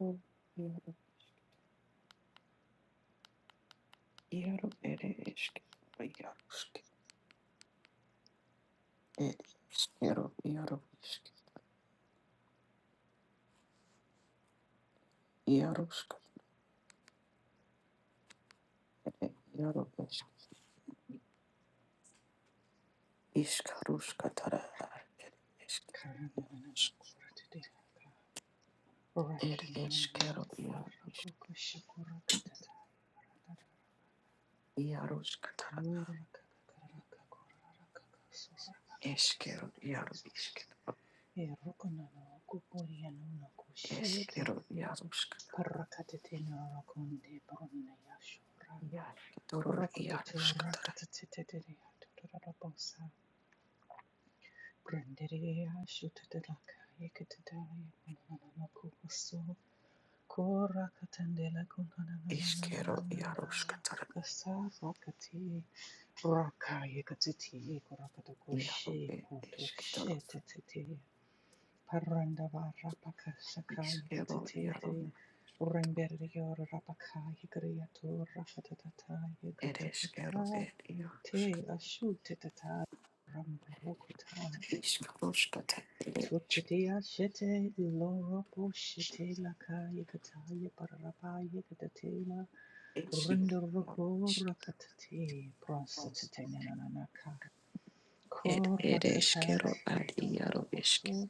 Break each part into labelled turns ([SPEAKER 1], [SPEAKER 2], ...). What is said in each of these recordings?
[SPEAKER 1] O iero iero ere eskero iarosk ere eskero iero isk Iaroska, ere iero esk iskarusk tara eskeros
[SPEAKER 2] Karananakuratidiyaka.
[SPEAKER 1] ere eskero iero isk
[SPEAKER 2] Rakinananakurakokoshakurakatata.
[SPEAKER 1] Iaroska, tara eskero iero
[SPEAKER 2] Kurakakakarakakurarakakasorakakakisarakusata.
[SPEAKER 1] isk
[SPEAKER 2] Erokonanakuporiyanakushetu.
[SPEAKER 1] eskero iarosk
[SPEAKER 2] Parakatatenarakonde baronayashura.
[SPEAKER 1] iasketoro Iaroska, tara
[SPEAKER 2] Prokototorakatateteteteyatorarabosa. Brandereyashutataraka yekatatarayanakubaso. Kora katandela kunana na na na
[SPEAKER 1] eskero
[SPEAKER 2] na na
[SPEAKER 1] Iaroska,
[SPEAKER 2] na
[SPEAKER 1] tara
[SPEAKER 2] kakasa rakati raka yekatiti kurakata
[SPEAKER 1] iero
[SPEAKER 2] kushi
[SPEAKER 1] ere
[SPEAKER 2] kuto she
[SPEAKER 1] esketoro
[SPEAKER 2] tetete paranda vara pakasaka
[SPEAKER 1] iskero iero
[SPEAKER 2] yekatete remberio rapaka yekriato rakatatata
[SPEAKER 1] ere
[SPEAKER 2] yekatata
[SPEAKER 1] eskero ere
[SPEAKER 2] te
[SPEAKER 1] iarosk
[SPEAKER 2] ashu tetata ramborokota
[SPEAKER 1] Ishkaroshkata
[SPEAKER 2] Tutitia shete loropo shete lakaya kataya pararapaya katatela
[SPEAKER 1] ereshkero
[SPEAKER 2] runduroko rakatate prostate nananaka
[SPEAKER 1] ed ereshkero
[SPEAKER 2] korakatate
[SPEAKER 1] ad
[SPEAKER 2] to
[SPEAKER 1] iaro ishk
[SPEAKER 2] toposo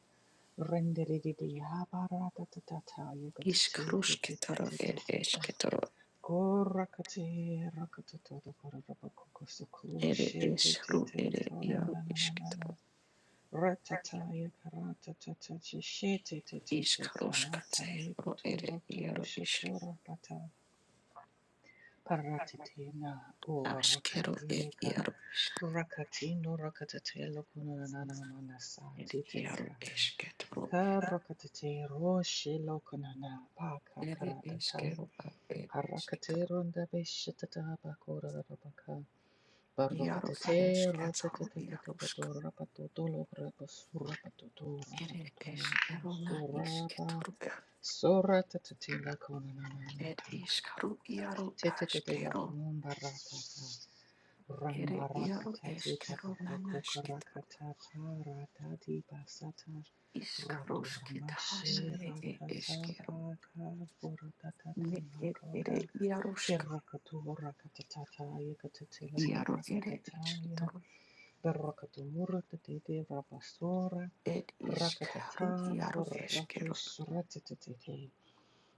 [SPEAKER 2] renderidia baratatataya katate te te te
[SPEAKER 1] ishkaroshketaro
[SPEAKER 2] te te
[SPEAKER 1] ed
[SPEAKER 2] te te
[SPEAKER 1] eshketaro
[SPEAKER 2] korakate rakatato pararapako kosuku
[SPEAKER 1] ere
[SPEAKER 2] shete te
[SPEAKER 1] eshru
[SPEAKER 2] te
[SPEAKER 1] ere iaro
[SPEAKER 2] toranananana
[SPEAKER 1] ishketaro
[SPEAKER 2] Ratataya karatata shete te te te
[SPEAKER 1] ishkaroshkate
[SPEAKER 2] karataya
[SPEAKER 1] ro ere
[SPEAKER 2] kutoroto
[SPEAKER 1] iaro ishk
[SPEAKER 2] kushotora pata paratitina o
[SPEAKER 1] ashkero ed
[SPEAKER 2] rakayeka
[SPEAKER 1] iaro ishk
[SPEAKER 2] rakatino rakatatelo kunanana
[SPEAKER 1] ed
[SPEAKER 2] manasati
[SPEAKER 1] iaro
[SPEAKER 2] telakaya
[SPEAKER 1] eshketaro
[SPEAKER 2] karakatete roshe lokunana paka
[SPEAKER 1] ere
[SPEAKER 2] karatata
[SPEAKER 1] eshkero ad ed
[SPEAKER 2] Harakate
[SPEAKER 1] ishketaro
[SPEAKER 2] ronda beshatata bakora rabaka
[SPEAKER 1] iaro
[SPEAKER 2] Barrocatete,
[SPEAKER 1] ereshketaro
[SPEAKER 2] ratatete,
[SPEAKER 1] iaroshk
[SPEAKER 2] patora, patotolo, rapa, sura, patotora,
[SPEAKER 1] ere
[SPEAKER 2] patotolo,
[SPEAKER 1] eshkero na
[SPEAKER 2] sura, pa,
[SPEAKER 1] ishketaro
[SPEAKER 2] sura, tatete, la cona, na, na, na,
[SPEAKER 1] Ed
[SPEAKER 2] ka,
[SPEAKER 1] iskaru iaru
[SPEAKER 2] tetete, la
[SPEAKER 1] askero,
[SPEAKER 2] con, barracata,
[SPEAKER 1] ere iaru
[SPEAKER 2] rambaracata, teta,
[SPEAKER 1] eskero
[SPEAKER 2] barroco,
[SPEAKER 1] nanasketro,
[SPEAKER 2] caracata, paratati, basata, rato,
[SPEAKER 1] iskaroskitana
[SPEAKER 2] ramashe,
[SPEAKER 1] ne e
[SPEAKER 2] ratata,
[SPEAKER 1] eskero,
[SPEAKER 2] paca, furatate,
[SPEAKER 1] ne ed
[SPEAKER 2] macoca,
[SPEAKER 1] ere iarusk,
[SPEAKER 2] kerrakatura, catatata, yakatete, la
[SPEAKER 1] iaru ere
[SPEAKER 2] corracatata,
[SPEAKER 1] esketro,
[SPEAKER 2] Barakatumurat de de rabasora,
[SPEAKER 1] ed
[SPEAKER 2] prakatata,
[SPEAKER 1] iskaru iaru eskero,
[SPEAKER 2] poratus ratatete,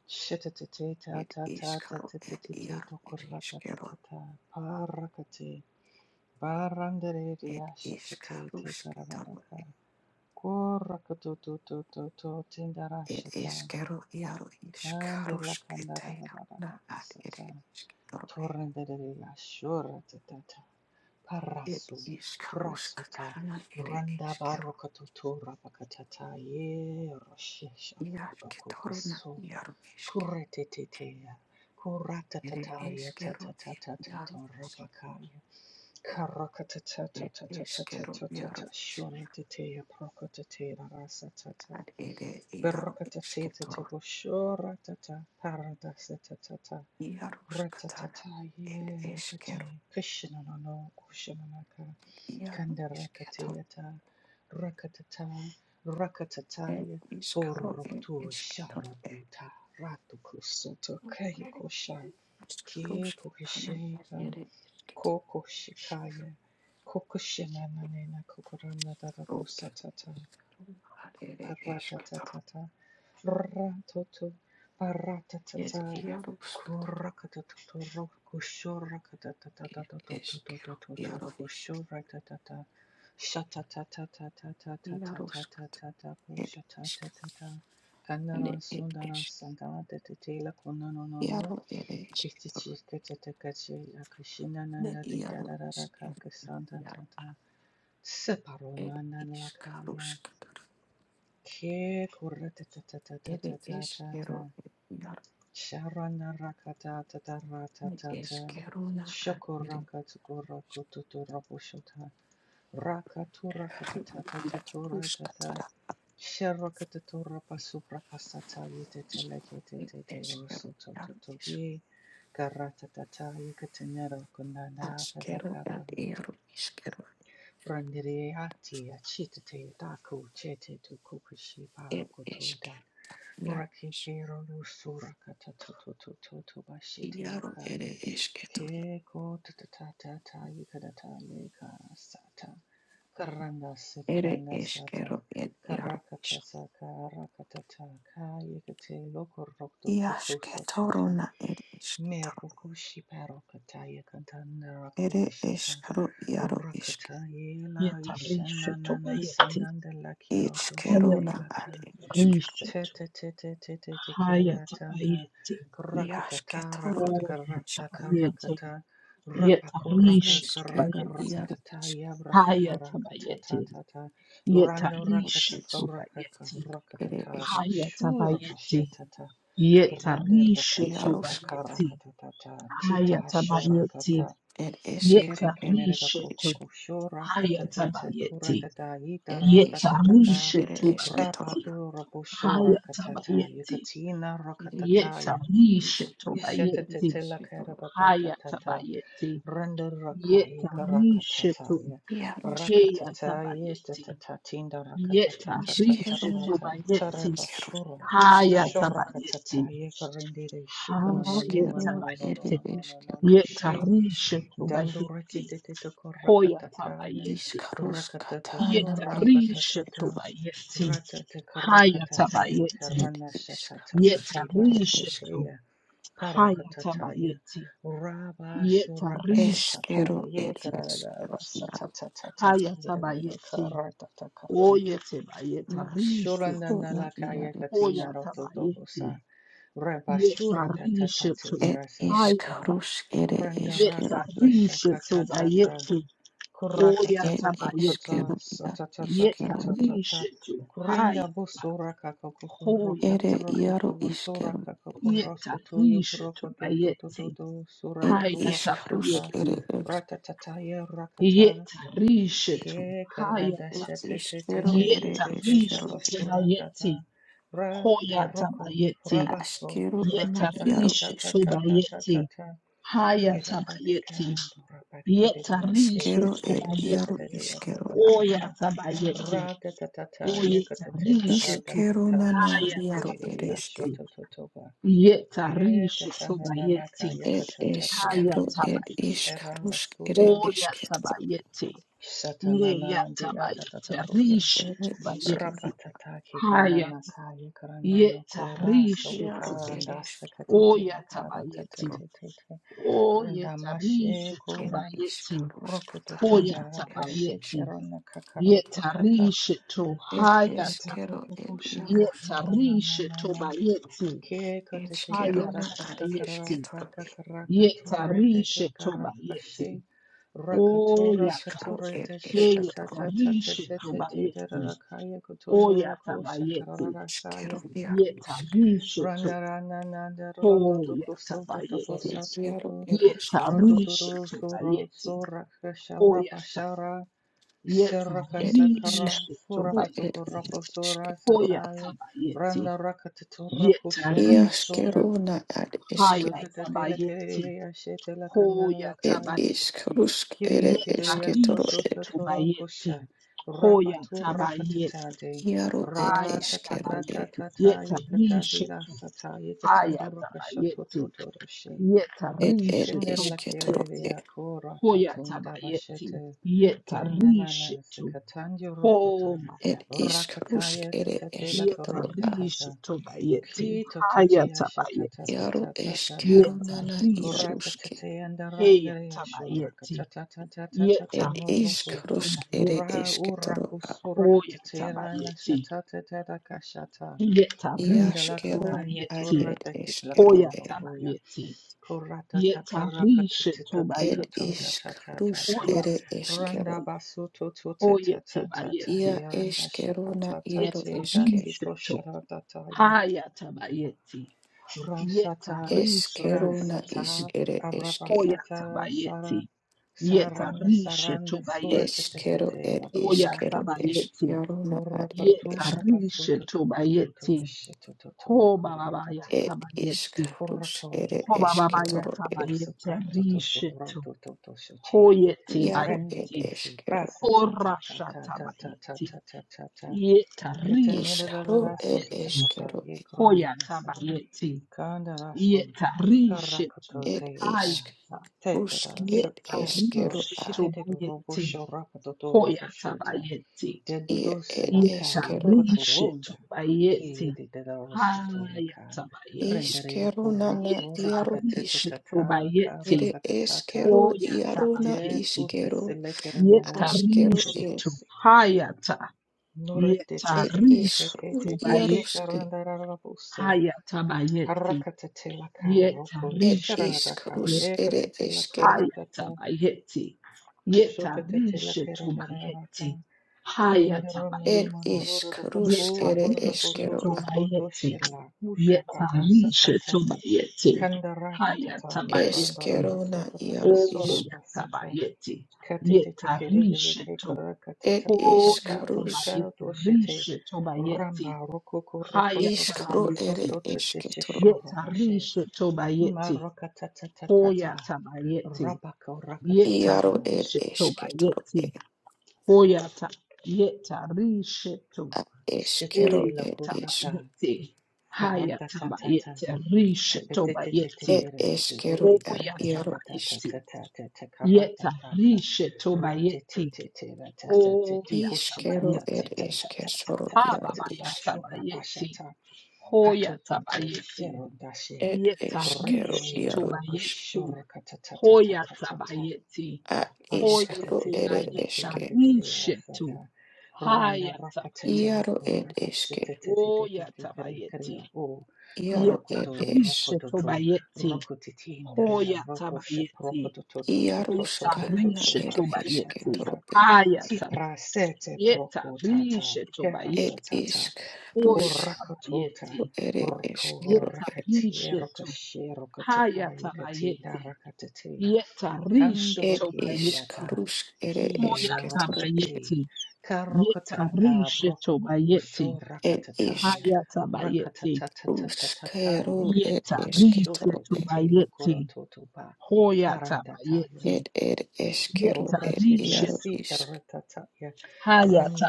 [SPEAKER 2] shitatete ta
[SPEAKER 1] ed
[SPEAKER 2] ta ta ta
[SPEAKER 1] iskaru
[SPEAKER 2] ta ta ta
[SPEAKER 1] ed
[SPEAKER 2] ta
[SPEAKER 1] iaru
[SPEAKER 2] to
[SPEAKER 1] ere eskero,
[SPEAKER 2] kuratatata, parakate, barandere
[SPEAKER 1] ed
[SPEAKER 2] dia shitate te
[SPEAKER 1] iskarusketaro,
[SPEAKER 2] karanaka, korakatu tu tu tu tu
[SPEAKER 1] ed
[SPEAKER 2] tindarashata,
[SPEAKER 1] eskero iaru
[SPEAKER 2] candela candara
[SPEAKER 1] iskarusketero, na ad ere
[SPEAKER 2] sata,
[SPEAKER 1] esketro,
[SPEAKER 2] torrendere dia
[SPEAKER 1] It
[SPEAKER 2] Parasu,
[SPEAKER 1] is
[SPEAKER 2] Rasuta,
[SPEAKER 1] Karuskatarana, it
[SPEAKER 2] Randa
[SPEAKER 1] is Kero,
[SPEAKER 2] Barokatutu Rabakatata, Ye Roshesha
[SPEAKER 1] Iaskitorna,
[SPEAKER 2] Rabakugaso,
[SPEAKER 1] Yarovisk,
[SPEAKER 2] Kuretetetea,
[SPEAKER 1] it is
[SPEAKER 2] Kuratatataya
[SPEAKER 1] Kero,
[SPEAKER 2] Tatatata
[SPEAKER 1] Yarovisk,
[SPEAKER 2] Rabakaya,
[SPEAKER 1] it is Kero,
[SPEAKER 2] Karakatata
[SPEAKER 1] Yarovisk,
[SPEAKER 2] Shuratetea Prokotatea Rasatata,
[SPEAKER 1] and it is Yaroviskator,
[SPEAKER 2] Berokatete Bushuratata, Paradasatata.
[SPEAKER 1] Yaruskatana,
[SPEAKER 2] Ratatataye
[SPEAKER 1] it is
[SPEAKER 2] rakati
[SPEAKER 1] Kero,
[SPEAKER 2] kishinanano kushamanaka
[SPEAKER 1] Yaroviskator,
[SPEAKER 2] kandarakateyata rakatata
[SPEAKER 1] it
[SPEAKER 2] rakatataya
[SPEAKER 1] is Karo, it
[SPEAKER 2] borotu
[SPEAKER 1] is Ketor, it
[SPEAKER 2] sharokuta ratukusoto kayekosha
[SPEAKER 1] is
[SPEAKER 2] kiyekohisheka
[SPEAKER 1] ere it is
[SPEAKER 2] kokoshikaya kokushinananena kokoranadaraposatata
[SPEAKER 1] Ad ere
[SPEAKER 2] Parra ta ta
[SPEAKER 1] Ketor,
[SPEAKER 2] ta ta, rra tu tu, parra ta ta
[SPEAKER 1] it
[SPEAKER 2] ta,
[SPEAKER 1] is
[SPEAKER 2] ku
[SPEAKER 1] Yaruskator.
[SPEAKER 2] raka tu tu tu, ku shoraka ta ta ta ta ta ta ta
[SPEAKER 1] eskero,
[SPEAKER 2] ta ta ta,
[SPEAKER 1] iaro isk,
[SPEAKER 2] rubushoraka ta ta ta, shata ta ta ta ta ta ta ta
[SPEAKER 1] iaro
[SPEAKER 2] ta ta ta
[SPEAKER 1] skat,
[SPEAKER 2] ta ta, po
[SPEAKER 1] ed
[SPEAKER 2] shata
[SPEAKER 1] isk,
[SPEAKER 2] ta ta ta,
[SPEAKER 1] ne
[SPEAKER 2] kannaan
[SPEAKER 1] ed
[SPEAKER 2] suundaan
[SPEAKER 1] esk,
[SPEAKER 2] sandaate teelakunnan ono,
[SPEAKER 1] iaro ed
[SPEAKER 2] kisti
[SPEAKER 1] esketoro,
[SPEAKER 2] cirkete kateke, akusinaan
[SPEAKER 1] ne
[SPEAKER 2] dati
[SPEAKER 1] iaro
[SPEAKER 2] tararaka
[SPEAKER 1] eskero,
[SPEAKER 2] kusanda ta
[SPEAKER 1] iaro
[SPEAKER 2] ta, se
[SPEAKER 1] ed
[SPEAKER 2] paronanen
[SPEAKER 1] isk,
[SPEAKER 2] lakayen.
[SPEAKER 1] ruskatoro,
[SPEAKER 2] Ke
[SPEAKER 1] ed
[SPEAKER 2] koratatatatatatata.
[SPEAKER 1] eskero, ed iaro ne
[SPEAKER 2] Sharanarakatatataratata.
[SPEAKER 1] eskero na ad ed isk,
[SPEAKER 2] Shokorakatukorakototoraposhota. Rakaturakatatatatatatata.
[SPEAKER 1] ruskatara isk, ed eskero, iaro isk,
[SPEAKER 2] Sharakatatorapasoprapasatayeteteleketeteterosotototobi.
[SPEAKER 1] askero
[SPEAKER 2] Karatatatakatanerokonanavarakaka.
[SPEAKER 1] ad iaro iskero,
[SPEAKER 2] Brandiriati
[SPEAKER 1] ed
[SPEAKER 2] achitatedakuchetetukupishibarakotoda.
[SPEAKER 1] eskero, iaro isk,
[SPEAKER 2] Rakikero no sura kata toto toto to bashiti
[SPEAKER 1] iaro ed
[SPEAKER 2] lakaye.
[SPEAKER 1] esketoro,
[SPEAKER 2] Keko tata tata yikadata ye karasata. Karanga
[SPEAKER 1] Ere
[SPEAKER 2] sekaranga sata.
[SPEAKER 1] eskero ed iaro isk.
[SPEAKER 2] Karakata saka rakatata kayekate loko rokto koko
[SPEAKER 1] Iasketoro
[SPEAKER 2] sachata.
[SPEAKER 1] ed isketoro.
[SPEAKER 2] Meruko shiparo kataya
[SPEAKER 1] Ere
[SPEAKER 2] rakubishata.
[SPEAKER 1] eskero iaro isk.
[SPEAKER 2] Urakata ye la
[SPEAKER 3] Yetarisha
[SPEAKER 2] ishana nana
[SPEAKER 3] tobayeti.
[SPEAKER 2] sandanda lakiroto
[SPEAKER 1] Iskero na
[SPEAKER 2] shete
[SPEAKER 1] ad
[SPEAKER 2] laka.
[SPEAKER 1] ed
[SPEAKER 3] Hayatabayeti.
[SPEAKER 1] iskero.
[SPEAKER 3] Risha
[SPEAKER 2] Te
[SPEAKER 3] to.
[SPEAKER 2] te te te te te te kirayatanda
[SPEAKER 3] Hayatabayeti.
[SPEAKER 2] rakatata
[SPEAKER 1] Iasketoro
[SPEAKER 2] rakataka
[SPEAKER 1] ed isk.
[SPEAKER 2] rataka
[SPEAKER 3] Oyatabayeti.
[SPEAKER 2] rakata rapako raka
[SPEAKER 3] Yetarisha
[SPEAKER 1] Neskero
[SPEAKER 2] karaka
[SPEAKER 3] tobayeti.
[SPEAKER 1] iaro
[SPEAKER 2] rakatata
[SPEAKER 1] isk.
[SPEAKER 2] ya rapaka
[SPEAKER 3] Hayatabayeti.
[SPEAKER 2] rakatata tata rando
[SPEAKER 3] Yetarisha
[SPEAKER 2] rakataka
[SPEAKER 1] Isk.
[SPEAKER 2] rakaka
[SPEAKER 3] tobayeti.
[SPEAKER 1] Ere
[SPEAKER 2] rakatata
[SPEAKER 1] esk.
[SPEAKER 2] shur
[SPEAKER 3] Hayatabayeti.
[SPEAKER 2] pashatata kirande
[SPEAKER 3] Yetarisha
[SPEAKER 2] rakachata
[SPEAKER 1] Iaroskatar.
[SPEAKER 3] tobayeti.
[SPEAKER 2] karakatata tita
[SPEAKER 3] Hayatabayeti.
[SPEAKER 2] shorakata
[SPEAKER 1] Ed
[SPEAKER 2] Kete
[SPEAKER 1] eskero ed
[SPEAKER 2] kemerera
[SPEAKER 1] iaro
[SPEAKER 3] Yetarisha to.
[SPEAKER 1] isk.
[SPEAKER 2] kokokusho ratatatata
[SPEAKER 3] Hayatabayeti.
[SPEAKER 2] kuratata ita
[SPEAKER 1] Ed
[SPEAKER 2] ratatatata
[SPEAKER 1] iskarusk.
[SPEAKER 3] Yetarisha
[SPEAKER 1] Ere esketoro.
[SPEAKER 2] rapatu
[SPEAKER 3] tobayeti.
[SPEAKER 2] robosho rakatata
[SPEAKER 3] Hayatabayeti.
[SPEAKER 2] yakatina
[SPEAKER 1] Ere esk.
[SPEAKER 3] Yeta
[SPEAKER 2] rakatataya
[SPEAKER 3] rishetu
[SPEAKER 1] Iskarus. Ere
[SPEAKER 3] bayeti.
[SPEAKER 2] shetetete
[SPEAKER 1] esketoro.
[SPEAKER 3] Hayata
[SPEAKER 2] lakaratatata
[SPEAKER 3] bayeti.
[SPEAKER 2] randa rakaya
[SPEAKER 3] Yeta rishetu.
[SPEAKER 2] karakatataya
[SPEAKER 1] Iarosk.
[SPEAKER 3] Heyata
[SPEAKER 2] rakatataya
[SPEAKER 3] bayeti.
[SPEAKER 2] tatatatinda
[SPEAKER 3] Yeta
[SPEAKER 1] Iskerona.
[SPEAKER 3] rishetu
[SPEAKER 2] tata
[SPEAKER 3] bayeti.
[SPEAKER 1] Iskero
[SPEAKER 2] tarabashura
[SPEAKER 1] na.
[SPEAKER 3] Hayata
[SPEAKER 2] shorakatata
[SPEAKER 3] bayeti.
[SPEAKER 2] yakarendere shikana no no no
[SPEAKER 3] Hayata
[SPEAKER 2] no
[SPEAKER 1] Ishkero
[SPEAKER 2] no no
[SPEAKER 1] ere
[SPEAKER 3] bayeti.
[SPEAKER 2] no no no
[SPEAKER 1] eshkero
[SPEAKER 2] no
[SPEAKER 3] Yeta
[SPEAKER 1] ere
[SPEAKER 2] she
[SPEAKER 1] ishk-
[SPEAKER 3] rishetu
[SPEAKER 2] Dando
[SPEAKER 3] bayeti.
[SPEAKER 2] rakitete
[SPEAKER 3] Hoyata
[SPEAKER 2] korakataya,
[SPEAKER 3] bayeti.
[SPEAKER 2] korakatata
[SPEAKER 1] ishkarushkatana
[SPEAKER 3] Yeta
[SPEAKER 1] ere
[SPEAKER 3] rishetu
[SPEAKER 2] torakatata,
[SPEAKER 1] eshketoro
[SPEAKER 3] bayeti.
[SPEAKER 2] ratata
[SPEAKER 3] Hayata
[SPEAKER 2] karakataya,
[SPEAKER 3] bayeti.
[SPEAKER 1] ere
[SPEAKER 2] karana
[SPEAKER 1] ishkarushk
[SPEAKER 3] Yeta
[SPEAKER 2] shatatatiba
[SPEAKER 1] ere eshk
[SPEAKER 3] rishetu.
[SPEAKER 2] setea,
[SPEAKER 3] Hayata
[SPEAKER 2] parokataya,
[SPEAKER 3] bayeti.
[SPEAKER 2] raba
[SPEAKER 3] Yeta rish toba
[SPEAKER 1] eshkero
[SPEAKER 2] shurakashatataya,
[SPEAKER 1] ere
[SPEAKER 3] yeti, Yetarish tobayeti.
[SPEAKER 1] eshkero
[SPEAKER 2] yekaragara
[SPEAKER 1] iaro
[SPEAKER 2] satatata hirade
[SPEAKER 3] Hayatabayeti.
[SPEAKER 2] karatatakaya,
[SPEAKER 3] Oyete ba yeta Yetarish
[SPEAKER 1] iashketoro
[SPEAKER 3] to.
[SPEAKER 1] na
[SPEAKER 2] shurandanalakaya
[SPEAKER 1] iare
[SPEAKER 2] katina
[SPEAKER 1] eshk
[SPEAKER 3] Oyata ba yeti.
[SPEAKER 2] rototobosa, raba
[SPEAKER 3] Yeta rish
[SPEAKER 2] shuratatatati
[SPEAKER 3] to.
[SPEAKER 1] ere
[SPEAKER 2] verasatata,
[SPEAKER 3] Hayata.
[SPEAKER 1] ishkarush ere eshkero
[SPEAKER 2] randaraka
[SPEAKER 3] Yetarish
[SPEAKER 2] kashakatatata,
[SPEAKER 3] yeti.
[SPEAKER 1] ere
[SPEAKER 3] Oyata ba
[SPEAKER 2] Kuratatatata,
[SPEAKER 3] yeti.
[SPEAKER 1] eshkero iaro
[SPEAKER 3] Yeta
[SPEAKER 1] ishkero ere
[SPEAKER 2] satatatatata,
[SPEAKER 3] Yetarish to.
[SPEAKER 2] kurenda
[SPEAKER 3] Haya.
[SPEAKER 2] busura kakokokoro
[SPEAKER 1] ere
[SPEAKER 3] Hoyata
[SPEAKER 2] kokoro
[SPEAKER 3] ba
[SPEAKER 1] iaro
[SPEAKER 2] kokoro
[SPEAKER 3] yeti.
[SPEAKER 2] sura
[SPEAKER 1] ishkero
[SPEAKER 2] kakokoro
[SPEAKER 3] Yeta
[SPEAKER 2] soto
[SPEAKER 3] rish
[SPEAKER 2] yukoro koto
[SPEAKER 3] toba
[SPEAKER 2] to to to
[SPEAKER 3] yeti,
[SPEAKER 2] to sura
[SPEAKER 1] ere
[SPEAKER 2] baturo
[SPEAKER 1] ishkarushk
[SPEAKER 2] kosota
[SPEAKER 1] ere
[SPEAKER 3] Hoyatabayeti.
[SPEAKER 1] eshk
[SPEAKER 2] ratatata ya rakata
[SPEAKER 3] Yetarish yeti. Yeta
[SPEAKER 2] ke karanda
[SPEAKER 3] Yetarish to.
[SPEAKER 1] ere
[SPEAKER 2] shete te te
[SPEAKER 1] ishkero
[SPEAKER 2] te te
[SPEAKER 1] ere
[SPEAKER 3] Yeta
[SPEAKER 2] te te
[SPEAKER 3] rishe
[SPEAKER 1] eshkero
[SPEAKER 2] tapashura tata
[SPEAKER 3] tubayeti. Hoya
[SPEAKER 2] rataroko
[SPEAKER 3] tabayeti.
[SPEAKER 2] rabaso
[SPEAKER 1] Ashkero na
[SPEAKER 3] Yeta
[SPEAKER 1] iaro
[SPEAKER 3] rishe
[SPEAKER 1] eske.
[SPEAKER 3] tubayeti.
[SPEAKER 2] krakatatatatata
[SPEAKER 3] Haya
[SPEAKER 2] Giranda teka
[SPEAKER 3] tabayeti.
[SPEAKER 2] dora
[SPEAKER 3] Yeta
[SPEAKER 2] patkederiya she
[SPEAKER 3] rishe
[SPEAKER 1] Eskero ed
[SPEAKER 2] tekriya
[SPEAKER 1] iaro
[SPEAKER 3] tubayeti.
[SPEAKER 2] tekaderiya
[SPEAKER 1] iskero.
[SPEAKER 3] Oya
[SPEAKER 2] tadarabasa.
[SPEAKER 3] tabayeti.
[SPEAKER 2] Rada tatata
[SPEAKER 3] Oyeta
[SPEAKER 2] yekata teka
[SPEAKER 3] rishe
[SPEAKER 2] rada
[SPEAKER 3] tu.
[SPEAKER 1] Iskero
[SPEAKER 2] sata
[SPEAKER 1] na na
[SPEAKER 3] Haya
[SPEAKER 1] iaro ed
[SPEAKER 2] yekarindiriya
[SPEAKER 1] eske.
[SPEAKER 3] tabayeti.
[SPEAKER 2] shoto totoba.
[SPEAKER 3] Yeta
[SPEAKER 2] Ke
[SPEAKER 3] rishe
[SPEAKER 2] tatanga nanaka
[SPEAKER 3] tubayeti.
[SPEAKER 1] Ed
[SPEAKER 2] yekata tata
[SPEAKER 3] Haya
[SPEAKER 1] eskero
[SPEAKER 2] yekara
[SPEAKER 1] ed
[SPEAKER 2] si
[SPEAKER 3] tabayeti.
[SPEAKER 2] eranda
[SPEAKER 1] iskarusk ere
[SPEAKER 2] suta.
[SPEAKER 3] Oya
[SPEAKER 1] esketoro.
[SPEAKER 3] tabayeti. Yeya
[SPEAKER 2] Shatanana diya
[SPEAKER 3] tabayeti.
[SPEAKER 2] tatata bosa.
[SPEAKER 1] Ed
[SPEAKER 3] Rishe
[SPEAKER 1] ere
[SPEAKER 3] tubayeti.
[SPEAKER 1] eskero.
[SPEAKER 2] Rapatata kikarananaka yekaranano kora sota
[SPEAKER 3] Yetarishetu.
[SPEAKER 1] Iaro ed
[SPEAKER 2] andasa
[SPEAKER 1] eskero
[SPEAKER 2] katatela kara
[SPEAKER 3] Oyatabayeti.
[SPEAKER 1] ketoro.
[SPEAKER 2] tatete. Runda mashe
[SPEAKER 3] Oyetarishetu
[SPEAKER 1] Ed
[SPEAKER 2] kuna
[SPEAKER 3] bayeti.
[SPEAKER 1] iskarusk
[SPEAKER 2] Rokoto tunda
[SPEAKER 1] tarana
[SPEAKER 2] raka
[SPEAKER 1] ere eske.
[SPEAKER 3] Oyatabayeti.
[SPEAKER 2] shekera na kakara katata.
[SPEAKER 3] Yetarishetu
[SPEAKER 1] Ed
[SPEAKER 3] hayata.
[SPEAKER 1] eskero
[SPEAKER 2] Rotatatata
[SPEAKER 1] ed
[SPEAKER 2] bushara
[SPEAKER 1] iarusk.
[SPEAKER 2] na na na na na
[SPEAKER 3] Yetarishetu
[SPEAKER 2] na.
[SPEAKER 3] bayeti.
[SPEAKER 2] Ke kotete da
[SPEAKER 1] Eskero
[SPEAKER 2] da da
[SPEAKER 1] na
[SPEAKER 3] Hayata
[SPEAKER 2] ka
[SPEAKER 1] ad
[SPEAKER 2] kakara
[SPEAKER 3] bayeti.
[SPEAKER 1] esketoro.
[SPEAKER 2] ture te te
[SPEAKER 3] Yetarishetu
[SPEAKER 2] kara
[SPEAKER 3] bayeti.
[SPEAKER 2] kashe. Rakatora
[SPEAKER 3] Oyata.
[SPEAKER 1] Iskaro
[SPEAKER 2] katura
[SPEAKER 1] ed
[SPEAKER 2] te sheta
[SPEAKER 1] esketoro.
[SPEAKER 2] tata ta tete te
[SPEAKER 3] Yetarishetu
[SPEAKER 2] te te te da da
[SPEAKER 3] bayeti.
[SPEAKER 2] da kaya kotondo
[SPEAKER 3] Oyata bayeti.
[SPEAKER 1] Eskero iaro isk.
[SPEAKER 3] Yetarishetu.
[SPEAKER 2] Randa randa nanda rondo to
[SPEAKER 3] Oyata
[SPEAKER 2] kuso to to
[SPEAKER 3] bayeti.
[SPEAKER 1] Ere
[SPEAKER 2] posa to
[SPEAKER 1] iaro
[SPEAKER 2] to
[SPEAKER 1] ere
[SPEAKER 3] Yeta
[SPEAKER 2] roto
[SPEAKER 1] eskero
[SPEAKER 2] to to
[SPEAKER 3] rishetuba
[SPEAKER 2] so ro
[SPEAKER 3] yeti.
[SPEAKER 2] so ra kasha ra
[SPEAKER 3] Hoyata.
[SPEAKER 2] pasha ra
[SPEAKER 3] Yeta
[SPEAKER 2] sera
[SPEAKER 1] ere
[SPEAKER 2] kasa sura
[SPEAKER 1] iskaro
[SPEAKER 3] rishetuba
[SPEAKER 2] pato
[SPEAKER 1] ere
[SPEAKER 2] kura
[SPEAKER 3] yeti.
[SPEAKER 1] ere
[SPEAKER 2] posora
[SPEAKER 1] esketoro
[SPEAKER 3] Hoyata
[SPEAKER 2] sataya
[SPEAKER 3] bayeti.
[SPEAKER 2] randa rakata to ra
[SPEAKER 3] Yeta
[SPEAKER 2] kuso
[SPEAKER 1] iaskero
[SPEAKER 3] rishetu.
[SPEAKER 2] pasora
[SPEAKER 1] na ad eske
[SPEAKER 2] shoto te
[SPEAKER 3] Hayata ba
[SPEAKER 2] tele
[SPEAKER 3] yeti
[SPEAKER 2] kaya shete la
[SPEAKER 3] Hoyata
[SPEAKER 1] ed
[SPEAKER 2] kanda
[SPEAKER 3] bayeti.
[SPEAKER 1] iskarusk ere
[SPEAKER 2] Kyrie
[SPEAKER 3] Yeta
[SPEAKER 2] tiriya
[SPEAKER 1] esketoro
[SPEAKER 2] shoto
[SPEAKER 1] ere
[SPEAKER 3] rishetuba
[SPEAKER 2] totoro
[SPEAKER 3] yeti.
[SPEAKER 2] kusha. Rabatu
[SPEAKER 3] Hoyata bayeti.
[SPEAKER 2] rakatatade.
[SPEAKER 1] iaro ed
[SPEAKER 3] Hayata
[SPEAKER 1] eskero ere
[SPEAKER 3] bayeti.
[SPEAKER 2] Ratatatatata
[SPEAKER 3] Yeta
[SPEAKER 2] yekatade
[SPEAKER 3] rishetu.
[SPEAKER 2] rasata yekatandu
[SPEAKER 3] Hayata ba
[SPEAKER 2] rakashoto
[SPEAKER 3] yeti
[SPEAKER 2] totoro she.
[SPEAKER 3] Yeta
[SPEAKER 1] ed ed
[SPEAKER 3] rishetu
[SPEAKER 2] Shindela
[SPEAKER 3] ba
[SPEAKER 1] esketoro
[SPEAKER 3] yeti.
[SPEAKER 2] kiriya
[SPEAKER 1] ere
[SPEAKER 2] kura tatunda
[SPEAKER 3] Hoyatabayeti.
[SPEAKER 2] vashete. Kirinanana
[SPEAKER 3] Yetarishitu.
[SPEAKER 2] sikatandu rokuta.
[SPEAKER 1] ed
[SPEAKER 3] Homayatabati.
[SPEAKER 1] iskarusk
[SPEAKER 2] Rakataya
[SPEAKER 1] ere
[SPEAKER 2] tatate la
[SPEAKER 1] esketoro a
[SPEAKER 2] karotatata.
[SPEAKER 3] Yetarishitu bayeti.
[SPEAKER 2] Kito tati asha ta ta
[SPEAKER 3] Hayatabayeti.
[SPEAKER 2] ta
[SPEAKER 1] iaro
[SPEAKER 2] ta ta ta ta.
[SPEAKER 1] eskero nana
[SPEAKER 3] Yetarishitu.
[SPEAKER 2] Kurata
[SPEAKER 1] iaruske
[SPEAKER 2] tate andarandere ashura
[SPEAKER 3] Heyatabayeti.
[SPEAKER 2] katata ta ta ta ta ta ta
[SPEAKER 1] ed
[SPEAKER 2] moroko.
[SPEAKER 3] Yetarishitu
[SPEAKER 1] iskarusk ere
[SPEAKER 3] bayeti.
[SPEAKER 2] Ra
[SPEAKER 1] esketoro
[SPEAKER 2] uraku
[SPEAKER 1] a
[SPEAKER 2] sura katatera na
[SPEAKER 3] Hoyatabayeti.
[SPEAKER 2] shata ta ta ta kashata. Kandala
[SPEAKER 3] Yetarishitu
[SPEAKER 1] iaskero
[SPEAKER 2] kundana
[SPEAKER 1] ad
[SPEAKER 3] bayeti.
[SPEAKER 2] yatura
[SPEAKER 1] ed
[SPEAKER 2] tatikla
[SPEAKER 1] eskero ere
[SPEAKER 2] kororokoya.
[SPEAKER 3] Hoyatabayeti.
[SPEAKER 2] Kurata takara
[SPEAKER 3] Yetarishitu
[SPEAKER 2] katatita ta ta ta
[SPEAKER 1] Ed
[SPEAKER 3] bayeti.
[SPEAKER 2] ta
[SPEAKER 1] ishk
[SPEAKER 2] ta ta ta
[SPEAKER 1] rush
[SPEAKER 2] ta.
[SPEAKER 1] ere
[SPEAKER 2] Randa
[SPEAKER 3] Hoyatabayeti.
[SPEAKER 1] eskero.
[SPEAKER 2] basu to to ta ta ta ta ta.
[SPEAKER 3] Hoyatabayeti.
[SPEAKER 1] Ia
[SPEAKER 2] Yaranda
[SPEAKER 1] eskero
[SPEAKER 2] shaka
[SPEAKER 1] na
[SPEAKER 2] ta ta
[SPEAKER 1] iaro
[SPEAKER 3] Yeta
[SPEAKER 2] ta ta
[SPEAKER 1] eske.
[SPEAKER 2] tito
[SPEAKER 3] risheto.
[SPEAKER 2] sharata ta.
[SPEAKER 3] Haya tabayeti. Yeta
[SPEAKER 2] Rasata,
[SPEAKER 3] risheto
[SPEAKER 1] Eskero is
[SPEAKER 3] bayeti.
[SPEAKER 2] Rasata,
[SPEAKER 1] ere eske.
[SPEAKER 3] Hoya
[SPEAKER 2] Abrabasata, Rasara,
[SPEAKER 3] tabayeti. Yeta
[SPEAKER 2] Sarana,
[SPEAKER 3] risheto
[SPEAKER 2] Saranda,
[SPEAKER 3] bayeti.
[SPEAKER 1] Eskero
[SPEAKER 2] Suratatete, La
[SPEAKER 1] ed
[SPEAKER 3] Hoya
[SPEAKER 1] iskero
[SPEAKER 2] Curatate,
[SPEAKER 1] esk.
[SPEAKER 3] tabayeti.
[SPEAKER 1] Iaro na ad ed
[SPEAKER 3] Yeta
[SPEAKER 2] Curapatura,
[SPEAKER 1] eske.
[SPEAKER 2] Pasuta,
[SPEAKER 3] risheto
[SPEAKER 2] Tutu, Tutu,
[SPEAKER 3] bayeti.
[SPEAKER 2] Pishito, Tutu, La
[SPEAKER 3] Ho bababaya
[SPEAKER 2] Curatata,
[SPEAKER 1] Ed ishk
[SPEAKER 3] tabayeti.
[SPEAKER 1] rush
[SPEAKER 2] Curako,
[SPEAKER 1] ere
[SPEAKER 3] Ho
[SPEAKER 2] Yake,
[SPEAKER 1] eske
[SPEAKER 3] bababaya
[SPEAKER 1] toro
[SPEAKER 2] Curatu,
[SPEAKER 1] ed.
[SPEAKER 2] Tusa,
[SPEAKER 3] tabayeti.
[SPEAKER 2] Prato, Tusu,
[SPEAKER 3] Risheto.
[SPEAKER 2] Roto, Toto, Shochi,
[SPEAKER 3] Hoyete
[SPEAKER 1] Iaro
[SPEAKER 2] Rendi,
[SPEAKER 1] ed
[SPEAKER 3] bayeti.
[SPEAKER 2] Bisi,
[SPEAKER 1] eskero.
[SPEAKER 2] Prasa,
[SPEAKER 3] Ho
[SPEAKER 2] Tata, Tata,
[SPEAKER 3] rasha
[SPEAKER 2] Tata, Tata,
[SPEAKER 3] tabayeti.
[SPEAKER 2] Tata, Tata,
[SPEAKER 3] Yeta risheto
[SPEAKER 1] Iskaro
[SPEAKER 2] Katanilla,
[SPEAKER 1] ed
[SPEAKER 2] Sutta,
[SPEAKER 3] bayeti.
[SPEAKER 2] Tata,
[SPEAKER 1] eskero
[SPEAKER 2] Ye,
[SPEAKER 1] ed.
[SPEAKER 3] Hoya
[SPEAKER 2] Cronanasa.
[SPEAKER 3] tabayeti.
[SPEAKER 2] Kandarasu
[SPEAKER 3] yetarishetu
[SPEAKER 1] Ed
[SPEAKER 2] karakatoteata
[SPEAKER 1] ishk
[SPEAKER 3] hayata
[SPEAKER 2] tetera
[SPEAKER 1] rusk ed
[SPEAKER 2] sato
[SPEAKER 1] eskero a.
[SPEAKER 3] yetarishetu
[SPEAKER 2] shitetedo robo
[SPEAKER 3] bayeti
[SPEAKER 2] shorapadodo robo
[SPEAKER 3] hoyata
[SPEAKER 2] shota
[SPEAKER 3] bayeti
[SPEAKER 1] Ia
[SPEAKER 2] dedudose
[SPEAKER 1] ed
[SPEAKER 2] la kaye
[SPEAKER 1] eskero a.
[SPEAKER 3] yetarishetu
[SPEAKER 2] kotoronda
[SPEAKER 3] bayeti
[SPEAKER 2] kiede dedarosoto la ka
[SPEAKER 3] hayata bayeti
[SPEAKER 2] krendere
[SPEAKER 1] Iskero na na
[SPEAKER 2] koraku
[SPEAKER 1] iaro isk.
[SPEAKER 3] yetarishetu
[SPEAKER 2] rakatatatata
[SPEAKER 1] Ere
[SPEAKER 3] bayeti
[SPEAKER 2] karakatatata
[SPEAKER 1] eskero
[SPEAKER 3] hoyata
[SPEAKER 1] iarona
[SPEAKER 2] de
[SPEAKER 3] bayeti
[SPEAKER 2] tuste
[SPEAKER 1] iskero
[SPEAKER 2] selekerenere ke
[SPEAKER 1] askero ed.
[SPEAKER 3] yetarishetu
[SPEAKER 2] krokosite
[SPEAKER 3] hayata
[SPEAKER 2] norete te
[SPEAKER 1] Ed
[SPEAKER 2] te te te te
[SPEAKER 1] iskru
[SPEAKER 3] yetarishetu
[SPEAKER 2] te to
[SPEAKER 1] iaruske.
[SPEAKER 3] bayeti
[SPEAKER 2] sharandarabuse
[SPEAKER 3] hayata bayeti
[SPEAKER 2] Parakatelaka roko
[SPEAKER 1] Ed
[SPEAKER 3] yetarishetu
[SPEAKER 2] shararadaka
[SPEAKER 1] iskrus
[SPEAKER 3] bayeti
[SPEAKER 1] ere
[SPEAKER 2] yekatela
[SPEAKER 1] eske.
[SPEAKER 2] koratata
[SPEAKER 3] Hayatabayeti.
[SPEAKER 2] shotetela kerandaraka
[SPEAKER 3] Yetarishetubayeti.
[SPEAKER 2] kandarono
[SPEAKER 1] Ed
[SPEAKER 3] Hayatabayeti.
[SPEAKER 2] manoro
[SPEAKER 1] iskrus
[SPEAKER 2] roboko
[SPEAKER 1] ere
[SPEAKER 2] koraboto
[SPEAKER 1] eskero a.
[SPEAKER 2] toto to
[SPEAKER 3] Yetarishetubayeti.
[SPEAKER 2] shela musha parasa tata
[SPEAKER 3] Yetarishetubayeti.
[SPEAKER 2] kandarata tata
[SPEAKER 3] Hayatabayeti.
[SPEAKER 2] yekrandara
[SPEAKER 1] Eskerona
[SPEAKER 2] satata
[SPEAKER 1] iaru is.
[SPEAKER 2] pasora
[SPEAKER 3] Oh,
[SPEAKER 2] pasata
[SPEAKER 3] yatabayeti.
[SPEAKER 2] katitete kerede ke
[SPEAKER 3] Yetarishetu.
[SPEAKER 2] koraka
[SPEAKER 1] Ed
[SPEAKER 2] tata
[SPEAKER 3] Oh,
[SPEAKER 2] tata tata
[SPEAKER 1] iskrus.
[SPEAKER 2] kika
[SPEAKER 3] yetabayeti.
[SPEAKER 2] doshete
[SPEAKER 3] Rishetubayeti.
[SPEAKER 2] ramba rokoko rokoto
[SPEAKER 1] Iskru ere
[SPEAKER 3] Hayatabayeti.
[SPEAKER 2] kokosoto tete
[SPEAKER 1] esketro.
[SPEAKER 2] shora
[SPEAKER 3] Yetarishetubayeti. Oh,
[SPEAKER 2] Marokatatatata.
[SPEAKER 3] yatabayeti.
[SPEAKER 2] Rabako
[SPEAKER 3] Yeta
[SPEAKER 1] Iaru
[SPEAKER 2] rakatata.
[SPEAKER 1] ed
[SPEAKER 3] risheto ba
[SPEAKER 1] esketro e
[SPEAKER 3] yeti.
[SPEAKER 1] a
[SPEAKER 3] Hoyata yeta risheto.
[SPEAKER 1] A eskero
[SPEAKER 2] Shitete la
[SPEAKER 1] ed
[SPEAKER 3] Eyata ba
[SPEAKER 1] is.
[SPEAKER 2] kurata.
[SPEAKER 3] yeti. Hayata ba
[SPEAKER 2] Paratatata.
[SPEAKER 3] yeti. Risheto ba yeti.
[SPEAKER 1] Ed
[SPEAKER 2] Tepetetetetekirete
[SPEAKER 1] eskero ad
[SPEAKER 3] Oyata
[SPEAKER 1] iaru
[SPEAKER 3] ba
[SPEAKER 1] isk.
[SPEAKER 3] yeti.
[SPEAKER 2] grekadatatatata
[SPEAKER 3] Yeta
[SPEAKER 2] karataka.
[SPEAKER 3] risheto ba yeti.
[SPEAKER 2] Retetetetetatata
[SPEAKER 3] Oyata ba
[SPEAKER 1] Iskero
[SPEAKER 3] yeti.
[SPEAKER 1] ed eskesoro
[SPEAKER 3] Haba
[SPEAKER 1] iaro
[SPEAKER 3] ba
[SPEAKER 2] pushatatatatatatata
[SPEAKER 1] is.
[SPEAKER 3] yata ba yeti.
[SPEAKER 2] bashurabashata.
[SPEAKER 3] Hoyata ba
[SPEAKER 2] Patototo
[SPEAKER 3] yeti.
[SPEAKER 2] shirondashi.
[SPEAKER 1] Ed eskero
[SPEAKER 3] Yetarishi
[SPEAKER 2] Reke
[SPEAKER 1] iaro is.
[SPEAKER 3] tobayeti. Hoya
[SPEAKER 2] rokushorakatatatatatata.
[SPEAKER 3] tabayeti.
[SPEAKER 1] A iskro
[SPEAKER 3] Hoyeti
[SPEAKER 2] Parokatatetete
[SPEAKER 1] ere
[SPEAKER 2] la
[SPEAKER 3] bayeta
[SPEAKER 2] kere
[SPEAKER 1] eske.
[SPEAKER 2] de de de
[SPEAKER 3] rishetu.
[SPEAKER 2] asata. Randa
[SPEAKER 3] Haya
[SPEAKER 2] rakatete la
[SPEAKER 3] tabayeti.
[SPEAKER 1] Iaro ed eske.
[SPEAKER 2] korabatsetetetete
[SPEAKER 3] Oya
[SPEAKER 2] kere
[SPEAKER 3] tabayeti.
[SPEAKER 2] kere o.
[SPEAKER 1] Iaro
[SPEAKER 3] Yeta
[SPEAKER 2] Krokoto
[SPEAKER 1] ed es.
[SPEAKER 3] rishetu
[SPEAKER 2] rokototo
[SPEAKER 3] bayeti.
[SPEAKER 2] rokotitindria
[SPEAKER 3] Hoya
[SPEAKER 2] roto
[SPEAKER 3] tabayeti.
[SPEAKER 2] sheprokototo to to to to
[SPEAKER 3] Yeta
[SPEAKER 2] to to
[SPEAKER 1] Iaruskarna
[SPEAKER 2] to
[SPEAKER 3] rishetu
[SPEAKER 1] ed eske
[SPEAKER 3] bayeti.
[SPEAKER 2] pashetatata.
[SPEAKER 1] toro e.
[SPEAKER 3] Haya
[SPEAKER 2] Si
[SPEAKER 3] tabayeti.
[SPEAKER 2] prasete
[SPEAKER 3] Yeta
[SPEAKER 2] prokotata
[SPEAKER 3] rishetu
[SPEAKER 1] Ed
[SPEAKER 3] bayeti.
[SPEAKER 2] kerasatata
[SPEAKER 1] isk
[SPEAKER 3] Hoya
[SPEAKER 1] rus
[SPEAKER 2] korakotota.
[SPEAKER 3] tabayeti.
[SPEAKER 1] ro ere
[SPEAKER 2] Rako
[SPEAKER 1] eskero
[SPEAKER 3] Yeta
[SPEAKER 1] e.
[SPEAKER 2] rakati
[SPEAKER 3] rishetu.
[SPEAKER 2] rokashe
[SPEAKER 3] Haya
[SPEAKER 2] rokotakai katinda
[SPEAKER 3] tabayeti. Yetarishe
[SPEAKER 1] Ed
[SPEAKER 2] Kandoroki
[SPEAKER 1] isk
[SPEAKER 3] tobayeti.
[SPEAKER 2] didiata,
[SPEAKER 1] rus ere
[SPEAKER 2] ki
[SPEAKER 1] eske toro e.
[SPEAKER 2] rokotete,
[SPEAKER 3] Hoyatabayeti.
[SPEAKER 2] karokota
[SPEAKER 3] Yetarishe
[SPEAKER 2] abrokukusho
[SPEAKER 3] tobayeti.
[SPEAKER 1] Ed
[SPEAKER 2] rakatataya,
[SPEAKER 1] isk
[SPEAKER 3] Hayatabayeti.
[SPEAKER 2] rakatatatatata
[SPEAKER 1] ruskero ed
[SPEAKER 2] yekatati
[SPEAKER 1] eske
[SPEAKER 3] Yetarishe
[SPEAKER 1] toro e.
[SPEAKER 2] ashuratate
[SPEAKER 3] tobayeti.
[SPEAKER 2] lokorototoba, karatataya.
[SPEAKER 3] Hoyatabayeti.
[SPEAKER 1] Ed ed eskero
[SPEAKER 2] Torra
[SPEAKER 1] ed
[SPEAKER 3] Yetarishe
[SPEAKER 1] iaro
[SPEAKER 3] to.
[SPEAKER 2] didiasita
[SPEAKER 1] isk.
[SPEAKER 2] ratataya, randa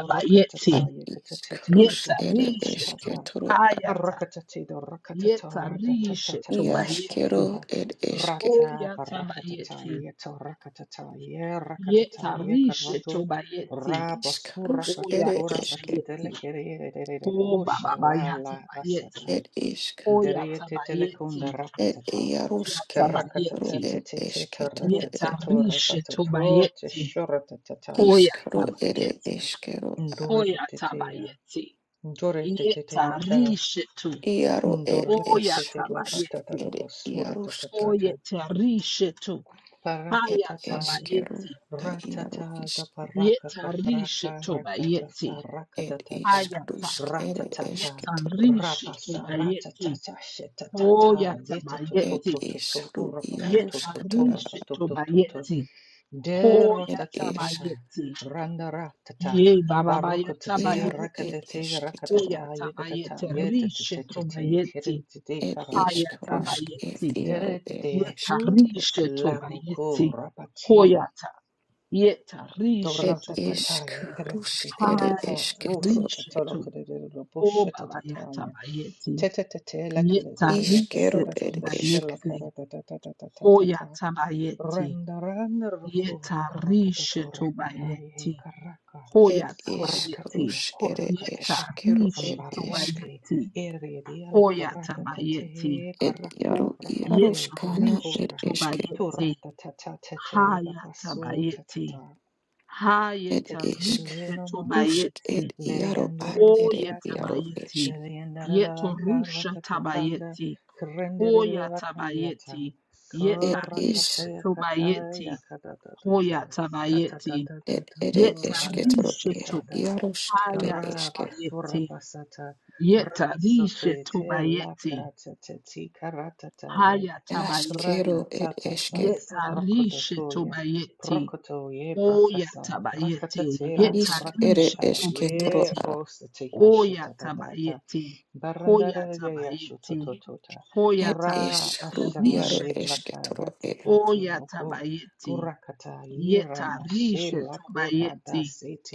[SPEAKER 1] a
[SPEAKER 2] rokatataya
[SPEAKER 1] iskrus ere
[SPEAKER 3] Yetarishe to.
[SPEAKER 1] eske
[SPEAKER 2] katatatatatata.
[SPEAKER 1] toro a
[SPEAKER 3] Hayata.
[SPEAKER 2] Parakatati do rakatata
[SPEAKER 3] Yetarishe tobayeti.
[SPEAKER 1] iaskero
[SPEAKER 2] ratatatatatatatata
[SPEAKER 1] ed eske
[SPEAKER 2] rata parakatata
[SPEAKER 3] Hoyatabayeti.
[SPEAKER 2] yeto rakatata ye rakatata ye
[SPEAKER 3] Yetarishe
[SPEAKER 2] karoto
[SPEAKER 3] tobayeti.
[SPEAKER 2] rabasura
[SPEAKER 1] iskrus ere
[SPEAKER 2] katatora
[SPEAKER 1] eske
[SPEAKER 3] Hoyatabayeti.
[SPEAKER 2] patadele kere
[SPEAKER 3] Oh, Baba
[SPEAKER 2] la la
[SPEAKER 3] Bayatabayeti.
[SPEAKER 2] asata
[SPEAKER 1] ed isk
[SPEAKER 3] Oh,
[SPEAKER 2] deriete telekunda
[SPEAKER 3] Yatabayeti.
[SPEAKER 1] ed
[SPEAKER 2] rakatata
[SPEAKER 3] Oh,
[SPEAKER 1] iaruske ro
[SPEAKER 2] karakatata
[SPEAKER 3] Yatabayeti.
[SPEAKER 1] ed
[SPEAKER 2] tete
[SPEAKER 1] eske toro
[SPEAKER 3] Yeta
[SPEAKER 1] e
[SPEAKER 2] taratatatora
[SPEAKER 3] Rishi
[SPEAKER 2] patato
[SPEAKER 3] Tobayeti. Oh,
[SPEAKER 2] teshoratatatai
[SPEAKER 1] iskro ere
[SPEAKER 3] Yatabayeti.
[SPEAKER 1] eskero a
[SPEAKER 3] Oh,
[SPEAKER 2] ndore petetea
[SPEAKER 3] Yatabayeti.
[SPEAKER 2] ndore
[SPEAKER 3] Yeta
[SPEAKER 2] tetetea
[SPEAKER 3] Rishi Tu.
[SPEAKER 1] iaro ed
[SPEAKER 3] Oh,
[SPEAKER 1] es
[SPEAKER 2] Ndorrepetete la
[SPEAKER 1] rusk
[SPEAKER 2] patata
[SPEAKER 3] Yatabayeti.
[SPEAKER 2] da
[SPEAKER 1] ere
[SPEAKER 2] basura
[SPEAKER 1] iarusk
[SPEAKER 3] Oh,
[SPEAKER 2] tatatata.
[SPEAKER 3] Yeta Rishi Tu.
[SPEAKER 1] ed
[SPEAKER 2] Paratataya.
[SPEAKER 1] eskero
[SPEAKER 3] Hayatabayeti.
[SPEAKER 1] na iaro
[SPEAKER 2] Ratata da
[SPEAKER 1] isk
[SPEAKER 2] paraka
[SPEAKER 3] Yeta Rishi
[SPEAKER 2] kakaraka rakaka
[SPEAKER 3] Tobayeti.
[SPEAKER 2] saraka
[SPEAKER 1] ed
[SPEAKER 2] datata.
[SPEAKER 3] Hayata.
[SPEAKER 1] iskrusk ere eske
[SPEAKER 2] Ratatata.
[SPEAKER 3] Yeta
[SPEAKER 1] toro
[SPEAKER 3] Rishi
[SPEAKER 2] Rapasa
[SPEAKER 3] Tobayeti.
[SPEAKER 2] ratatata
[SPEAKER 3] Oh,
[SPEAKER 2] shetatata. Yeta to to
[SPEAKER 1] ed
[SPEAKER 3] Yatabayeti.
[SPEAKER 2] to to to.
[SPEAKER 1] isru
[SPEAKER 2] Urapa to to to
[SPEAKER 1] iarusk
[SPEAKER 2] to.
[SPEAKER 1] tara
[SPEAKER 3] Yetarishi
[SPEAKER 2] Rapa to to to to.
[SPEAKER 3] tobayeti.
[SPEAKER 2] De
[SPEAKER 3] Hoya
[SPEAKER 1] ed
[SPEAKER 2] rotatatata,
[SPEAKER 1] isk
[SPEAKER 3] tabayeti.
[SPEAKER 2] randaratata,
[SPEAKER 3] Ye bababaya
[SPEAKER 2] barokotate,
[SPEAKER 1] Iaro ed
[SPEAKER 3] tabayeti.
[SPEAKER 2] rakatate,
[SPEAKER 3] Hoya
[SPEAKER 1] eskitoro,
[SPEAKER 2] rakatata, yakatata,
[SPEAKER 3] tabayeti. Rishi
[SPEAKER 2] yetatatete,
[SPEAKER 3] tobayeti.
[SPEAKER 2] tiritite,
[SPEAKER 1] ed
[SPEAKER 3] Haya
[SPEAKER 1] isk
[SPEAKER 2] karatatata,
[SPEAKER 1] rusk ed
[SPEAKER 3] tabayeti.
[SPEAKER 1] iaro ed
[SPEAKER 2] deretite atul,
[SPEAKER 1] eskitoro,
[SPEAKER 3] Yetarishi
[SPEAKER 2] la roko
[SPEAKER 3] tobayeti. Hoya
[SPEAKER 2] rapati,
[SPEAKER 3] ta. Yetarishi
[SPEAKER 1] ed isk
[SPEAKER 2] doratatataya,
[SPEAKER 3] tobayeti.
[SPEAKER 1] rusk ed
[SPEAKER 2] peretite,
[SPEAKER 3] Haya
[SPEAKER 2] ka,
[SPEAKER 1] eskitoro,
[SPEAKER 3] tarishi to.
[SPEAKER 2] usatatalokodero,
[SPEAKER 3] O babaya
[SPEAKER 2] bushatatataya,
[SPEAKER 3] tabayeti.
[SPEAKER 2] tetatete, lakidate,
[SPEAKER 3] Yetarishi
[SPEAKER 1] iskero
[SPEAKER 2] tatatato,
[SPEAKER 1] ed esk,
[SPEAKER 3] tobayeti. Hoya
[SPEAKER 2] bushalakaratatatatatata,
[SPEAKER 3] tabayeti.
[SPEAKER 2] Randaranda rokohi korakatato rapakai
[SPEAKER 3] Yetarishe-tobayeti.
[SPEAKER 2] he karaka
[SPEAKER 1] ed isk
[SPEAKER 3] Hoyatabayeti.
[SPEAKER 2] korakatia
[SPEAKER 1] rus ed
[SPEAKER 2] korakatata
[SPEAKER 1] eskero ed isk,
[SPEAKER 2] ambarate
[SPEAKER 3] Yetarishe-tobayeti.
[SPEAKER 2] eredia la koratata te
[SPEAKER 3] Hoyatabayeti.
[SPEAKER 1] ed
[SPEAKER 2] koraku
[SPEAKER 1] iaro
[SPEAKER 2] prapate te la
[SPEAKER 1] iaruskana ed
[SPEAKER 2] kora
[SPEAKER 1] eske,
[SPEAKER 3] Yetarishe-tobayeti.
[SPEAKER 2] turatata te te la basu
[SPEAKER 3] Hayatabayeti.
[SPEAKER 2] Tatata
[SPEAKER 1] ed isk
[SPEAKER 2] Teteleno nosi, Tetetelenonosi,
[SPEAKER 1] rusk
[SPEAKER 3] Hayetarishe-tobayeti.
[SPEAKER 1] ed iaro ad ed
[SPEAKER 2] Leriandurandidiata,
[SPEAKER 1] iaro
[SPEAKER 3] Hoyatabayeti.
[SPEAKER 1] esk,
[SPEAKER 2] Deliandarala Caracatata,
[SPEAKER 3] Yetorusha-tabayeti.
[SPEAKER 2] Carendidilla Cariata,
[SPEAKER 3] Hoyatabayeti.
[SPEAKER 1] ed is
[SPEAKER 2] Coracatea
[SPEAKER 3] Yetarishe-tobayeti.
[SPEAKER 2] Cataya Catata,
[SPEAKER 3] Hoyatabayeti.
[SPEAKER 2] Tatata
[SPEAKER 1] ed ed
[SPEAKER 2] Turanda
[SPEAKER 1] eskitoro,
[SPEAKER 3] Yetarishetu
[SPEAKER 1] iarusk ed
[SPEAKER 2] Karaba
[SPEAKER 1] eske.
[SPEAKER 3] hayatabayeti.
[SPEAKER 2] surabasata rasate
[SPEAKER 3] Yetarishetu
[SPEAKER 2] te
[SPEAKER 3] bayeti.
[SPEAKER 2] lakata te ti karatata ye
[SPEAKER 3] Hayatabayeti.
[SPEAKER 1] Ashkero ed
[SPEAKER 2] krakatata sa
[SPEAKER 1] eske.
[SPEAKER 2] sabrokodoto
[SPEAKER 3] Yetarishetu
[SPEAKER 2] ye
[SPEAKER 3] bayeti.
[SPEAKER 2] prokoto ye brakasa brakata
[SPEAKER 3] Oyatabayeti.
[SPEAKER 2] te
[SPEAKER 4] Oh,
[SPEAKER 2] la
[SPEAKER 1] Ishk ere
[SPEAKER 2] krakatata
[SPEAKER 3] Yetarishetu
[SPEAKER 1] eske toro
[SPEAKER 2] ye
[SPEAKER 3] bayeti.
[SPEAKER 1] a.
[SPEAKER 2] osate yashata
[SPEAKER 3] Oyatabayeti.
[SPEAKER 2] Barandara ya
[SPEAKER 3] Hoyatabayeti.
[SPEAKER 2] shototota
[SPEAKER 1] Ed
[SPEAKER 2] ra
[SPEAKER 1] ish
[SPEAKER 3] Hoyatabayeti.
[SPEAKER 1] hru iaro
[SPEAKER 2] asharande
[SPEAKER 3] Rishetu.
[SPEAKER 2] la
[SPEAKER 1] eske toro e.
[SPEAKER 2] karatatati loko
[SPEAKER 3] Oyatabayeti.
[SPEAKER 2] gurakata ira na she la
[SPEAKER 3] Yetarishetu bayeti.
[SPEAKER 2] kurada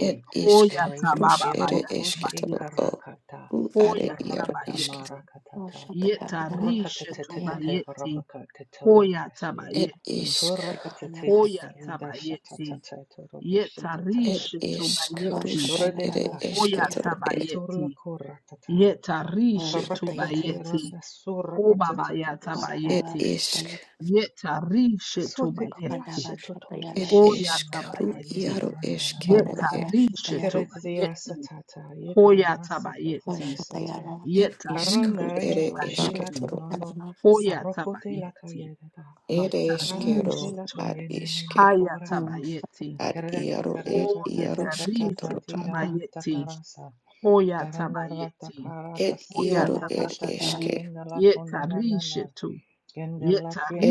[SPEAKER 1] Ed ishk
[SPEAKER 2] re
[SPEAKER 1] hrush ere
[SPEAKER 2] eroko
[SPEAKER 1] eske
[SPEAKER 2] she
[SPEAKER 1] toro
[SPEAKER 3] Oyatababayatabayeti.
[SPEAKER 1] o.
[SPEAKER 2] karakata
[SPEAKER 1] Hru are
[SPEAKER 3] Hoya
[SPEAKER 1] iaro
[SPEAKER 2] barakata
[SPEAKER 1] iske.
[SPEAKER 3] tabayeti.
[SPEAKER 2] marakatata
[SPEAKER 3] Yeta rishe
[SPEAKER 2] rakatatatata
[SPEAKER 3] tobayeti.
[SPEAKER 2] barabaka
[SPEAKER 3] Hoya
[SPEAKER 2] tetarata she
[SPEAKER 1] Ed
[SPEAKER 3] tabayeti.
[SPEAKER 1] ishk.
[SPEAKER 2] turakatete
[SPEAKER 3] Hoya
[SPEAKER 2] renda
[SPEAKER 3] tabayeti.
[SPEAKER 2] shatatata torobo
[SPEAKER 3] Yeta
[SPEAKER 2] shetatata
[SPEAKER 1] Ed
[SPEAKER 3] rishe
[SPEAKER 1] ishk
[SPEAKER 3] tobayeti.
[SPEAKER 1] hrush
[SPEAKER 2] sura de
[SPEAKER 1] ere
[SPEAKER 2] laka
[SPEAKER 1] eske
[SPEAKER 3] Hoya
[SPEAKER 1] toro e.
[SPEAKER 2] zorla
[SPEAKER 3] tabayeti.
[SPEAKER 2] koratata
[SPEAKER 3] Yeta rishe
[SPEAKER 2] Parakatete
[SPEAKER 3] tobayeti.
[SPEAKER 2] randa sura patatete
[SPEAKER 3] Obabaya
[SPEAKER 2] bosa.
[SPEAKER 1] Ed
[SPEAKER 3] tabayeti.
[SPEAKER 1] ishk.
[SPEAKER 3] Yeta rishe
[SPEAKER 2] Sotete
[SPEAKER 3] tobayeti.
[SPEAKER 2] yashe toto
[SPEAKER 1] Ed
[SPEAKER 2] yeshe
[SPEAKER 3] Hoya
[SPEAKER 1] ishk
[SPEAKER 2] shenura
[SPEAKER 1] hru
[SPEAKER 2] kaye
[SPEAKER 3] tabayeti.
[SPEAKER 1] iaro
[SPEAKER 2] ngaranda
[SPEAKER 1] eskero
[SPEAKER 3] Yeta
[SPEAKER 2] nananaka.
[SPEAKER 1] e.
[SPEAKER 3] rishe
[SPEAKER 2] Keretete yasa
[SPEAKER 3] tobayeti.
[SPEAKER 2] tata
[SPEAKER 3] Hoya
[SPEAKER 2] yekrana sikete
[SPEAKER 3] tabayeti.
[SPEAKER 2] dasata.
[SPEAKER 1] Ed
[SPEAKER 3] Yeta
[SPEAKER 1] ishk hru
[SPEAKER 2] Parana
[SPEAKER 3] rishe
[SPEAKER 2] re
[SPEAKER 1] ere
[SPEAKER 2] o
[SPEAKER 1] eske
[SPEAKER 2] shila
[SPEAKER 3] tobayeti.
[SPEAKER 1] toro a.
[SPEAKER 3] Hoya
[SPEAKER 2] Parokote lakayeda
[SPEAKER 3] tabayeti.
[SPEAKER 2] kaye dada.
[SPEAKER 1] Ere
[SPEAKER 2] Pate
[SPEAKER 1] eskero
[SPEAKER 2] la
[SPEAKER 3] Yetarisetu.
[SPEAKER 1] ad
[SPEAKER 2] konyene ne
[SPEAKER 1] iske.
[SPEAKER 2] na
[SPEAKER 3] Haya
[SPEAKER 2] kuraka.
[SPEAKER 3] tabayeti.
[SPEAKER 1] ad
[SPEAKER 2] Kereke
[SPEAKER 1] iaro ed
[SPEAKER 2] kereka tata
[SPEAKER 1] iaroske
[SPEAKER 2] tata
[SPEAKER 3] Hoyetarise
[SPEAKER 2] tati
[SPEAKER 1] toroba,
[SPEAKER 2] tara
[SPEAKER 3] mayeti.
[SPEAKER 2] tatarasa.
[SPEAKER 3] Hoya
[SPEAKER 2] Daranda rata
[SPEAKER 3] tabayeti.
[SPEAKER 1] ed
[SPEAKER 2] karaka
[SPEAKER 3] Hoya
[SPEAKER 2] sata
[SPEAKER 1] iaro
[SPEAKER 3] taba.
[SPEAKER 1] ed
[SPEAKER 2] tata tata
[SPEAKER 1] eske,
[SPEAKER 2] yenda la
[SPEAKER 3] Yetarisetu.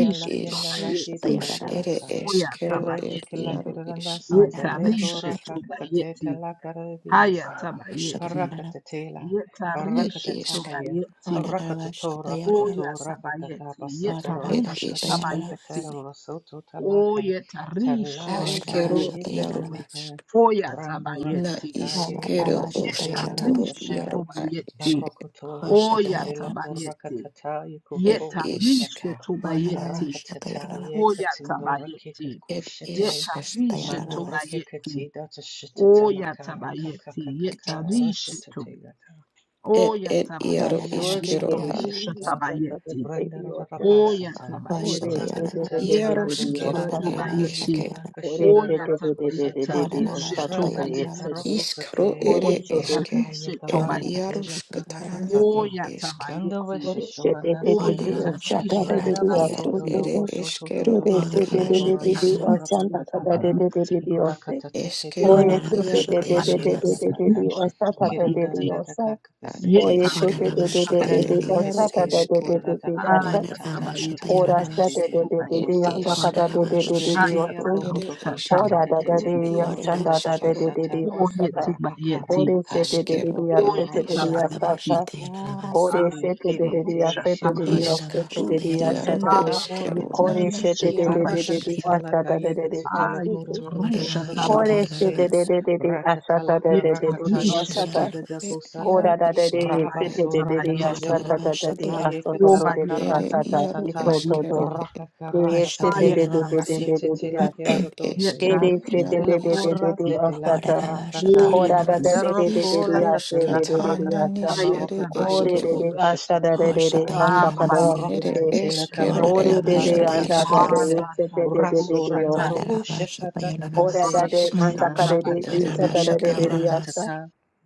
[SPEAKER 1] ed is
[SPEAKER 3] bayeti.
[SPEAKER 1] rus ere
[SPEAKER 3] Hoya
[SPEAKER 1] eskero ed
[SPEAKER 3] tabayeti.
[SPEAKER 1] iaro is,
[SPEAKER 2] Keretikilakirandasete
[SPEAKER 3] Yetarisetu bayeti. Haya
[SPEAKER 2] lekorakakatetelakaraviasa.
[SPEAKER 3] tabayeti.
[SPEAKER 2] Parakatatela,
[SPEAKER 1] ed
[SPEAKER 3] Yetarisetu
[SPEAKER 1] isk,
[SPEAKER 2] arakatataya,
[SPEAKER 3] bayeti. Hoya tabayeti.
[SPEAKER 1] ed
[SPEAKER 3] Yetarusha
[SPEAKER 1] is
[SPEAKER 4] Orabashatayarabas.
[SPEAKER 3] tabayeti.
[SPEAKER 2] arakatotorapatotorapatatapasotorotashatatatatarosototalaka.
[SPEAKER 3] Oyetarishe
[SPEAKER 1] askero
[SPEAKER 3] tobayeti.
[SPEAKER 1] iaro
[SPEAKER 4] Orabashatayarabas.
[SPEAKER 2] Talausalayitateleka,
[SPEAKER 1] isk, na
[SPEAKER 3] Oyatabayeti.
[SPEAKER 2] randarakatataye,
[SPEAKER 1] iskero
[SPEAKER 2] erasate,
[SPEAKER 1] osketoro
[SPEAKER 4] Orabashatayarabas.
[SPEAKER 3] Yetarishe
[SPEAKER 2] rasata.
[SPEAKER 1] iaro ad
[SPEAKER 3] tobayeti.
[SPEAKER 1] eske,
[SPEAKER 2] Barokoto rakatatela ko
[SPEAKER 4] Oshatayarabas.
[SPEAKER 3] Oyatabayeti.
[SPEAKER 2] rakatata
[SPEAKER 1] ed
[SPEAKER 2] yakoto
[SPEAKER 1] isk,
[SPEAKER 3] Yetarishe
[SPEAKER 2] ushata
[SPEAKER 3] tobayeti.
[SPEAKER 2] rakatata ye
[SPEAKER 4] Orabashatayarabas.
[SPEAKER 2] katindo rakika
[SPEAKER 3] Oyatabayeti.
[SPEAKER 1] ed
[SPEAKER 2] kushete
[SPEAKER 1] isk,
[SPEAKER 3] Yetarishe
[SPEAKER 2] mando
[SPEAKER 4] Oshatayarabas.
[SPEAKER 2] reke
[SPEAKER 3] tobayeti.
[SPEAKER 2] kati data shitata la karaka
[SPEAKER 3] Oyatabayeti.
[SPEAKER 2] kaka
[SPEAKER 4] Thank
[SPEAKER 2] kaka
[SPEAKER 4] you,
[SPEAKER 3] Yetarishe
[SPEAKER 4] Jesus.
[SPEAKER 3] to.
[SPEAKER 2] rashatate yata
[SPEAKER 1] ed ed iaro
[SPEAKER 3] Oyatabayeti.
[SPEAKER 2] sura de
[SPEAKER 1] iskero
[SPEAKER 5] Ore
[SPEAKER 1] a,
[SPEAKER 3] Yetorusha
[SPEAKER 4] Orabashatayarabas.
[SPEAKER 2] diashatata.
[SPEAKER 3] tabayeti. Oya
[SPEAKER 2] Randarapapasata,
[SPEAKER 4] Oshatayarabas.
[SPEAKER 3] tabayeti.
[SPEAKER 4] Orabashatayarabas.
[SPEAKER 2] Rakatatanda
[SPEAKER 3] Yeta rishe
[SPEAKER 1] iaroskero
[SPEAKER 2] Lokundalaka
[SPEAKER 1] ed
[SPEAKER 2] Nandi
[SPEAKER 1] eske.
[SPEAKER 3] tobayeti.
[SPEAKER 2] Deva
[SPEAKER 4] Orabashatayarabas.
[SPEAKER 2] Kashanda
[SPEAKER 3] Oya tabayeta
[SPEAKER 4] Orabashatayarabas. Orabashatayarabas.
[SPEAKER 2] Rokokosata,
[SPEAKER 3] rishe
[SPEAKER 2] Ratati
[SPEAKER 3] tobayeti.
[SPEAKER 4] Orabashatayarabas.
[SPEAKER 2] Paroko
[SPEAKER 1] Iskro
[SPEAKER 2] Kate,
[SPEAKER 1] ere
[SPEAKER 3] Oyeta
[SPEAKER 1] eske,
[SPEAKER 2] Paraka
[SPEAKER 3] rishe
[SPEAKER 1] et
[SPEAKER 2] Yakaraka
[SPEAKER 3] tobayeti.
[SPEAKER 2] Tela
[SPEAKER 1] iarus katarana et
[SPEAKER 2] Karatatata,
[SPEAKER 3] Oya
[SPEAKER 1] eske,
[SPEAKER 2] Tanda
[SPEAKER 3] tabayeti.
[SPEAKER 2] Veshishora
[SPEAKER 3] Oyeta
[SPEAKER 2] Naseta,
[SPEAKER 3] rishe
[SPEAKER 1] ad
[SPEAKER 2] Randa
[SPEAKER 1] iaru
[SPEAKER 2] Basoto
[SPEAKER 3] tobayeti.
[SPEAKER 1] ere
[SPEAKER 2] Dobo Soto
[SPEAKER 1] eskero
[SPEAKER 2] Toto
[SPEAKER 1] et
[SPEAKER 2] Dobo
[SPEAKER 1] iaru
[SPEAKER 2] Soto
[SPEAKER 3] Yeta
[SPEAKER 1] is,
[SPEAKER 2] Rapakura
[SPEAKER 3] rishe
[SPEAKER 2] Patataka,
[SPEAKER 3] tobayeti.
[SPEAKER 2] Rakatatete
[SPEAKER 1] eskero
[SPEAKER 2] Rana
[SPEAKER 3] Obaya
[SPEAKER 1] iaru
[SPEAKER 2] Sete
[SPEAKER 1] eskero,
[SPEAKER 3] tabayeti.
[SPEAKER 4] Orabashatayarabas.
[SPEAKER 2] La
[SPEAKER 3] Rishe tobayeti.
[SPEAKER 1] ad
[SPEAKER 3] Yeta
[SPEAKER 4] Kona
[SPEAKER 2] Kirandaradakakakasetiraki.
[SPEAKER 3] rishe
[SPEAKER 4] nama
[SPEAKER 1] iskrusk ere
[SPEAKER 4] shatayana
[SPEAKER 3] tabayeti.
[SPEAKER 1] iaru
[SPEAKER 4] namasi.
[SPEAKER 1] eske,
[SPEAKER 4] Kona
[SPEAKER 3] Aya
[SPEAKER 4] nama
[SPEAKER 3] tabayeti.
[SPEAKER 4] shatayana
[SPEAKER 5] Ora sha
[SPEAKER 3] Rishe
[SPEAKER 4] namasi.
[SPEAKER 5] de de de de de
[SPEAKER 1] et
[SPEAKER 3] tobayeti.
[SPEAKER 2] Karateteketekerekoradakukusatatatatatabashitidarabusata.
[SPEAKER 5] yanda
[SPEAKER 4] Kona
[SPEAKER 5] kada de
[SPEAKER 4] nama
[SPEAKER 5] de de de
[SPEAKER 1] iskrusk
[SPEAKER 5] de
[SPEAKER 4] shatayana.
[SPEAKER 1] ro
[SPEAKER 5] osu.
[SPEAKER 1] ere
[SPEAKER 3] Hayatarusha
[SPEAKER 1] eske,
[SPEAKER 5] Ora da da
[SPEAKER 1] ru
[SPEAKER 5] de
[SPEAKER 3] tabayeti.
[SPEAKER 4] Kona
[SPEAKER 1] iaru
[SPEAKER 4] nama
[SPEAKER 5] yashanda da
[SPEAKER 4] sh-
[SPEAKER 5] de
[SPEAKER 1] eskero,
[SPEAKER 5] de de
[SPEAKER 2] Dididiabobabakushetetetetepekorokatatabasata.
[SPEAKER 5] de
[SPEAKER 3] Oyeti
[SPEAKER 5] osata.
[SPEAKER 3] bayeti.
[SPEAKER 5] Ore she de de de
[SPEAKER 1] askero
[SPEAKER 5] de
[SPEAKER 1] et
[SPEAKER 5] yasete de de
[SPEAKER 4] Kona
[SPEAKER 1] isk,
[SPEAKER 2] Rapakarakakayetalokorakata.
[SPEAKER 4] nama
[SPEAKER 3] Oyatabayeti.
[SPEAKER 5] yasata.
[SPEAKER 4] shatayana namasi.
[SPEAKER 5] Ore she de de de de
[SPEAKER 2] Orokurikirete
[SPEAKER 3] Ayatarusha
[SPEAKER 5] yasete de
[SPEAKER 2] shete.
[SPEAKER 5] de
[SPEAKER 4] Kona
[SPEAKER 3] tabayeti.
[SPEAKER 4] nama
[SPEAKER 5] osete
[SPEAKER 1] iskru
[SPEAKER 5] de de
[SPEAKER 4] shatayana nama.
[SPEAKER 1] iaru
[SPEAKER 5] yashata
[SPEAKER 2] Mendela
[SPEAKER 5] de.
[SPEAKER 1] eskero,
[SPEAKER 3] Ababayeti
[SPEAKER 2] oramana.
[SPEAKER 5] Ore
[SPEAKER 1] nana
[SPEAKER 5] she
[SPEAKER 3] rishe
[SPEAKER 5] de de
[SPEAKER 1] iaru
[SPEAKER 5] de
[SPEAKER 4] Kona
[SPEAKER 5] de de
[SPEAKER 1] esk,
[SPEAKER 5] de
[SPEAKER 3] tobayeti.
[SPEAKER 4] shatayana.
[SPEAKER 5] osata de
[SPEAKER 2] Rakatatalakaya
[SPEAKER 5] de de
[SPEAKER 2] katsitolo
[SPEAKER 5] osete.
[SPEAKER 2] kororo
[SPEAKER 4] Kona
[SPEAKER 1] et
[SPEAKER 3] Ayatarusha
[SPEAKER 4] nama
[SPEAKER 1] iaru
[SPEAKER 5] Ore
[SPEAKER 4] shatayana
[SPEAKER 5] she
[SPEAKER 1] eske.
[SPEAKER 5] de
[SPEAKER 2] kosatorase.
[SPEAKER 3] tabayeti.
[SPEAKER 5] de
[SPEAKER 4] namasi.
[SPEAKER 5] de de de ashata de
[SPEAKER 2] Rakatalaka
[SPEAKER 5] de de de
[SPEAKER 4] Kona
[SPEAKER 5] de
[SPEAKER 2] rakataye
[SPEAKER 3] Yetarishe
[SPEAKER 5] osata.
[SPEAKER 4] shatayana
[SPEAKER 3] to.
[SPEAKER 1] Esquero
[SPEAKER 2] katadada
[SPEAKER 4] namasi.
[SPEAKER 1] et
[SPEAKER 2] posata.
[SPEAKER 5] Ora
[SPEAKER 1] iaro
[SPEAKER 5] da da de
[SPEAKER 1] isquero et
[SPEAKER 5] sete
[SPEAKER 2] Rabaso
[SPEAKER 5] de de de
[SPEAKER 2] rakatede
[SPEAKER 4] Kona
[SPEAKER 3] Obabayatabayeti.
[SPEAKER 5] yashata
[SPEAKER 4] nama
[SPEAKER 5] da da de
[SPEAKER 2] rakasataye
[SPEAKER 4] namasi.
[SPEAKER 5] asoto de
[SPEAKER 2] katalaka
[SPEAKER 5] de
[SPEAKER 1] ere
[SPEAKER 5] asata.
[SPEAKER 3] Obayetarishe
[SPEAKER 1] iaro
[SPEAKER 2] rakatatata.
[SPEAKER 5] Ikoto
[SPEAKER 3] tobayeti.
[SPEAKER 1] esquero
[SPEAKER 2] Rakaka
[SPEAKER 5] Yasta.
[SPEAKER 4] Kona
[SPEAKER 2] rakakage
[SPEAKER 4] namasi. Kona nama namasi. Kona
[SPEAKER 3] Hayatabayeti.
[SPEAKER 2] rakashetetele
[SPEAKER 1] et
[SPEAKER 2] keradose.
[SPEAKER 5] Kere
[SPEAKER 1] esquero
[SPEAKER 5] se
[SPEAKER 3] Yetarishe
[SPEAKER 5] de
[SPEAKER 1] iaro
[SPEAKER 5] de de de
[SPEAKER 1] isque.
[SPEAKER 5] de
[SPEAKER 2] Delakura
[SPEAKER 5] de
[SPEAKER 3] tobayeti.
[SPEAKER 2] de
[SPEAKER 5] astata.
[SPEAKER 2] delakaratata.
[SPEAKER 5] Kora da da de de
[SPEAKER 3] Oyetarishe
[SPEAKER 5] de de de
[SPEAKER 2] Darokula
[SPEAKER 1] Iscaros
[SPEAKER 5] yasta
[SPEAKER 3] tobayeti.
[SPEAKER 5] de
[SPEAKER 2] katelaka
[SPEAKER 5] de de de
[SPEAKER 1] catana
[SPEAKER 2] rakatata
[SPEAKER 5] yasta.
[SPEAKER 1] nis
[SPEAKER 2] maroka
[SPEAKER 1] ere
[SPEAKER 5] Kore
[SPEAKER 2] kododo
[SPEAKER 5] de
[SPEAKER 1] esquero
[SPEAKER 3] Ayatabayeti,
[SPEAKER 5] de asha da de de
[SPEAKER 2] kopishatatata.
[SPEAKER 5] de anda kada
[SPEAKER 4] namasi.
[SPEAKER 5] yasta
[SPEAKER 3] Ababayeta,
[SPEAKER 1] ere
[SPEAKER 2] Marocata tela
[SPEAKER 3] Rishetu,
[SPEAKER 1] esquero
[SPEAKER 4] Kona
[SPEAKER 1] et
[SPEAKER 2] caracata
[SPEAKER 5] Kore
[SPEAKER 4] nama
[SPEAKER 5] de
[SPEAKER 2] ta
[SPEAKER 5] de
[SPEAKER 2] ta
[SPEAKER 1] iaro
[SPEAKER 2] ta ta
[SPEAKER 5] anda da de
[SPEAKER 2] ta
[SPEAKER 1] isquero
[SPEAKER 4] namasi.
[SPEAKER 2] ta
[SPEAKER 5] yasta de de de de
[SPEAKER 2] raso
[SPEAKER 5] de
[SPEAKER 3] Arashatarushata,
[SPEAKER 2] renda
[SPEAKER 5] yasta.
[SPEAKER 2] rubusha ta ta ta
[SPEAKER 5] Kora
[SPEAKER 4] Alarabashatayanamasi.
[SPEAKER 5] da de
[SPEAKER 4] Mm,
[SPEAKER 5] anda
[SPEAKER 4] mm.
[SPEAKER 1] iscaros
[SPEAKER 5] kada de
[SPEAKER 2] baracata te
[SPEAKER 1] ere
[SPEAKER 5] yasta
[SPEAKER 3] Arushatabayeti,
[SPEAKER 5] da da de de de
[SPEAKER 1] esquero
[SPEAKER 4] Aramashatayanamasi.
[SPEAKER 5] yasta.
[SPEAKER 2] caracata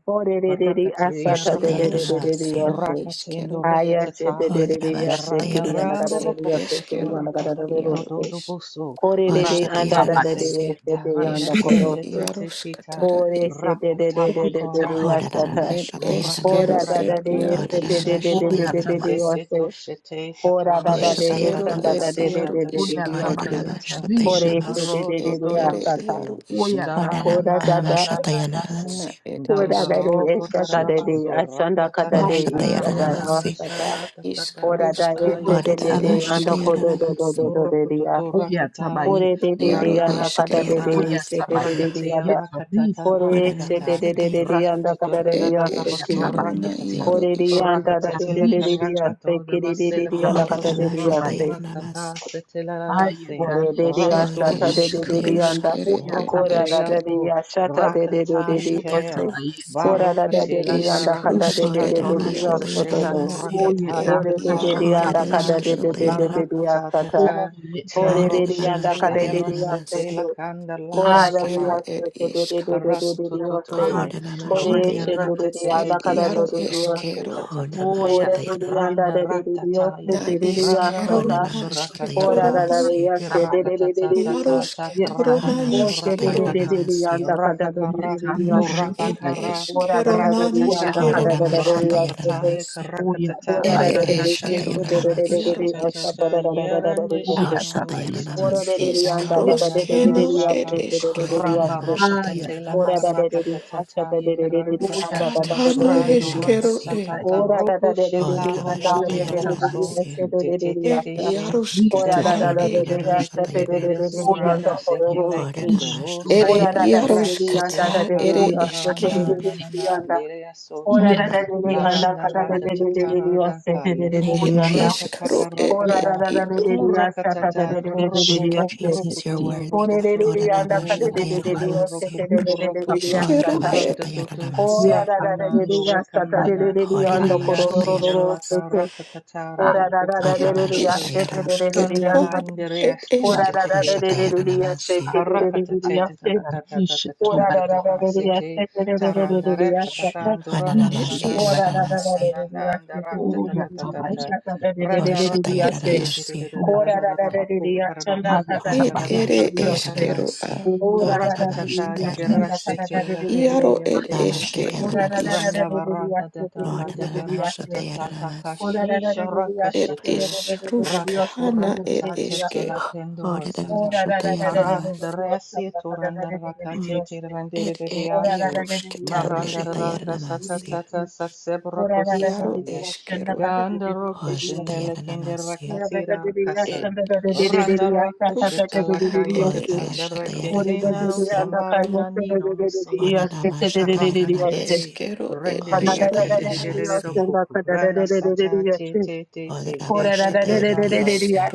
[SPEAKER 5] Kore de de de
[SPEAKER 2] Rakatia
[SPEAKER 5] asata de de de
[SPEAKER 1] iaros
[SPEAKER 5] de
[SPEAKER 2] rakatata,
[SPEAKER 5] de de
[SPEAKER 4] Hoshatayanamasi.
[SPEAKER 1] catana
[SPEAKER 5] aste.
[SPEAKER 2] rakatendo
[SPEAKER 1] isquero
[SPEAKER 5] Aya Ayashe de de
[SPEAKER 2] rakatataye,
[SPEAKER 5] de de yasta
[SPEAKER 2] darana
[SPEAKER 5] kiri anda
[SPEAKER 2] rambo
[SPEAKER 5] kada
[SPEAKER 4] Hodarabashatayanamasi.
[SPEAKER 5] de
[SPEAKER 1] et
[SPEAKER 5] yasta
[SPEAKER 2] rokokoto
[SPEAKER 5] kiri
[SPEAKER 1] esquero
[SPEAKER 5] anda
[SPEAKER 1] at
[SPEAKER 5] kada de de
[SPEAKER 2] rakatateto
[SPEAKER 1] iaro
[SPEAKER 5] yasta.
[SPEAKER 2] dodo
[SPEAKER 1] is
[SPEAKER 2] boso,
[SPEAKER 5] Kore de de anda da de de
[SPEAKER 2] rataterese,
[SPEAKER 4] Hoshatayanamasi.
[SPEAKER 3] Uyatabayeti,
[SPEAKER 5] yeshete anda
[SPEAKER 2] tarandese
[SPEAKER 1] esquero
[SPEAKER 2] te te
[SPEAKER 5] kodosu.
[SPEAKER 2] te
[SPEAKER 1] iaros
[SPEAKER 2] tita,
[SPEAKER 1] catara
[SPEAKER 5] Kore
[SPEAKER 1] et
[SPEAKER 5] shete de de de de de
[SPEAKER 2] rakatabako
[SPEAKER 5] de de
[SPEAKER 2] rakata,
[SPEAKER 3] Uyatabayeti,
[SPEAKER 5] yashata.
[SPEAKER 1] et
[SPEAKER 2] goraku
[SPEAKER 1] esquero
[SPEAKER 5] Kora da
[SPEAKER 4] Hodarabashatayanamasi.
[SPEAKER 1] et
[SPEAKER 5] da de
[SPEAKER 2] rakata,
[SPEAKER 1] iaro
[SPEAKER 5] yeshete de
[SPEAKER 2] tita
[SPEAKER 1] isque
[SPEAKER 5] de de
[SPEAKER 2] sho,
[SPEAKER 5] de de de de
[SPEAKER 2] te
[SPEAKER 4] Hodarabashatayanamasi.
[SPEAKER 2] te
[SPEAKER 3] Uyatabayeti,
[SPEAKER 2] to
[SPEAKER 5] yose.
[SPEAKER 2] shete
[SPEAKER 5] Kora
[SPEAKER 2] tatama
[SPEAKER 5] da da de
[SPEAKER 2] shata ta
[SPEAKER 1] esquero
[SPEAKER 2] ta
[SPEAKER 5] yeshanda
[SPEAKER 2] ta
[SPEAKER 5] da
[SPEAKER 1] et
[SPEAKER 4] Hoshatayanamasi.
[SPEAKER 2] ta
[SPEAKER 5] de de
[SPEAKER 2] ta
[SPEAKER 1] iaro
[SPEAKER 5] de
[SPEAKER 2] ta
[SPEAKER 5] de de de
[SPEAKER 1] isque
[SPEAKER 2] tiba
[SPEAKER 5] yose.
[SPEAKER 3] Uyatabayeti,
[SPEAKER 2] rakatata,
[SPEAKER 5] Kore shete
[SPEAKER 4] Hodarabashatayanamasi.
[SPEAKER 5] de
[SPEAKER 1] Rusk
[SPEAKER 5] de
[SPEAKER 2] maroto
[SPEAKER 5] de
[SPEAKER 1] ed
[SPEAKER 3] Rishetubayeti,
[SPEAKER 5] de
[SPEAKER 2] dolo
[SPEAKER 1] ere
[SPEAKER 5] yashata.
[SPEAKER 1] iaru
[SPEAKER 2] sete,
[SPEAKER 1] isk
[SPEAKER 2] darana
[SPEAKER 5] Kora
[SPEAKER 2] na
[SPEAKER 5] da
[SPEAKER 2] na
[SPEAKER 3] Uyatabayeti,
[SPEAKER 2] na
[SPEAKER 5] da
[SPEAKER 2] na na na se.
[SPEAKER 1] na
[SPEAKER 4] Hodarabashatayanamasi.
[SPEAKER 1] ed
[SPEAKER 5] kora da de
[SPEAKER 1] eskero
[SPEAKER 2] Dandaloko
[SPEAKER 5] yeshata
[SPEAKER 2] rata
[SPEAKER 5] de
[SPEAKER 3] Yetarishetu,
[SPEAKER 5] de ashanda kada de
[SPEAKER 2] ratatatata
[SPEAKER 5] yeshata
[SPEAKER 2] yerana
[SPEAKER 3] Uyatabayeti,
[SPEAKER 4] Hoshatayanamasi.
[SPEAKER 5] asata.
[SPEAKER 1] isk
[SPEAKER 2] sharatatata
[SPEAKER 5] Kora da
[SPEAKER 2] sataya
[SPEAKER 1] ruskana
[SPEAKER 5] yeshete de
[SPEAKER 1] ere
[SPEAKER 2] tulogo
[SPEAKER 5] de anda
[SPEAKER 2] rabase
[SPEAKER 1] eskero
[SPEAKER 5] kodo do do
[SPEAKER 4] Hodarabashatayanamasi.
[SPEAKER 5] do
[SPEAKER 3] Uyetarishetubayeti,
[SPEAKER 5] do de de ya.
[SPEAKER 2] burukututu rakataye
[SPEAKER 5] Kore de
[SPEAKER 3] Uyatabayeti,
[SPEAKER 5] de
[SPEAKER 1] iaru
[SPEAKER 5] de
[SPEAKER 2] randa
[SPEAKER 5] anda kada
[SPEAKER 1] eskero
[SPEAKER 5] de
[SPEAKER 2] rakatata
[SPEAKER 5] de
[SPEAKER 3] Oya
[SPEAKER 4] Hoshatayanamasi.
[SPEAKER 5] yeshete de de de
[SPEAKER 3] tabayeti
[SPEAKER 5] ya.
[SPEAKER 2] rakatea
[SPEAKER 5] da.
[SPEAKER 3] yeto
[SPEAKER 2] rakatata
[SPEAKER 3] rishe to
[SPEAKER 4] Horda
[SPEAKER 5] Kore se
[SPEAKER 2] rakatata
[SPEAKER 5] de de
[SPEAKER 3] bayeti.
[SPEAKER 5] de de
[SPEAKER 4] namashatayana
[SPEAKER 5] de
[SPEAKER 4] namasi.
[SPEAKER 5] anda
[SPEAKER 2] rakatutu
[SPEAKER 5] kada de de
[SPEAKER 1] ed
[SPEAKER 2] dadadata
[SPEAKER 3] Oya
[SPEAKER 2] basu
[SPEAKER 5] yaseki.
[SPEAKER 1] eskero na
[SPEAKER 3] tabayeti
[SPEAKER 2] rakatata
[SPEAKER 1] iaru
[SPEAKER 5] Kore de
[SPEAKER 1] isk
[SPEAKER 5] anda da
[SPEAKER 3] yeta
[SPEAKER 5] de de
[SPEAKER 2] rakatatila
[SPEAKER 5] de de
[SPEAKER 3] rishe
[SPEAKER 5] de
[SPEAKER 3] to
[SPEAKER 2] karakato
[SPEAKER 5] yaseki de de de
[SPEAKER 2] dabasela
[SPEAKER 5] de
[SPEAKER 3] yeta
[SPEAKER 5] anda
[SPEAKER 4] Horda
[SPEAKER 2] kurapa
[SPEAKER 5] kada
[SPEAKER 3] rishe
[SPEAKER 5] de de
[SPEAKER 3] to
[SPEAKER 2] kuratu
[SPEAKER 5] yase.
[SPEAKER 4] namashatayana
[SPEAKER 3] bayeti.
[SPEAKER 2] rakata setela rase
[SPEAKER 3] Ayeta
[SPEAKER 5] Kore de de
[SPEAKER 3] rishe
[SPEAKER 1] ed
[SPEAKER 3] to
[SPEAKER 2] raso
[SPEAKER 5] yasata de
[SPEAKER 1] isk
[SPEAKER 5] de
[SPEAKER 3] bayeti.
[SPEAKER 5] de de
[SPEAKER 1] rusk
[SPEAKER 2] shetete
[SPEAKER 5] anda.
[SPEAKER 1] ere
[SPEAKER 3] Oya
[SPEAKER 1] ed
[SPEAKER 5] Kora da
[SPEAKER 2] rokutela
[SPEAKER 5] da
[SPEAKER 1] esker
[SPEAKER 5] de
[SPEAKER 3] tabayeti.
[SPEAKER 2] Ko
[SPEAKER 5] yasata de de de de de
[SPEAKER 3] Oya
[SPEAKER 5] ose.
[SPEAKER 2] Rakatayikera.
[SPEAKER 3] tabayeti
[SPEAKER 5] Kora da da
[SPEAKER 1] ed
[SPEAKER 5] de
[SPEAKER 2] Barokatila
[SPEAKER 5] de
[SPEAKER 1] isk
[SPEAKER 3] yeta
[SPEAKER 5] anda kada de
[SPEAKER 1] rusk
[SPEAKER 3] rishe
[SPEAKER 5] de
[SPEAKER 2] karakatila
[SPEAKER 1] ed
[SPEAKER 5] de
[SPEAKER 3] to.
[SPEAKER 5] de de yaso
[SPEAKER 1] iarusk
[SPEAKER 5] do
[SPEAKER 2] korakatatila
[SPEAKER 1] na
[SPEAKER 4] namasi.
[SPEAKER 1] ed
[SPEAKER 3] Oyeta
[SPEAKER 1] ed
[SPEAKER 5] Kore de
[SPEAKER 2] korakatayikata
[SPEAKER 5] de
[SPEAKER 3] rasha
[SPEAKER 1] iaru
[SPEAKER 5] de anda
[SPEAKER 1] ere
[SPEAKER 2] rakatata.
[SPEAKER 5] kada de
[SPEAKER 3] tabayeti.
[SPEAKER 1] eskero
[SPEAKER 5] de de
[SPEAKER 1] ed
[SPEAKER 5] de de de yasata.
[SPEAKER 2] Barakatata.
[SPEAKER 3] Oyeta
[SPEAKER 5] Kore
[SPEAKER 2] Tero
[SPEAKER 5] de de
[SPEAKER 3] rusha
[SPEAKER 5] anda kada
[SPEAKER 3] tabayeti.
[SPEAKER 5] de
[SPEAKER 2] shetelera
[SPEAKER 5] de
[SPEAKER 2] sitila
[SPEAKER 5] yasete.
[SPEAKER 2] kandala
[SPEAKER 5] Kora da de
[SPEAKER 3] Ayata
[SPEAKER 1] iskero
[SPEAKER 2] ansaba.
[SPEAKER 1] ed
[SPEAKER 5] yasete de
[SPEAKER 1] isk
[SPEAKER 5] de de de
[SPEAKER 2] Parata
[SPEAKER 1] rusk
[SPEAKER 5] de de de ose.
[SPEAKER 2] tototoye,
[SPEAKER 3] ayata
[SPEAKER 5] Ore
[SPEAKER 2] rende
[SPEAKER 3] rusha
[SPEAKER 5] she de
[SPEAKER 2] rata
[SPEAKER 5] de de
[SPEAKER 2] te
[SPEAKER 1] ed
[SPEAKER 2] te
[SPEAKER 3] tabayeti.
[SPEAKER 5] anda
[SPEAKER 2] te
[SPEAKER 5] kada
[SPEAKER 2] te
[SPEAKER 1] iaru
[SPEAKER 5] do
[SPEAKER 2] te koraka
[SPEAKER 1] eskero
[SPEAKER 2] ta ta ta ta,
[SPEAKER 3] Oya
[SPEAKER 5] Ore do de anda
[SPEAKER 3] tabayeti.
[SPEAKER 2] randa
[SPEAKER 5] de de de
[SPEAKER 2] rata
[SPEAKER 1] na
[SPEAKER 2] taye, randa
[SPEAKER 5] asta
[SPEAKER 1] iskero
[SPEAKER 2] roku
[SPEAKER 1] na
[SPEAKER 3] Yetarishetu
[SPEAKER 2] koraka ta
[SPEAKER 5] Ora
[SPEAKER 1] sketoro
[SPEAKER 5] da
[SPEAKER 2] ta,
[SPEAKER 5] da de ya se de
[SPEAKER 2] kiraka
[SPEAKER 5] de
[SPEAKER 2] ta
[SPEAKER 5] de
[SPEAKER 3] bayetabayeti.
[SPEAKER 5] de
[SPEAKER 2] ta
[SPEAKER 5] de
[SPEAKER 2] ta
[SPEAKER 5] de
[SPEAKER 2] ta
[SPEAKER 1] Yaroshke
[SPEAKER 2] ta
[SPEAKER 5] se.
[SPEAKER 2] karaka
[SPEAKER 1] torona
[SPEAKER 2] ka
[SPEAKER 5] Ore
[SPEAKER 3] Yetarishetu
[SPEAKER 5] she
[SPEAKER 2] koraka ka
[SPEAKER 1] iskero.
[SPEAKER 2] ka,
[SPEAKER 3] bayeti.
[SPEAKER 5] anda
[SPEAKER 2] raka
[SPEAKER 5] kada do
[SPEAKER 2] kara,
[SPEAKER 3] Yetarushetu
[SPEAKER 1] Et
[SPEAKER 2] kara,
[SPEAKER 3] bayeti.
[SPEAKER 5] Ora da
[SPEAKER 1] eskero
[SPEAKER 5] da
[SPEAKER 2] kraka
[SPEAKER 5] do
[SPEAKER 1] nan
[SPEAKER 5] de
[SPEAKER 2] ta
[SPEAKER 5] anda
[SPEAKER 2] taye,
[SPEAKER 5] kada
[SPEAKER 1] iskero.
[SPEAKER 5] da
[SPEAKER 3] Oyatabayeti.
[SPEAKER 2] koraka ta taye, karaka ta ta
[SPEAKER 5] Ora
[SPEAKER 2] ta
[SPEAKER 5] da
[SPEAKER 1] Ere
[SPEAKER 2] ta
[SPEAKER 5] de de
[SPEAKER 3] Oyatabayeti.
[SPEAKER 2] ta
[SPEAKER 5] de
[SPEAKER 2] ta
[SPEAKER 1] eskero a
[SPEAKER 2] tunda raka
[SPEAKER 3] Rishetu
[SPEAKER 2] sha
[SPEAKER 1] yaro
[SPEAKER 2] ta ta
[SPEAKER 5] asta
[SPEAKER 3] bayeti.
[SPEAKER 1] isk.
[SPEAKER 5] ta
[SPEAKER 2] ta,
[SPEAKER 5] da da da da
[SPEAKER 2] yerande
[SPEAKER 4] Oh,
[SPEAKER 2] shilano
[SPEAKER 3] Oyatabayeti.
[SPEAKER 2] rasai,
[SPEAKER 5] Ora de de
[SPEAKER 4] Shatayanamasi.
[SPEAKER 5] de
[SPEAKER 2] dan
[SPEAKER 5] anda
[SPEAKER 2] dan
[SPEAKER 5] da
[SPEAKER 2] dan
[SPEAKER 5] da
[SPEAKER 2] dan
[SPEAKER 5] de
[SPEAKER 2] dan
[SPEAKER 1] Iskroskeno et
[SPEAKER 2] raka
[SPEAKER 3] Yetarishetu.
[SPEAKER 1] eske.
[SPEAKER 4] Oh,
[SPEAKER 2] Ramba
[SPEAKER 4] Rama
[SPEAKER 2] rokatete la
[SPEAKER 5] Ora da
[SPEAKER 4] Shatayanamasi.
[SPEAKER 5] de
[SPEAKER 3] Ayatabayeti.
[SPEAKER 5] asta
[SPEAKER 2] karakatata
[SPEAKER 5] ta de de de de de
[SPEAKER 2] yikaratata
[SPEAKER 5] anda da da
[SPEAKER 4] Oh,
[SPEAKER 1] Uskatano
[SPEAKER 3] Oyatabayeti.
[SPEAKER 2] rando
[SPEAKER 1] eskero
[SPEAKER 3] Rishetu
[SPEAKER 4] Shatayanamasi.
[SPEAKER 1] e.
[SPEAKER 2] rokasatata
[SPEAKER 5] Ora
[SPEAKER 3] bayeti.
[SPEAKER 5] da da da
[SPEAKER 2] roku
[SPEAKER 5] da da
[SPEAKER 4] Oh,
[SPEAKER 5] da,
[SPEAKER 2] shella
[SPEAKER 4] Rama
[SPEAKER 2] roko
[SPEAKER 5] anda da da
[SPEAKER 2] todo
[SPEAKER 5] da da da
[SPEAKER 2] poso
[SPEAKER 5] da,
[SPEAKER 4] Shatayanamasi.
[SPEAKER 3] Oyatabayeti.
[SPEAKER 5] este da
[SPEAKER 2] te
[SPEAKER 5] da da
[SPEAKER 2] te te
[SPEAKER 5] da
[SPEAKER 1] Et
[SPEAKER 2] te
[SPEAKER 5] asta.
[SPEAKER 2] she
[SPEAKER 5] Ora da
[SPEAKER 2] dende
[SPEAKER 3] Yetarishetu
[SPEAKER 1] yaroskatara
[SPEAKER 5] da da
[SPEAKER 4] Hina
[SPEAKER 5] da
[SPEAKER 1] e.
[SPEAKER 5] da
[SPEAKER 4] Rama
[SPEAKER 5] da,
[SPEAKER 3] bayeti.
[SPEAKER 5] asta
[SPEAKER 2] rokikiriete
[SPEAKER 5] te
[SPEAKER 2] te
[SPEAKER 5] da
[SPEAKER 2] te
[SPEAKER 5] da
[SPEAKER 2] de
[SPEAKER 5] da da
[SPEAKER 4] Shatayanamasi.
[SPEAKER 5] da, anda
[SPEAKER 2] suranda seke
[SPEAKER 3] Oyatabayeti.
[SPEAKER 4] Oh,
[SPEAKER 5] pororosi.
[SPEAKER 4] Rama
[SPEAKER 3] Rishetu
[SPEAKER 2] laikendolosi
[SPEAKER 1] Ere
[SPEAKER 5] Ora da da
[SPEAKER 3] bayeti.
[SPEAKER 5] da
[SPEAKER 4] Shatayanamasi.
[SPEAKER 5] da da,
[SPEAKER 2] rashete
[SPEAKER 5] anda
[SPEAKER 2] la
[SPEAKER 5] da
[SPEAKER 1] yaroskata
[SPEAKER 5] da da
[SPEAKER 1] ere
[SPEAKER 5] da,
[SPEAKER 2] karanda
[SPEAKER 3] Oya
[SPEAKER 5] asta da
[SPEAKER 1] eske.
[SPEAKER 5] da
[SPEAKER 2] randa
[SPEAKER 4] Mm.
[SPEAKER 5] da
[SPEAKER 2] na
[SPEAKER 3] tabayete,
[SPEAKER 2] na na
[SPEAKER 5] da, anda.
[SPEAKER 2] dere sota
[SPEAKER 5] Ora da
[SPEAKER 4] Rama.
[SPEAKER 5] da
[SPEAKER 3] yeta
[SPEAKER 5] da da,
[SPEAKER 3] rishi
[SPEAKER 5] anda
[SPEAKER 2] baranda
[SPEAKER 5] da
[SPEAKER 2] rata
[SPEAKER 5] da da
[SPEAKER 2] ratatata
[SPEAKER 3] tobayete,
[SPEAKER 5] da da, da, asta te da
[SPEAKER 2] radakaya
[SPEAKER 5] da da
[SPEAKER 4] Thank
[SPEAKER 1] Et
[SPEAKER 4] you,
[SPEAKER 3] oya
[SPEAKER 5] da, anda.
[SPEAKER 2] kraka
[SPEAKER 4] Jesus.
[SPEAKER 1] iskro
[SPEAKER 3] tabayete,
[SPEAKER 1] et
[SPEAKER 5] Ora
[SPEAKER 2] kakarakata
[SPEAKER 1] et
[SPEAKER 5] da
[SPEAKER 3] yeta
[SPEAKER 5] da da da
[SPEAKER 1] ilu
[SPEAKER 5] da
[SPEAKER 3] rusha
[SPEAKER 5] da, asta
[SPEAKER 2] Kurakatata,
[SPEAKER 3] tobayete,
[SPEAKER 5] da da da da da,
[SPEAKER 2] kurako,
[SPEAKER 3] rishi
[SPEAKER 4] Thank
[SPEAKER 5] da,
[SPEAKER 4] you,
[SPEAKER 2] roko,
[SPEAKER 5] asta.
[SPEAKER 2] roko,
[SPEAKER 4] Jesus. You're
[SPEAKER 3] tobayete,
[SPEAKER 2] toto,
[SPEAKER 4] worthy,
[SPEAKER 2] roko,
[SPEAKER 5] Ora da da
[SPEAKER 4] God.
[SPEAKER 2] soto,
[SPEAKER 4] Oh,
[SPEAKER 5] da,
[SPEAKER 2] roko,
[SPEAKER 5] anda
[SPEAKER 4] Rama
[SPEAKER 3] aya
[SPEAKER 5] da
[SPEAKER 2] roko,
[SPEAKER 5] da da da,
[SPEAKER 2] toto,
[SPEAKER 5] da, asta
[SPEAKER 3] tabayete,
[SPEAKER 2] roko,
[SPEAKER 4] Shatayanamasi.
[SPEAKER 5] da da da
[SPEAKER 3] rusha
[SPEAKER 5] da
[SPEAKER 2] roko,
[SPEAKER 5] da,
[SPEAKER 2] to,
[SPEAKER 5] da,
[SPEAKER 4] Oh,
[SPEAKER 3] tabayete,
[SPEAKER 1] iskero
[SPEAKER 4] Rama
[SPEAKER 5] asta.
[SPEAKER 1] e.
[SPEAKER 2] ratatoto,
[SPEAKER 5] Ora
[SPEAKER 4] Shatayanamasi.
[SPEAKER 5] da
[SPEAKER 3] yeta
[SPEAKER 5] da da
[SPEAKER 2] rakanando,
[SPEAKER 5] da, da,
[SPEAKER 3] rishi
[SPEAKER 5] asta te da
[SPEAKER 2] rekanana,
[SPEAKER 5] da da
[SPEAKER 3] tobayete,
[SPEAKER 4] Oh,
[SPEAKER 5] da, anda
[SPEAKER 4] Rama
[SPEAKER 3] yata
[SPEAKER 2] diria,
[SPEAKER 3] rishi,
[SPEAKER 4] Shatayanamasi.
[SPEAKER 2] shindelaka,
[SPEAKER 5] korororororosi.
[SPEAKER 2] rakatata,
[SPEAKER 5] Ora
[SPEAKER 3] aya
[SPEAKER 5] da
[SPEAKER 2] rako,
[SPEAKER 5] da
[SPEAKER 4] Oh,
[SPEAKER 5] da da
[SPEAKER 1] Et
[SPEAKER 4] Rama
[SPEAKER 5] da da
[SPEAKER 3] tabayete,
[SPEAKER 5] ya
[SPEAKER 2] rasato,
[SPEAKER 5] se te da da da
[SPEAKER 4] Shatayanamasi.
[SPEAKER 5] da ya
[SPEAKER 3] yeta
[SPEAKER 1] iskrosketano
[SPEAKER 5] na.
[SPEAKER 3] rishi
[SPEAKER 1] et
[SPEAKER 5] Ora
[SPEAKER 1] eske.
[SPEAKER 5] da
[SPEAKER 4] Oh,
[SPEAKER 5] da
[SPEAKER 3] tobayete,
[SPEAKER 5] da
[SPEAKER 2] kandalandere,
[SPEAKER 5] da da da da ya se
[SPEAKER 4] Shatayanamasi.
[SPEAKER 5] te da
[SPEAKER 3] aya
[SPEAKER 5] da da da
[SPEAKER 2] Parakatete
[SPEAKER 5] da ya se.
[SPEAKER 3] tabayete, rishi
[SPEAKER 5] Ora da da da
[SPEAKER 3] tobayete,
[SPEAKER 5] da da ya
[SPEAKER 2] city
[SPEAKER 5] se te da da da da da da
[SPEAKER 3] oya
[SPEAKER 2] tarandare
[SPEAKER 5] ya se te.
[SPEAKER 3] tabayete,
[SPEAKER 2] katatandura na na
[SPEAKER 1] Et
[SPEAKER 3] rishi
[SPEAKER 2] na na na
[SPEAKER 1] is.
[SPEAKER 2] na
[SPEAKER 5] Ora da da
[SPEAKER 2] na
[SPEAKER 5] da
[SPEAKER 2] na
[SPEAKER 3] tobayete,
[SPEAKER 5] da
[SPEAKER 2] na
[SPEAKER 5] da
[SPEAKER 4] Hananamashatayarabasi.
[SPEAKER 2] na
[SPEAKER 5] da
[SPEAKER 2] na
[SPEAKER 5] ya se te da
[SPEAKER 2] andara tatatata
[SPEAKER 5] da da da
[SPEAKER 3] Oyatabayeti.
[SPEAKER 5] da
[SPEAKER 2] randa
[SPEAKER 5] ya
[SPEAKER 1] It
[SPEAKER 5] se te
[SPEAKER 2] rakatete
[SPEAKER 1] is.
[SPEAKER 3] Yetarisha
[SPEAKER 4] Hoshatayarabasi.
[SPEAKER 5] da da da
[SPEAKER 3] tobayeti.
[SPEAKER 5] da da da
[SPEAKER 2] raka kaka
[SPEAKER 1] Ed
[SPEAKER 2] kaka
[SPEAKER 3] Hayatabayeti.
[SPEAKER 1] ere
[SPEAKER 5] ya
[SPEAKER 2] kaka
[SPEAKER 5] se.
[SPEAKER 2] shata
[SPEAKER 1] eskero a.
[SPEAKER 4] Hananamashatayarabasi.
[SPEAKER 5] Ora da da da da da
[SPEAKER 2] Kurakatata
[SPEAKER 3] Oyatabayeta.
[SPEAKER 5] ya se da da
[SPEAKER 4] Hananamashatayarabasi.
[SPEAKER 3] Rishi
[SPEAKER 5] da da
[SPEAKER 2] gerasete
[SPEAKER 5] da da da da
[SPEAKER 2] la
[SPEAKER 5] re ya
[SPEAKER 1] Iaro
[SPEAKER 2] keria
[SPEAKER 5] se.
[SPEAKER 1] ed eske
[SPEAKER 2] shetete
[SPEAKER 5] Ora
[SPEAKER 1] ru
[SPEAKER 5] da
[SPEAKER 3] tobayatabayeti.
[SPEAKER 5] da da
[SPEAKER 1] isk.
[SPEAKER 4] Namashikayanarabasi.
[SPEAKER 2] randa
[SPEAKER 5] da da ya se da da da da da da da re ya se. Ora da da da da da da ya se
[SPEAKER 2] baranda da da
[SPEAKER 5] te
[SPEAKER 2] da
[SPEAKER 5] da da da
[SPEAKER 2] da
[SPEAKER 5] da da ya se.
[SPEAKER 2] berakatata
[SPEAKER 4] Hananamashatayarabasi.
[SPEAKER 5] Ora
[SPEAKER 2] takashi
[SPEAKER 5] da da da da da ya se
[SPEAKER 1] Ed
[SPEAKER 5] te
[SPEAKER 2] sharakashete
[SPEAKER 5] da da da da da da ya se te re re
[SPEAKER 1] is
[SPEAKER 2] rakato
[SPEAKER 1] ruskana ed
[SPEAKER 5] re re
[SPEAKER 2] rakatata
[SPEAKER 5] re ya
[SPEAKER 1] eske.
[SPEAKER 5] se.
[SPEAKER 2] tela
[SPEAKER 5] Oh
[SPEAKER 2] kendorosata
[SPEAKER 5] da da da da da da da da da da
[SPEAKER 2] paranda
[SPEAKER 4] Hananamashatayarabasi.
[SPEAKER 5] da
[SPEAKER 2] resi
[SPEAKER 5] da da
[SPEAKER 2] turanda
[SPEAKER 4] Mm.
[SPEAKER 5] da
[SPEAKER 2] rakatete rendere
[SPEAKER 1] Ed
[SPEAKER 2] de
[SPEAKER 1] ed
[SPEAKER 5] Oh da
[SPEAKER 2] diashe
[SPEAKER 5] da da da da
[SPEAKER 1] iarusketaro
[SPEAKER 5] Oh
[SPEAKER 1] e.
[SPEAKER 2] maranda rakasata
[SPEAKER 4] Namashatayarabasi.
[SPEAKER 2] tata
[SPEAKER 5] da
[SPEAKER 2] sasebrako
[SPEAKER 5] da da da
[SPEAKER 1] Iaro
[SPEAKER 2] sataya
[SPEAKER 1] eskero.
[SPEAKER 2] ganda
[SPEAKER 5] da
[SPEAKER 2] rokoshinele kinder
[SPEAKER 4] Hoshatayarabasi.
[SPEAKER 5] Oh da
[SPEAKER 2] rakasira kasa
[SPEAKER 1] Ed
[SPEAKER 5] da
[SPEAKER 1] isk.
[SPEAKER 2] Ranara kusheta
[SPEAKER 1] Rusk ad
[SPEAKER 2] lakaye
[SPEAKER 1] ere
[SPEAKER 2] katandara
[SPEAKER 1] eskero e.
[SPEAKER 2] rakete no
[SPEAKER 4] Horabashatayarabasi.
[SPEAKER 2] samara nani no no se paraka tete
[SPEAKER 4] Hananamashatayarabasi.
[SPEAKER 1] Eskero ed
[SPEAKER 2] rendere ya
[SPEAKER 1] iaro
[SPEAKER 2] tete de
[SPEAKER 1] isk.
[SPEAKER 2] de de de do
[SPEAKER 4] Hoshatayarabasi.
[SPEAKER 2] kuku rana sata te te te te te te
[SPEAKER 1] Ed
[SPEAKER 2] do
[SPEAKER 1] isk
[SPEAKER 4] Odarabashatayananamasi.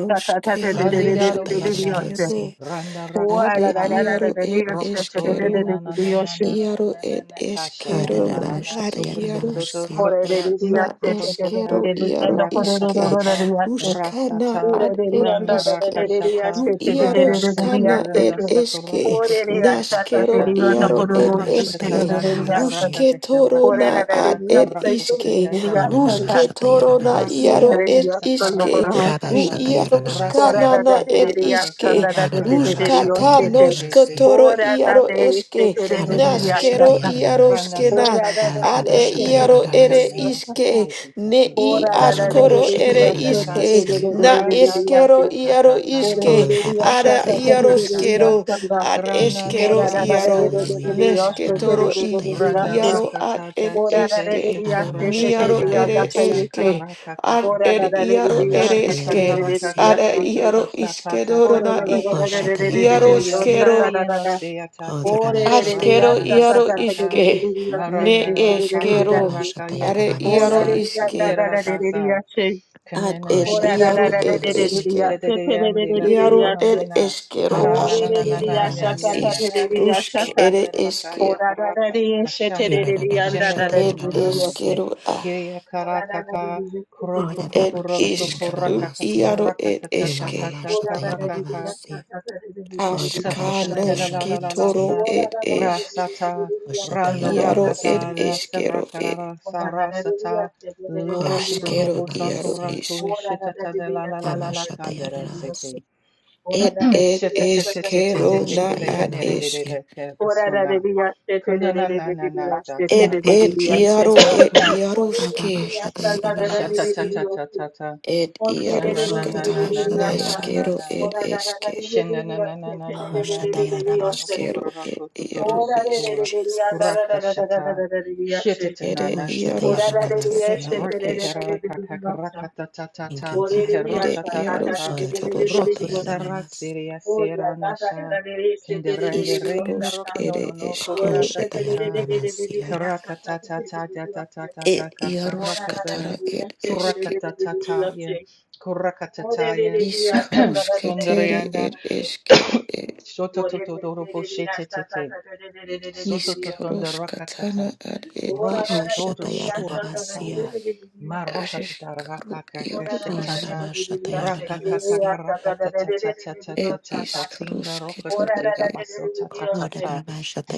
[SPEAKER 5] da
[SPEAKER 1] na
[SPEAKER 2] Sadidado
[SPEAKER 5] da
[SPEAKER 2] sata
[SPEAKER 5] da
[SPEAKER 1] eskero.
[SPEAKER 4] Hanamashatayananamasi.
[SPEAKER 2] randa
[SPEAKER 5] Ora da
[SPEAKER 1] Ade
[SPEAKER 5] de
[SPEAKER 2] rakatataya
[SPEAKER 1] iaro
[SPEAKER 5] se
[SPEAKER 1] ed
[SPEAKER 2] prokotoria
[SPEAKER 1] eskero.
[SPEAKER 2] na na na na na na na
[SPEAKER 1] Iaro
[SPEAKER 2] na na
[SPEAKER 1] et
[SPEAKER 2] na kasha na na na
[SPEAKER 1] eskero
[SPEAKER 2] na na
[SPEAKER 1] ad
[SPEAKER 2] sukutukututo
[SPEAKER 4] Hananamashatayananamasi.
[SPEAKER 1] iaruska
[SPEAKER 2] sukra
[SPEAKER 1] na
[SPEAKER 2] sukrobosota
[SPEAKER 1] eskero iaro iske
[SPEAKER 2] rakatatata
[SPEAKER 1] ruska na
[SPEAKER 2] rasata
[SPEAKER 1] ad et
[SPEAKER 2] randa
[SPEAKER 1] eske
[SPEAKER 2] rakachata
[SPEAKER 1] ru
[SPEAKER 2] rana
[SPEAKER 1] iaroska
[SPEAKER 2] seki
[SPEAKER 1] na
[SPEAKER 2] randa
[SPEAKER 1] et eske
[SPEAKER 2] sakrokotohu
[SPEAKER 1] naskero
[SPEAKER 2] rabakasha
[SPEAKER 1] iaro et eske
[SPEAKER 2] kurakatatata dia
[SPEAKER 4] Hananamashatayananamasi.
[SPEAKER 1] ruske
[SPEAKER 2] rakakasha
[SPEAKER 1] toro na ad
[SPEAKER 2] rakatata
[SPEAKER 1] et iske
[SPEAKER 2] karakukutetata
[SPEAKER 1] ruske
[SPEAKER 2] rasata
[SPEAKER 1] toro na
[SPEAKER 4] Hananamashatayananamasi.
[SPEAKER 1] iaro
[SPEAKER 2] rakataya
[SPEAKER 1] et iske
[SPEAKER 2] sakaraka
[SPEAKER 1] ru
[SPEAKER 2] sakarakasatata
[SPEAKER 1] iaroska
[SPEAKER 4] Rabashatayananamasi.
[SPEAKER 1] na na
[SPEAKER 2] Rakasata
[SPEAKER 1] et
[SPEAKER 2] brakakasa
[SPEAKER 1] iske ruska
[SPEAKER 2] rakakarakasa
[SPEAKER 1] ta
[SPEAKER 2] te te
[SPEAKER 1] noska
[SPEAKER 2] te.
[SPEAKER 4] Hananamashatayananamasi.
[SPEAKER 1] toro iaro eske
[SPEAKER 5] te re re ya
[SPEAKER 2] Setetete
[SPEAKER 1] Nashkero
[SPEAKER 5] ta
[SPEAKER 2] randa
[SPEAKER 4] Hananamashatayananamasi.
[SPEAKER 5] O
[SPEAKER 1] iaroskena
[SPEAKER 5] ra
[SPEAKER 2] sata
[SPEAKER 5] ra ra
[SPEAKER 2] tata
[SPEAKER 5] ri
[SPEAKER 1] ad
[SPEAKER 5] yo
[SPEAKER 1] e
[SPEAKER 2] ta
[SPEAKER 5] se ko
[SPEAKER 2] yenda
[SPEAKER 5] te
[SPEAKER 1] iaro
[SPEAKER 5] re re
[SPEAKER 1] ere
[SPEAKER 5] ri
[SPEAKER 4] Rabashatayananamasi.
[SPEAKER 2] lakanda
[SPEAKER 5] yo sa ta.
[SPEAKER 1] iske
[SPEAKER 2] rokasheti
[SPEAKER 1] ne
[SPEAKER 2] tata
[SPEAKER 5] O
[SPEAKER 1] i
[SPEAKER 5] ra ra ra re
[SPEAKER 2] gorasuta
[SPEAKER 5] re
[SPEAKER 1] askoro
[SPEAKER 5] re ri
[SPEAKER 1] ere
[SPEAKER 5] yo
[SPEAKER 2] shura
[SPEAKER 5] se ko
[SPEAKER 2] tata
[SPEAKER 5] te
[SPEAKER 1] iske
[SPEAKER 5] re
[SPEAKER 4] Hananamashatayananamasi.
[SPEAKER 5] re re
[SPEAKER 1] na
[SPEAKER 5] re re
[SPEAKER 2] rata
[SPEAKER 5] ri yo se.
[SPEAKER 1] eskero
[SPEAKER 2] tata tata
[SPEAKER 1] iaro
[SPEAKER 5] Te re re
[SPEAKER 1] iske
[SPEAKER 4] Oh,
[SPEAKER 5] re
[SPEAKER 2] masaka
[SPEAKER 5] ri yo
[SPEAKER 2] kaka
[SPEAKER 5] sa
[SPEAKER 1] ara
[SPEAKER 5] ta ta re re re ri
[SPEAKER 4] Rabashatayananamasi.
[SPEAKER 5] yo
[SPEAKER 2] rakashata
[SPEAKER 1] iaroskero
[SPEAKER 5] sa ta.
[SPEAKER 1] ad
[SPEAKER 4] Thank you,
[SPEAKER 2] grana
[SPEAKER 5] O
[SPEAKER 2] nana
[SPEAKER 5] ra
[SPEAKER 1] eskero
[SPEAKER 5] ra
[SPEAKER 2] na
[SPEAKER 5] ra
[SPEAKER 4] Jesus.
[SPEAKER 2] ni
[SPEAKER 5] re re
[SPEAKER 2] na
[SPEAKER 1] iaro
[SPEAKER 5] re re re
[SPEAKER 4] Hallelujah.
[SPEAKER 5] ri yo se te re
[SPEAKER 1] nesketoro
[SPEAKER 5] re re
[SPEAKER 1] i
[SPEAKER 5] re ri yo
[SPEAKER 2] randa
[SPEAKER 5] se.
[SPEAKER 1] iaro
[SPEAKER 4] Anamashatayanalamasi.
[SPEAKER 2] raka
[SPEAKER 1] ad ed
[SPEAKER 5] O ra ra
[SPEAKER 2] tite
[SPEAKER 5] re re
[SPEAKER 1] eske
[SPEAKER 5] ri yo
[SPEAKER 2] shetora
[SPEAKER 5] se te te
[SPEAKER 1] niaro
[SPEAKER 5] te
[SPEAKER 2] katata
[SPEAKER 5] yo ra
[SPEAKER 1] ere
[SPEAKER 5] ka yo
[SPEAKER 2] kasha
[SPEAKER 4] Anamashatayanalamasi.
[SPEAKER 5] se.
[SPEAKER 1] eske
[SPEAKER 2] karaka
[SPEAKER 1] ad
[SPEAKER 5] O ra ra
[SPEAKER 1] ed
[SPEAKER 2] kakasa
[SPEAKER 5] ra re re
[SPEAKER 1] iaro
[SPEAKER 5] ri yo
[SPEAKER 1] ere
[SPEAKER 5] se
[SPEAKER 2] raka
[SPEAKER 5] te re
[SPEAKER 1] eske
[SPEAKER 2] kaka
[SPEAKER 5] re re
[SPEAKER 2] raka
[SPEAKER 5] re ri
[SPEAKER 4] Namashatayanalamasi.
[SPEAKER 5] yo
[SPEAKER 2] kaka
[SPEAKER 1] ara
[SPEAKER 5] se se.
[SPEAKER 1] iaro
[SPEAKER 2] tata
[SPEAKER 5] O
[SPEAKER 1] iskedoro
[SPEAKER 5] ra
[SPEAKER 1] na
[SPEAKER 2] kaka
[SPEAKER 5] ra ra
[SPEAKER 1] i
[SPEAKER 5] ra ra re re re re re re ri
[SPEAKER 2] Kiria
[SPEAKER 5] yo
[SPEAKER 4] Oshatayananamasi.
[SPEAKER 5] sa
[SPEAKER 2] ya
[SPEAKER 5] ra
[SPEAKER 1] iaroskero
[SPEAKER 5] ra
[SPEAKER 2] yeno
[SPEAKER 5] ra
[SPEAKER 2] no
[SPEAKER 5] ra.
[SPEAKER 2] se ataki
[SPEAKER 5] O
[SPEAKER 2] da
[SPEAKER 5] re re re re yo
[SPEAKER 2] sharana
[SPEAKER 1] Ashkero
[SPEAKER 2] da
[SPEAKER 5] sa
[SPEAKER 2] da
[SPEAKER 5] ta
[SPEAKER 2] da
[SPEAKER 1] iaro
[SPEAKER 4] Odorabashatayananamasi.
[SPEAKER 5] ta ta re
[SPEAKER 2] sata
[SPEAKER 5] re re re
[SPEAKER 1] iske,
[SPEAKER 5] ri yo se
[SPEAKER 1] ne
[SPEAKER 5] te te
[SPEAKER 2] marandara
[SPEAKER 5] re re
[SPEAKER 2] ka
[SPEAKER 5] re
[SPEAKER 2] ye
[SPEAKER 5] ri yo
[SPEAKER 1] eskero,
[SPEAKER 5] se.
[SPEAKER 2] karaka ye
[SPEAKER 1] are
[SPEAKER 5] Oh,
[SPEAKER 1] iaro
[SPEAKER 5] that
[SPEAKER 4] Anamashatayanalamasi.
[SPEAKER 5] it
[SPEAKER 2] kuchanda
[SPEAKER 5] is
[SPEAKER 2] shi
[SPEAKER 5] that
[SPEAKER 1] iske,
[SPEAKER 2] tera
[SPEAKER 5] that
[SPEAKER 2] da
[SPEAKER 5] it is.
[SPEAKER 2] sa
[SPEAKER 1] ad
[SPEAKER 2] kanene
[SPEAKER 1] ed
[SPEAKER 2] ne
[SPEAKER 5] Oh,
[SPEAKER 2] ne
[SPEAKER 5] that that
[SPEAKER 2] ne
[SPEAKER 1] iaro
[SPEAKER 2] shi
[SPEAKER 5] that
[SPEAKER 1] ed
[SPEAKER 5] it
[SPEAKER 2] te
[SPEAKER 5] is. It
[SPEAKER 4] Oshatayananamasi.
[SPEAKER 5] is.
[SPEAKER 1] eske,
[SPEAKER 2] shete de yam de la
[SPEAKER 1] iaro
[SPEAKER 2] kanana
[SPEAKER 1] ed
[SPEAKER 2] na na
[SPEAKER 1] eskero
[SPEAKER 5] Oh,
[SPEAKER 1] a,
[SPEAKER 2] aranda
[SPEAKER 5] that
[SPEAKER 2] na na
[SPEAKER 5] it
[SPEAKER 2] na na
[SPEAKER 5] is.
[SPEAKER 2] na
[SPEAKER 5] That
[SPEAKER 1] ad
[SPEAKER 2] ya
[SPEAKER 5] that
[SPEAKER 2] na
[SPEAKER 4] Amashatayananamasi.
[SPEAKER 5] it
[SPEAKER 1] isk
[SPEAKER 2] na ne
[SPEAKER 5] is.
[SPEAKER 2] no
[SPEAKER 1] rusk
[SPEAKER 2] so
[SPEAKER 1] ere
[SPEAKER 2] randera ka
[SPEAKER 1] eske,
[SPEAKER 5] Oh,
[SPEAKER 2] ye
[SPEAKER 5] that that it
[SPEAKER 2] karaka
[SPEAKER 5] is. It is.
[SPEAKER 2] kashana
[SPEAKER 5] And that
[SPEAKER 2] shende lo
[SPEAKER 5] that it
[SPEAKER 1] ed
[SPEAKER 2] kono
[SPEAKER 5] is.
[SPEAKER 2] na na
[SPEAKER 4] Hinananamashatayanalamasi.
[SPEAKER 1] eskero a,
[SPEAKER 2] kiria
[SPEAKER 5] Oh, that
[SPEAKER 2] karaka
[SPEAKER 5] that it is.
[SPEAKER 2] ka
[SPEAKER 5] It is.
[SPEAKER 2] kuroko
[SPEAKER 1] ed
[SPEAKER 2] kokoro so
[SPEAKER 1] isk ru
[SPEAKER 2] koraka ka
[SPEAKER 4] Odorabashatayananamasi.
[SPEAKER 1] iaro
[SPEAKER 2] soraka
[SPEAKER 1] ed
[SPEAKER 2] ta ta ta
[SPEAKER 1] eske,
[SPEAKER 2] ta ta
[SPEAKER 5] Oh, that that it
[SPEAKER 2] karaka
[SPEAKER 5] is.
[SPEAKER 2] ka
[SPEAKER 5] That
[SPEAKER 4] Hinanamashatayanalamasi.
[SPEAKER 5] that it is.
[SPEAKER 1] aska noski
[SPEAKER 4] Odorabashatayananamasi.
[SPEAKER 1] toro
[SPEAKER 2] Satatanelalalalalasa
[SPEAKER 5] Oh, that
[SPEAKER 1] ed
[SPEAKER 5] that
[SPEAKER 1] es,
[SPEAKER 5] it is.
[SPEAKER 2] rasata
[SPEAKER 5] And that that it
[SPEAKER 2] rando
[SPEAKER 5] is.
[SPEAKER 1] iaro ed
[SPEAKER 2] rakata
[SPEAKER 4] Koshatayanaramasi.
[SPEAKER 5] Oh, that
[SPEAKER 2] rasa
[SPEAKER 1] eskero e,
[SPEAKER 2] rakara sarasata
[SPEAKER 5] that it is. It
[SPEAKER 2] lurata
[SPEAKER 1] askero
[SPEAKER 2] dorobo
[SPEAKER 5] is.
[SPEAKER 2] sato
[SPEAKER 1] iaro
[SPEAKER 4] Koshatayanaramasi.
[SPEAKER 1] isk.
[SPEAKER 2] rako
[SPEAKER 5] Ora da da
[SPEAKER 2] shitata
[SPEAKER 5] di
[SPEAKER 2] de
[SPEAKER 5] di
[SPEAKER 2] la
[SPEAKER 5] ya
[SPEAKER 2] la
[SPEAKER 5] sa
[SPEAKER 2] la la
[SPEAKER 5] da
[SPEAKER 2] la
[SPEAKER 5] da di di di
[SPEAKER 2] kandere
[SPEAKER 5] di ya
[SPEAKER 4] Amashatayanarasi.
[SPEAKER 2] sete
[SPEAKER 5] sa. Ora
[SPEAKER 1] Et
[SPEAKER 5] da da di
[SPEAKER 1] et
[SPEAKER 5] di ya sa da da di
[SPEAKER 1] eskero
[SPEAKER 2] shitete
[SPEAKER 5] di di
[SPEAKER 1] na
[SPEAKER 5] di
[SPEAKER 2] kele
[SPEAKER 5] di ya
[SPEAKER 1] ad
[SPEAKER 5] sa.
[SPEAKER 2] kanere de de
[SPEAKER 4] Amashatayanarasi.
[SPEAKER 1] esk.
[SPEAKER 2] de ke
[SPEAKER 5] Ora da di
[SPEAKER 2] kusuna
[SPEAKER 5] di ya sa te di di
[SPEAKER 2] kundana
[SPEAKER 5] di
[SPEAKER 2] na
[SPEAKER 5] di di
[SPEAKER 2] na
[SPEAKER 5] di
[SPEAKER 2] na
[SPEAKER 5] ya sa
[SPEAKER 2] data
[SPEAKER 5] te
[SPEAKER 1] Et
[SPEAKER 4] Oh,
[SPEAKER 5] di di
[SPEAKER 4] thank
[SPEAKER 5] di
[SPEAKER 2] sata
[SPEAKER 1] et
[SPEAKER 4] you,
[SPEAKER 5] di ya
[SPEAKER 4] Jesus.
[SPEAKER 1] iaro et
[SPEAKER 4] Hallelujah.
[SPEAKER 5] sa. Ora da di di ya
[SPEAKER 1] iaroske.
[SPEAKER 5] sa da
[SPEAKER 2] shata
[SPEAKER 5] da
[SPEAKER 2] ta
[SPEAKER 5] da
[SPEAKER 4] Adabashatayanarasi.
[SPEAKER 2] ta ta
[SPEAKER 5] di
[SPEAKER 2] ta
[SPEAKER 5] di di di
[SPEAKER 2] ta
[SPEAKER 5] ya
[SPEAKER 1] Et
[SPEAKER 2] shanda na
[SPEAKER 4] Oh,
[SPEAKER 2] na na
[SPEAKER 1] iaroskata
[SPEAKER 2] na na
[SPEAKER 5] sa.
[SPEAKER 2] na
[SPEAKER 5] Ora
[SPEAKER 2] na
[SPEAKER 5] da di
[SPEAKER 2] na
[SPEAKER 1] naskero
[SPEAKER 5] di di di di di ya
[SPEAKER 2] na
[SPEAKER 5] sa. Ora da
[SPEAKER 4] Darabashatayanarasi.
[SPEAKER 5] da
[SPEAKER 1] et
[SPEAKER 5] da di
[SPEAKER 1] eske.
[SPEAKER 5] di di di ya sa te di di
[SPEAKER 4] Oh,
[SPEAKER 5] di di di di di ya sa
[SPEAKER 4] Shatayanamasi.
[SPEAKER 5] te.
[SPEAKER 1] Askero et iaro
[SPEAKER 5] Ora da di
[SPEAKER 4] Thank you,
[SPEAKER 1] isk.
[SPEAKER 5] di di di ya da
[SPEAKER 4] Jesus.
[SPEAKER 5] da da da da da da da da di ya sa.
[SPEAKER 1] Ere
[SPEAKER 4] Oh,
[SPEAKER 5] Ora da di di ya
[SPEAKER 1] iaroskatana
[SPEAKER 4] Shatayanamasi.
[SPEAKER 5] sa
[SPEAKER 1] et
[SPEAKER 5] te di di di
[SPEAKER 1] eske.
[SPEAKER 5] di di di di ya sa.
[SPEAKER 4] Thank you,
[SPEAKER 5] Ora di
[SPEAKER 4] God.
[SPEAKER 5] di ya
[SPEAKER 1] Ere
[SPEAKER 5] sa ta ta di di
[SPEAKER 4] Oh,
[SPEAKER 5] di
[SPEAKER 1] iarosketoro
[SPEAKER 5] di di
[SPEAKER 1] a
[SPEAKER 5] di di ya sa.
[SPEAKER 4] Rabashatayanamasi.
[SPEAKER 5] Oh, la- la- la- la- la- la- la- she- de- de- de- de- de- oh, sa-
[SPEAKER 1] iskarosk
[SPEAKER 5] sa.
[SPEAKER 1] ere
[SPEAKER 5] Oh,
[SPEAKER 4] Oh,
[SPEAKER 1] eskero
[SPEAKER 5] she- de-
[SPEAKER 1] et.
[SPEAKER 5] de- de- de- de- de- de- de-
[SPEAKER 4] Shatayanamasi.
[SPEAKER 5] de- ya- sa- sa- de- de- de- de- de- oh, she.
[SPEAKER 1] Et
[SPEAKER 5] Oh, la- la- la- la-
[SPEAKER 1] iaroskatara
[SPEAKER 5] la- la-
[SPEAKER 1] et
[SPEAKER 5] she- de- de-
[SPEAKER 1] eske.
[SPEAKER 5] de- de- de- de- de- oh, she. Oh, de- de- de- de- ya- sa- la- la- la-
[SPEAKER 1] Iskaroske
[SPEAKER 5] la- la-
[SPEAKER 1] tere
[SPEAKER 5] la- la-
[SPEAKER 1] et
[SPEAKER 5] oh, she.
[SPEAKER 1] eskero et.
[SPEAKER 2] Shoto
[SPEAKER 5] Oh, de-
[SPEAKER 2] toto
[SPEAKER 5] de- de-
[SPEAKER 2] dorobo
[SPEAKER 5] de- de- ya-
[SPEAKER 2] shete
[SPEAKER 5] sa- sa-
[SPEAKER 2] tete.
[SPEAKER 5] sa- de- de- de- de- de- de- de-
[SPEAKER 2] Soto
[SPEAKER 5] de- oh, sa-
[SPEAKER 2] totonda
[SPEAKER 5] sa.
[SPEAKER 1] Iskaroska
[SPEAKER 2] rakatata.
[SPEAKER 1] tana ad ed
[SPEAKER 5] Oh, la-
[SPEAKER 4] Oh,
[SPEAKER 5] la-
[SPEAKER 2] Roto
[SPEAKER 5] la-
[SPEAKER 1] eske
[SPEAKER 5] la-
[SPEAKER 2] toto
[SPEAKER 5] la- ya- sa- la- la- la- la- la-
[SPEAKER 4] Shatayanamasi.
[SPEAKER 2] shurakataya.
[SPEAKER 5] la- la- oh,
[SPEAKER 2] Ma
[SPEAKER 5] she.
[SPEAKER 2] rokatata
[SPEAKER 1] ashkaru
[SPEAKER 5] Oh,
[SPEAKER 1] iaru
[SPEAKER 5] la- la- la-
[SPEAKER 4] Oh,
[SPEAKER 5] la-
[SPEAKER 1] isk
[SPEAKER 5] la-
[SPEAKER 2] rakakashatata.
[SPEAKER 5] la- la- la- ya- she. Que-
[SPEAKER 4] Nanamashatayanamasi.
[SPEAKER 2] Rakakakaka
[SPEAKER 5] ya- sa- sa- la- la- la- la- la- la- la-
[SPEAKER 1] ed
[SPEAKER 5] oh, sa-
[SPEAKER 2] rakatatatatatatata.
[SPEAKER 5] sa.
[SPEAKER 2] Timba
[SPEAKER 1] iskaruske
[SPEAKER 5] Oh, la- la-
[SPEAKER 1] toro
[SPEAKER 5] la-
[SPEAKER 2] rokatate da
[SPEAKER 1] ed
[SPEAKER 5] oh,
[SPEAKER 2] basotatatata.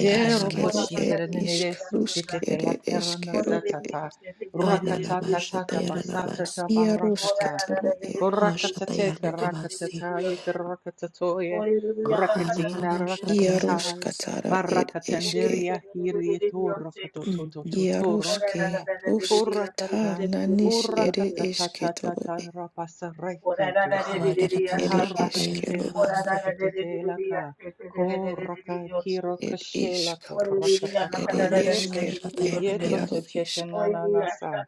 [SPEAKER 2] De
[SPEAKER 5] Ora
[SPEAKER 1] askeru ed
[SPEAKER 2] rokochitera nere
[SPEAKER 1] iskaruske
[SPEAKER 2] sutitete
[SPEAKER 1] ere
[SPEAKER 2] la kerana
[SPEAKER 1] eskeru
[SPEAKER 2] satata. Rakatatatata
[SPEAKER 4] Ho-na-ra-ma-sha-ta-ya-ra-ra-ma-si.
[SPEAKER 2] basatata
[SPEAKER 1] iaruske
[SPEAKER 2] barakata.
[SPEAKER 1] toro ed
[SPEAKER 2] Korakatete
[SPEAKER 4] Ho-sha-ta-ya-ra-ra-ma-si.
[SPEAKER 2] karakatata yekarakatatoye. Rakatina rakatatai.
[SPEAKER 1] iaruska
[SPEAKER 4] Ho-ra-ra-ma-sha-ta-ya-ra-ra-ma-si.
[SPEAKER 1] tara ed eske
[SPEAKER 2] Barakatandiria hiri torakato
[SPEAKER 4] Mhm.
[SPEAKER 1] iaruske ruska
[SPEAKER 2] Hurakata
[SPEAKER 1] tana nis ere
[SPEAKER 2] Hurakata
[SPEAKER 1] eske
[SPEAKER 2] tata
[SPEAKER 1] toro
[SPEAKER 2] tata
[SPEAKER 1] ed
[SPEAKER 2] rapasaraki tusa
[SPEAKER 1] ere
[SPEAKER 2] Karukatete
[SPEAKER 1] eskeru ad
[SPEAKER 4] Ho-ra-ra-ma-sha-ta-ya-ra-ra-ma-si.
[SPEAKER 2] marukatete laka Koraka kiroka
[SPEAKER 1] ed
[SPEAKER 2] kirakashela
[SPEAKER 1] iskarusk
[SPEAKER 2] kurakatata
[SPEAKER 1] ere
[SPEAKER 2] yete
[SPEAKER 1] eskeru ed
[SPEAKER 2] yeto
[SPEAKER 1] iaru
[SPEAKER 4] Ho-ra-ra-ma-sha-ta-ya-ra-ra-ma-si.
[SPEAKER 1] isk
[SPEAKER 2] te
[SPEAKER 5] Oh,
[SPEAKER 2] nana nasa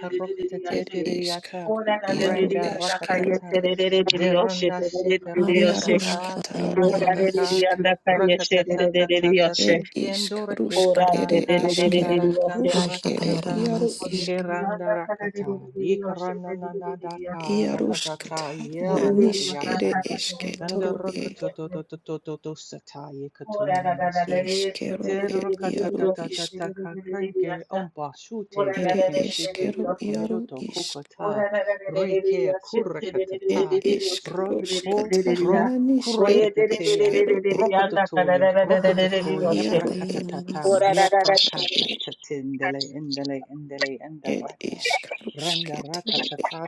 [SPEAKER 2] Parokatete
[SPEAKER 1] Ed isk,
[SPEAKER 2] diriata,
[SPEAKER 1] iaro
[SPEAKER 2] renda
[SPEAKER 1] eskero,
[SPEAKER 2] rakatata,
[SPEAKER 1] ed
[SPEAKER 2] derunda shika rokatata,
[SPEAKER 1] iaruska tara ed
[SPEAKER 2] tabrokotata,
[SPEAKER 4] Ho-ra-ra-ma-sha-ta-ya-ra-ra-ma-si.
[SPEAKER 1] isk,
[SPEAKER 2] rakatata tata
[SPEAKER 1] ed isk,
[SPEAKER 2] tikendora
[SPEAKER 1] rusk
[SPEAKER 2] kekana
[SPEAKER 1] ere
[SPEAKER 4] Mhm.
[SPEAKER 1] esker,
[SPEAKER 2] kakandara
[SPEAKER 1] rusk ere
[SPEAKER 2] kandarakatata,
[SPEAKER 1] iaro
[SPEAKER 4] Ha-sha-ta-ya-ra-ra-ma-si.
[SPEAKER 1] isk,
[SPEAKER 2] keranda rakata, ikarana nanadaka
[SPEAKER 1] iaruska
[SPEAKER 2] rakatata,
[SPEAKER 6] Manda
[SPEAKER 1] ta
[SPEAKER 6] cantare de
[SPEAKER 2] yeranda
[SPEAKER 6] de
[SPEAKER 1] nanis
[SPEAKER 6] cantare
[SPEAKER 1] ere
[SPEAKER 6] de de
[SPEAKER 2] yasha,
[SPEAKER 6] de de de de de de de
[SPEAKER 1] esketoro e,
[SPEAKER 2] kandarakatoto sata yekatune maso.
[SPEAKER 1] iskero ed iaro isk,
[SPEAKER 2] Tirakatatatatakakrenge ombashute
[SPEAKER 1] ere
[SPEAKER 2] bekenshite
[SPEAKER 1] eskero iaro
[SPEAKER 2] tukunyoto
[SPEAKER 1] isk,
[SPEAKER 5] Ora
[SPEAKER 2] kokota reke kurakatata
[SPEAKER 1] ed isk,
[SPEAKER 2] roko
[SPEAKER 1] ruska ta
[SPEAKER 2] ro
[SPEAKER 1] nanis ere
[SPEAKER 2] kurakatatea
[SPEAKER 1] eskero ed
[SPEAKER 2] brokototoye brokototoye
[SPEAKER 1] iaro ed
[SPEAKER 2] brakatata
[SPEAKER 4] Ho-ra-ra-ma-sha-ta-ya-ra-ra-ma-si.
[SPEAKER 2] ye
[SPEAKER 1] iaruska tara e
[SPEAKER 2] brakatatindele indele indele
[SPEAKER 1] Ed
[SPEAKER 2] indarata
[SPEAKER 1] isk rusketoro
[SPEAKER 2] rendarakatata
[SPEAKER 1] ed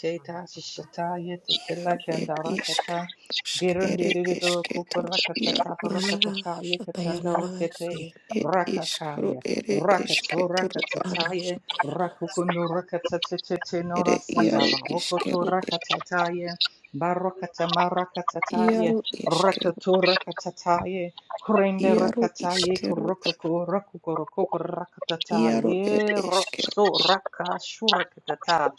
[SPEAKER 6] de de de de de.
[SPEAKER 2] shishata ye
[SPEAKER 1] iaru ed
[SPEAKER 2] tetelekenda
[SPEAKER 1] isk
[SPEAKER 2] rakata
[SPEAKER 1] rusk ere
[SPEAKER 2] Dirundiru
[SPEAKER 1] esketoro iaru
[SPEAKER 2] kukurakatata
[SPEAKER 1] isk
[SPEAKER 2] parakatata yakatanda
[SPEAKER 4] Ho-ra-ra-ma-sha-ta-ya-ra-ra-ma-si.
[SPEAKER 2] rakete
[SPEAKER 1] ed isk
[SPEAKER 2] rakakaya
[SPEAKER 1] ere
[SPEAKER 2] rakato
[SPEAKER 1] esketoro a
[SPEAKER 2] rakatataya
[SPEAKER 4] Ama-sha-ta-ya-ra-ra-ma-si.
[SPEAKER 2] rakukuno rakatatatete
[SPEAKER 1] ere
[SPEAKER 2] nora
[SPEAKER 1] iaru
[SPEAKER 2] sandaba rokoto
[SPEAKER 1] iskero ed
[SPEAKER 2] rakatataya barakata marakatataya
[SPEAKER 1] iaru iskero
[SPEAKER 2] rakato rakatataya kurembe
[SPEAKER 1] iaru
[SPEAKER 2] rakataye
[SPEAKER 1] iskero a
[SPEAKER 2] kurokoko rakukorokoko
[SPEAKER 1] iaru ed
[SPEAKER 2] rakatataya
[SPEAKER 1] eskero
[SPEAKER 2] so
[SPEAKER 1] ed
[SPEAKER 2] rakashurakatata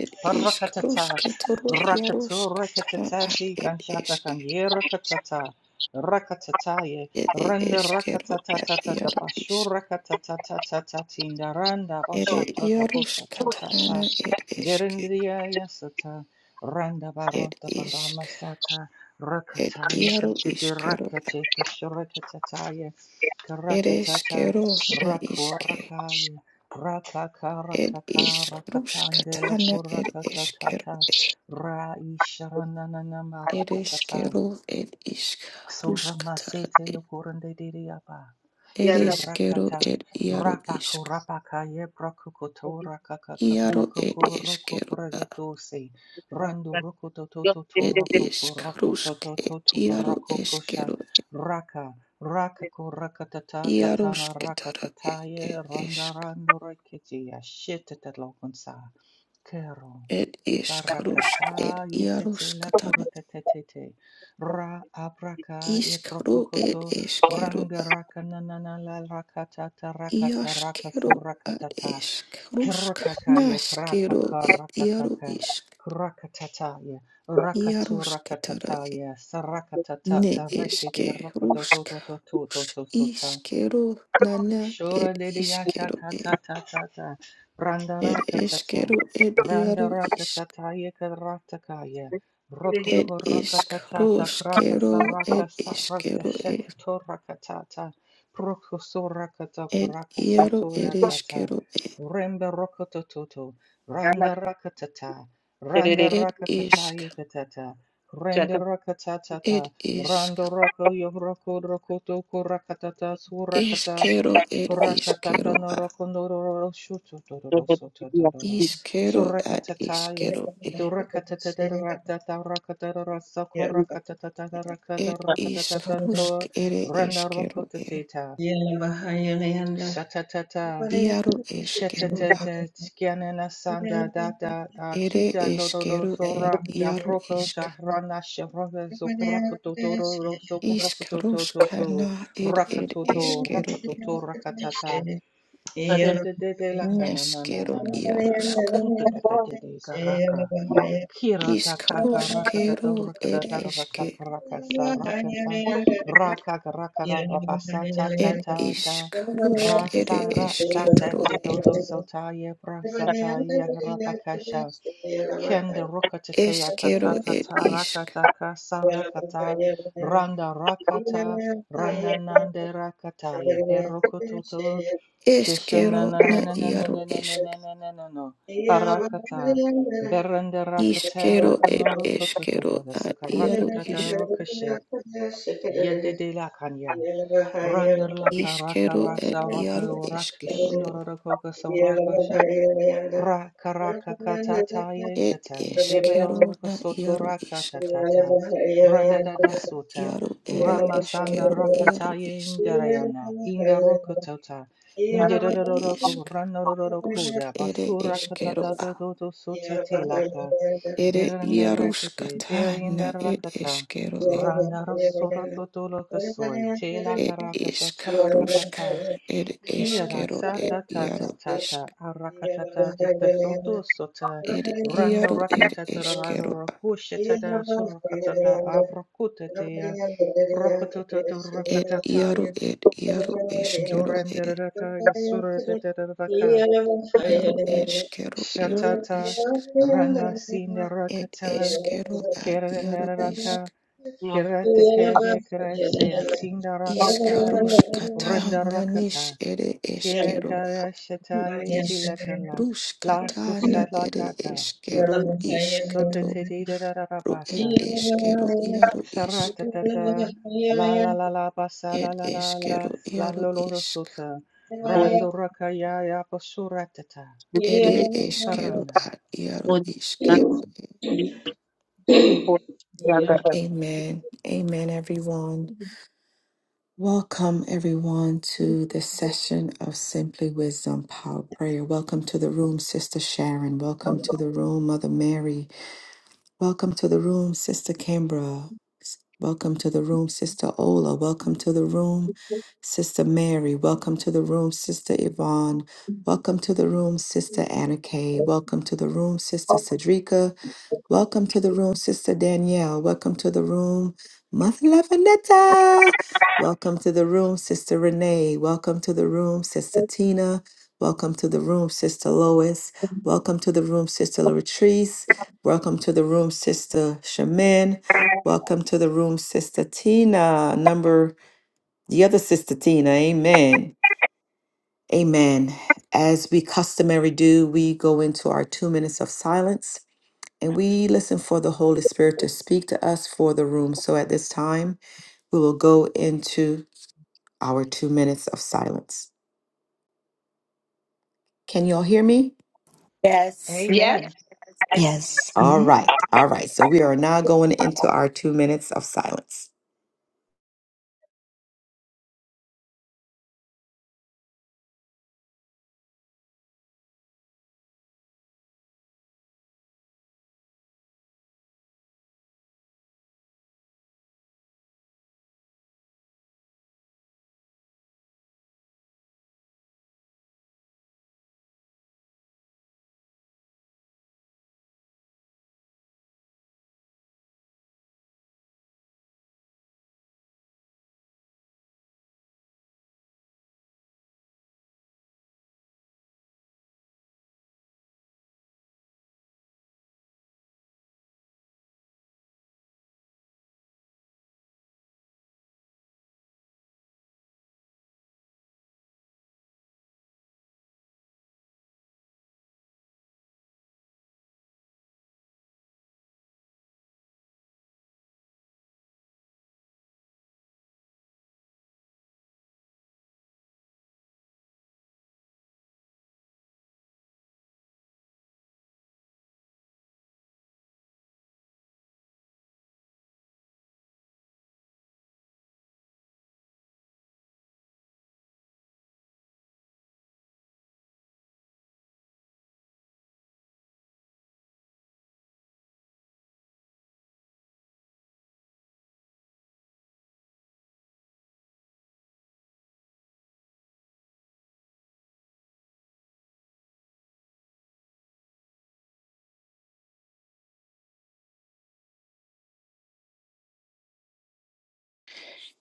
[SPEAKER 1] ed isk
[SPEAKER 2] Parakatata,
[SPEAKER 1] rusketoro iaru
[SPEAKER 2] rakatu,
[SPEAKER 1] skatara ad
[SPEAKER 2] rakatati,
[SPEAKER 1] ed
[SPEAKER 2] kanshata,
[SPEAKER 1] eske
[SPEAKER 2] kanye, rakatata, rakatataye,
[SPEAKER 1] ere
[SPEAKER 2] renda,
[SPEAKER 1] eskero ad
[SPEAKER 2] rakatatata, da
[SPEAKER 1] iaru
[SPEAKER 2] bashu,
[SPEAKER 1] isk
[SPEAKER 2] rakatatata, tinda, randa,
[SPEAKER 1] ere
[SPEAKER 2] bashu, tata,
[SPEAKER 1] iaru
[SPEAKER 2] busa,
[SPEAKER 1] skatarana
[SPEAKER 2] tatata,
[SPEAKER 1] ed eske
[SPEAKER 2] derendriya, yasata, randa,
[SPEAKER 1] Ed
[SPEAKER 2] barota,
[SPEAKER 1] ishk,
[SPEAKER 2] baramasata,
[SPEAKER 1] ed
[SPEAKER 2] rakataye,
[SPEAKER 1] iaru
[SPEAKER 2] kadidi,
[SPEAKER 1] ishkero,
[SPEAKER 2] rakate, kashu, rakatataye,
[SPEAKER 1] ed
[SPEAKER 2] karakatata,
[SPEAKER 1] eshkero na ishke,
[SPEAKER 2] raku,
[SPEAKER 1] ed ishk
[SPEAKER 2] Ratakarakakarakatandelo
[SPEAKER 1] rushkatana ed eshkero,
[SPEAKER 2] korakatata.
[SPEAKER 1] e. ed
[SPEAKER 2] Raisharanananamarakatata.
[SPEAKER 1] eshkero, ed ishk
[SPEAKER 2] Sora
[SPEAKER 1] rushkatara,
[SPEAKER 2] masete
[SPEAKER 1] e.
[SPEAKER 2] lokorende diriaba.
[SPEAKER 1] ed eshkero,
[SPEAKER 2] Sorakata
[SPEAKER 1] ed iaru
[SPEAKER 2] rapako
[SPEAKER 1] ishk,
[SPEAKER 2] rapaka ye brokokoto rakaka
[SPEAKER 1] iaru ed
[SPEAKER 2] rokoko rokoko
[SPEAKER 1] eshkero, a.
[SPEAKER 2] ragetose. Rando rokoto toto to
[SPEAKER 1] ed
[SPEAKER 2] rokoko
[SPEAKER 1] ishk
[SPEAKER 2] rokoto
[SPEAKER 1] rushk, ed
[SPEAKER 2] toto to
[SPEAKER 1] iaru
[SPEAKER 2] rokoko sha
[SPEAKER 1] eshkero,
[SPEAKER 2] raka rakako rakatata tatama
[SPEAKER 1] iarushkatara,
[SPEAKER 2] rakatata
[SPEAKER 1] ed
[SPEAKER 2] ye
[SPEAKER 1] ed
[SPEAKER 2] ronda
[SPEAKER 1] ishk,
[SPEAKER 2] rando rekiti ya shit at lokonsa. Kero.
[SPEAKER 1] ed ishk rushk,
[SPEAKER 2] Barakata
[SPEAKER 1] ed
[SPEAKER 2] yetete la
[SPEAKER 1] iarushkatara,
[SPEAKER 2] kurotetetete. Ra abraka ye
[SPEAKER 1] Iskru ed
[SPEAKER 2] prokokoto.
[SPEAKER 1] eskeru
[SPEAKER 2] Ranga
[SPEAKER 1] a
[SPEAKER 2] rakananana la rakatata rakaka rakaso
[SPEAKER 1] iaskeru ad
[SPEAKER 2] rakatata.
[SPEAKER 1] esk rusk
[SPEAKER 2] Kirakaka ye
[SPEAKER 1] naskeru
[SPEAKER 2] krakaka
[SPEAKER 1] ed iaru
[SPEAKER 2] rakakaka.
[SPEAKER 1] isk
[SPEAKER 2] Krakatata ye. Rakatu
[SPEAKER 1] iarusketara
[SPEAKER 2] rakatata
[SPEAKER 1] e
[SPEAKER 2] ye. Sarakatata
[SPEAKER 1] ne
[SPEAKER 2] tarekede
[SPEAKER 1] eske rusk rus
[SPEAKER 2] rokododododoto
[SPEAKER 1] iskeru nana
[SPEAKER 2] Shura
[SPEAKER 1] ed
[SPEAKER 2] didi yasha
[SPEAKER 1] iskeru
[SPEAKER 2] ta
[SPEAKER 1] e
[SPEAKER 2] ta ta ta ta. Randa
[SPEAKER 1] ed
[SPEAKER 2] raka ta ta.
[SPEAKER 1] eskeru ed iaru
[SPEAKER 2] Randa raka ta
[SPEAKER 1] isk
[SPEAKER 2] ta yaka rata kaya. Roku
[SPEAKER 1] ed
[SPEAKER 2] kuraka
[SPEAKER 1] isk
[SPEAKER 2] ta ta ta kraka
[SPEAKER 1] ruskeru
[SPEAKER 2] saraka
[SPEAKER 1] ed
[SPEAKER 2] sarata
[SPEAKER 1] iskeru e
[SPEAKER 2] sheta toraka ta ta. Proku suraka ta
[SPEAKER 1] ed
[SPEAKER 2] kraka
[SPEAKER 1] iaru ed
[SPEAKER 2] sotura ta ta.
[SPEAKER 1] eskeru e
[SPEAKER 2] Remba roku to to to. Randa raka ta ta. Randa
[SPEAKER 1] ed
[SPEAKER 2] raka ta ta
[SPEAKER 1] isk
[SPEAKER 2] yaka ta ta. Renda raka ta ta
[SPEAKER 1] ed
[SPEAKER 2] ta.
[SPEAKER 1] isk
[SPEAKER 2] Rando raka yo roku roku to kuraka ta ta surakata.
[SPEAKER 1] Iskero ed
[SPEAKER 2] Kurakatata
[SPEAKER 1] iskero
[SPEAKER 2] no
[SPEAKER 1] a
[SPEAKER 2] rokondororo shutotororo sototororo.
[SPEAKER 1] iskero ad
[SPEAKER 2] Surakatataya.
[SPEAKER 1] iskero e
[SPEAKER 2] Durakatatatata rakatara sakurakatatatata
[SPEAKER 1] ed
[SPEAKER 2] rakadarakatata
[SPEAKER 1] iskarusk
[SPEAKER 2] tor.
[SPEAKER 1] ere
[SPEAKER 2] Rana
[SPEAKER 1] eskero e
[SPEAKER 2] rokotatita. Shatatata.
[SPEAKER 1] iaru eskero a
[SPEAKER 2] Shatatata. Skianana sanda data.
[SPEAKER 1] ere
[SPEAKER 2] Chita dororo
[SPEAKER 1] eskero ed
[SPEAKER 2] sora.
[SPEAKER 1] iaru
[SPEAKER 2] Jabroko
[SPEAKER 1] isk
[SPEAKER 2] shahrana shavraga sokurakatotoro sokurakatototo.
[SPEAKER 1] iskaruskana ed ed
[SPEAKER 2] Rakatoto
[SPEAKER 1] eskero e
[SPEAKER 2] rakatoto rakatata.
[SPEAKER 7] Yeah.
[SPEAKER 2] Shantidede la kana na na
[SPEAKER 1] neskero
[SPEAKER 2] na na na na na.
[SPEAKER 1] iaruska
[SPEAKER 2] garaka. Kira ta kaka raka da do
[SPEAKER 1] iskaruskero
[SPEAKER 2] raka da
[SPEAKER 1] ed
[SPEAKER 2] da raka
[SPEAKER 1] eske
[SPEAKER 2] raka sa raka sa raka raka raka sa ta ta
[SPEAKER 1] ed
[SPEAKER 2] ta ta
[SPEAKER 7] Yeah.
[SPEAKER 1] iskarusk
[SPEAKER 2] ra
[SPEAKER 1] ere
[SPEAKER 2] sa ra sa ta
[SPEAKER 1] esketro
[SPEAKER 2] ti
[SPEAKER 1] e
[SPEAKER 2] do do so ta ye pra sa ta ye ra Kenda rokatete
[SPEAKER 1] eskero ed
[SPEAKER 2] atatatata
[SPEAKER 1] isk
[SPEAKER 2] rakataka sarakata randa rakata randa nande rakata ye perokototo sheshena
[SPEAKER 1] Eskero
[SPEAKER 2] na
[SPEAKER 1] na
[SPEAKER 2] na na na na
[SPEAKER 1] iaro
[SPEAKER 2] na na na
[SPEAKER 1] esk.
[SPEAKER 2] na na na na no parakata berende rakata
[SPEAKER 1] Iskero ed
[SPEAKER 2] rokonoro kototo
[SPEAKER 1] eskero
[SPEAKER 2] da
[SPEAKER 1] ad
[SPEAKER 2] suka
[SPEAKER 1] iaro
[SPEAKER 2] rakata da
[SPEAKER 1] esk.
[SPEAKER 2] rokashe yede de la kanya randa laka raka
[SPEAKER 1] Iskero ed
[SPEAKER 2] rasa raka
[SPEAKER 1] iaro eskero ed
[SPEAKER 2] rakushinoro rokoka Raka raka kata ta ye
[SPEAKER 1] Ed
[SPEAKER 2] kata
[SPEAKER 7] Yeah.
[SPEAKER 1] eskero
[SPEAKER 2] yebero
[SPEAKER 1] na
[SPEAKER 2] soto
[SPEAKER 1] iaro
[SPEAKER 2] raka ta
[SPEAKER 1] esk.
[SPEAKER 2] ta randa da da
[SPEAKER 1] Ad
[SPEAKER 2] sota
[SPEAKER 1] iaro ere
[SPEAKER 2] rama sanda
[SPEAKER 1] eskero
[SPEAKER 2] rakata ta
[SPEAKER 1] iaro
[SPEAKER 2] ye
[SPEAKER 1] esk.
[SPEAKER 2] indarayana inda roka tota indera
[SPEAKER 1] Ed
[SPEAKER 2] ro ro ko
[SPEAKER 1] esk.
[SPEAKER 2] rana ro ro ro
[SPEAKER 1] Usk
[SPEAKER 2] da
[SPEAKER 1] ere
[SPEAKER 2] basura kata
[SPEAKER 1] eskero
[SPEAKER 2] ta
[SPEAKER 1] a.
[SPEAKER 2] ta do do sote te laka
[SPEAKER 1] Ere
[SPEAKER 2] deranda rakete te
[SPEAKER 1] iaruskata na ed
[SPEAKER 2] rakata
[SPEAKER 1] eskero ed
[SPEAKER 2] randa ro soto to to lo ka soy te laka
[SPEAKER 1] Et
[SPEAKER 2] raka sa
[SPEAKER 1] isk rusk.
[SPEAKER 2] ta
[SPEAKER 1] Et
[SPEAKER 2] Kia
[SPEAKER 1] eskero
[SPEAKER 2] rasa
[SPEAKER 1] et
[SPEAKER 2] ta ta ta
[SPEAKER 1] iaro
[SPEAKER 2] ta
[SPEAKER 1] esk.
[SPEAKER 2] ta arakata ta jita toto sota
[SPEAKER 1] Ed
[SPEAKER 2] randa
[SPEAKER 1] iaro ed
[SPEAKER 2] rakata ta raro
[SPEAKER 1] eskero a.
[SPEAKER 2] rakusha ta ta surakata ta abrakuta te ya prokoto to to
[SPEAKER 1] Ed
[SPEAKER 2] rakata ta
[SPEAKER 1] iaro
[SPEAKER 2] ya
[SPEAKER 1] ed
[SPEAKER 7] Go
[SPEAKER 1] iaro
[SPEAKER 7] on,
[SPEAKER 1] eskero
[SPEAKER 2] dorende
[SPEAKER 1] e.
[SPEAKER 7] then,
[SPEAKER 2] rata ya sura ta ta ta raka
[SPEAKER 1] Iaro eskero iaro
[SPEAKER 2] shatata
[SPEAKER 1] isk.
[SPEAKER 2] randa sinda
[SPEAKER 1] Ed
[SPEAKER 2] rakata
[SPEAKER 1] eskero ad
[SPEAKER 2] kera
[SPEAKER 1] iaro
[SPEAKER 2] nera
[SPEAKER 1] isk.
[SPEAKER 2] raka kera te kege kera se atinda
[SPEAKER 1] Isk
[SPEAKER 2] rakata ya
[SPEAKER 1] ruskata
[SPEAKER 2] renda
[SPEAKER 1] nanis
[SPEAKER 2] rakata
[SPEAKER 1] ere
[SPEAKER 2] Kia
[SPEAKER 1] eskero a.
[SPEAKER 2] kara
[SPEAKER 1] Ru
[SPEAKER 2] shataya
[SPEAKER 1] isk.
[SPEAKER 2] tilakala, la
[SPEAKER 1] Ruskata na ere
[SPEAKER 2] kusalakata,
[SPEAKER 1] eskero
[SPEAKER 2] sota
[SPEAKER 1] iskato.
[SPEAKER 2] tedida da da da
[SPEAKER 1] Ru ed eskero iaro isk.
[SPEAKER 2] la la la la basa
[SPEAKER 1] Ed
[SPEAKER 2] la la la la
[SPEAKER 1] eskero
[SPEAKER 2] la
[SPEAKER 1] iaro
[SPEAKER 2] lolo
[SPEAKER 1] isk.
[SPEAKER 2] sota, rando rakaya ya basura
[SPEAKER 1] Ere eskero
[SPEAKER 2] parana.
[SPEAKER 1] ad iaro iskero
[SPEAKER 5] for younger
[SPEAKER 1] Amen. Amen, everyone. Welcome, everyone, to this session of Simply Wisdom Power Prayer. Welcome to the room, Sister Sharon. Welcome to the room, Mother Mary. Welcome to the room, Sister Kimbra. Welcome to the room, Sister Ola. Welcome to the room, Sister Mary. Welcome to the room, Sister Yvonne. Welcome to the room, Sister Anna Kay. Welcome to the room, Sister
[SPEAKER 5] her.
[SPEAKER 1] Cedrica. Welcome to the room, Sister Danielle. Welcome to the room, Mother Lavinetta. Welcome to the room, Sister Renee. Welcome to the room, Sister Tina. Welcome to the room, Sister Lois. Welcome to the room, Sister Latrice. Welcome to the room, Sister Shaman. Welcome to the room, Sister Tina. Number the other Sister Tina. Amen. Amen. As we customary do, we go into our two minutes of silence and we listen for the Holy Spirit to speak to us for the room. So at this time, we will go into our two minutes of silence. Can you all hear me?
[SPEAKER 8] Yes.
[SPEAKER 5] Yes.
[SPEAKER 2] Amen.
[SPEAKER 4] Yes.
[SPEAKER 1] All
[SPEAKER 4] Mhm.
[SPEAKER 1] right. All right. So we are now going into our two minutes of silence.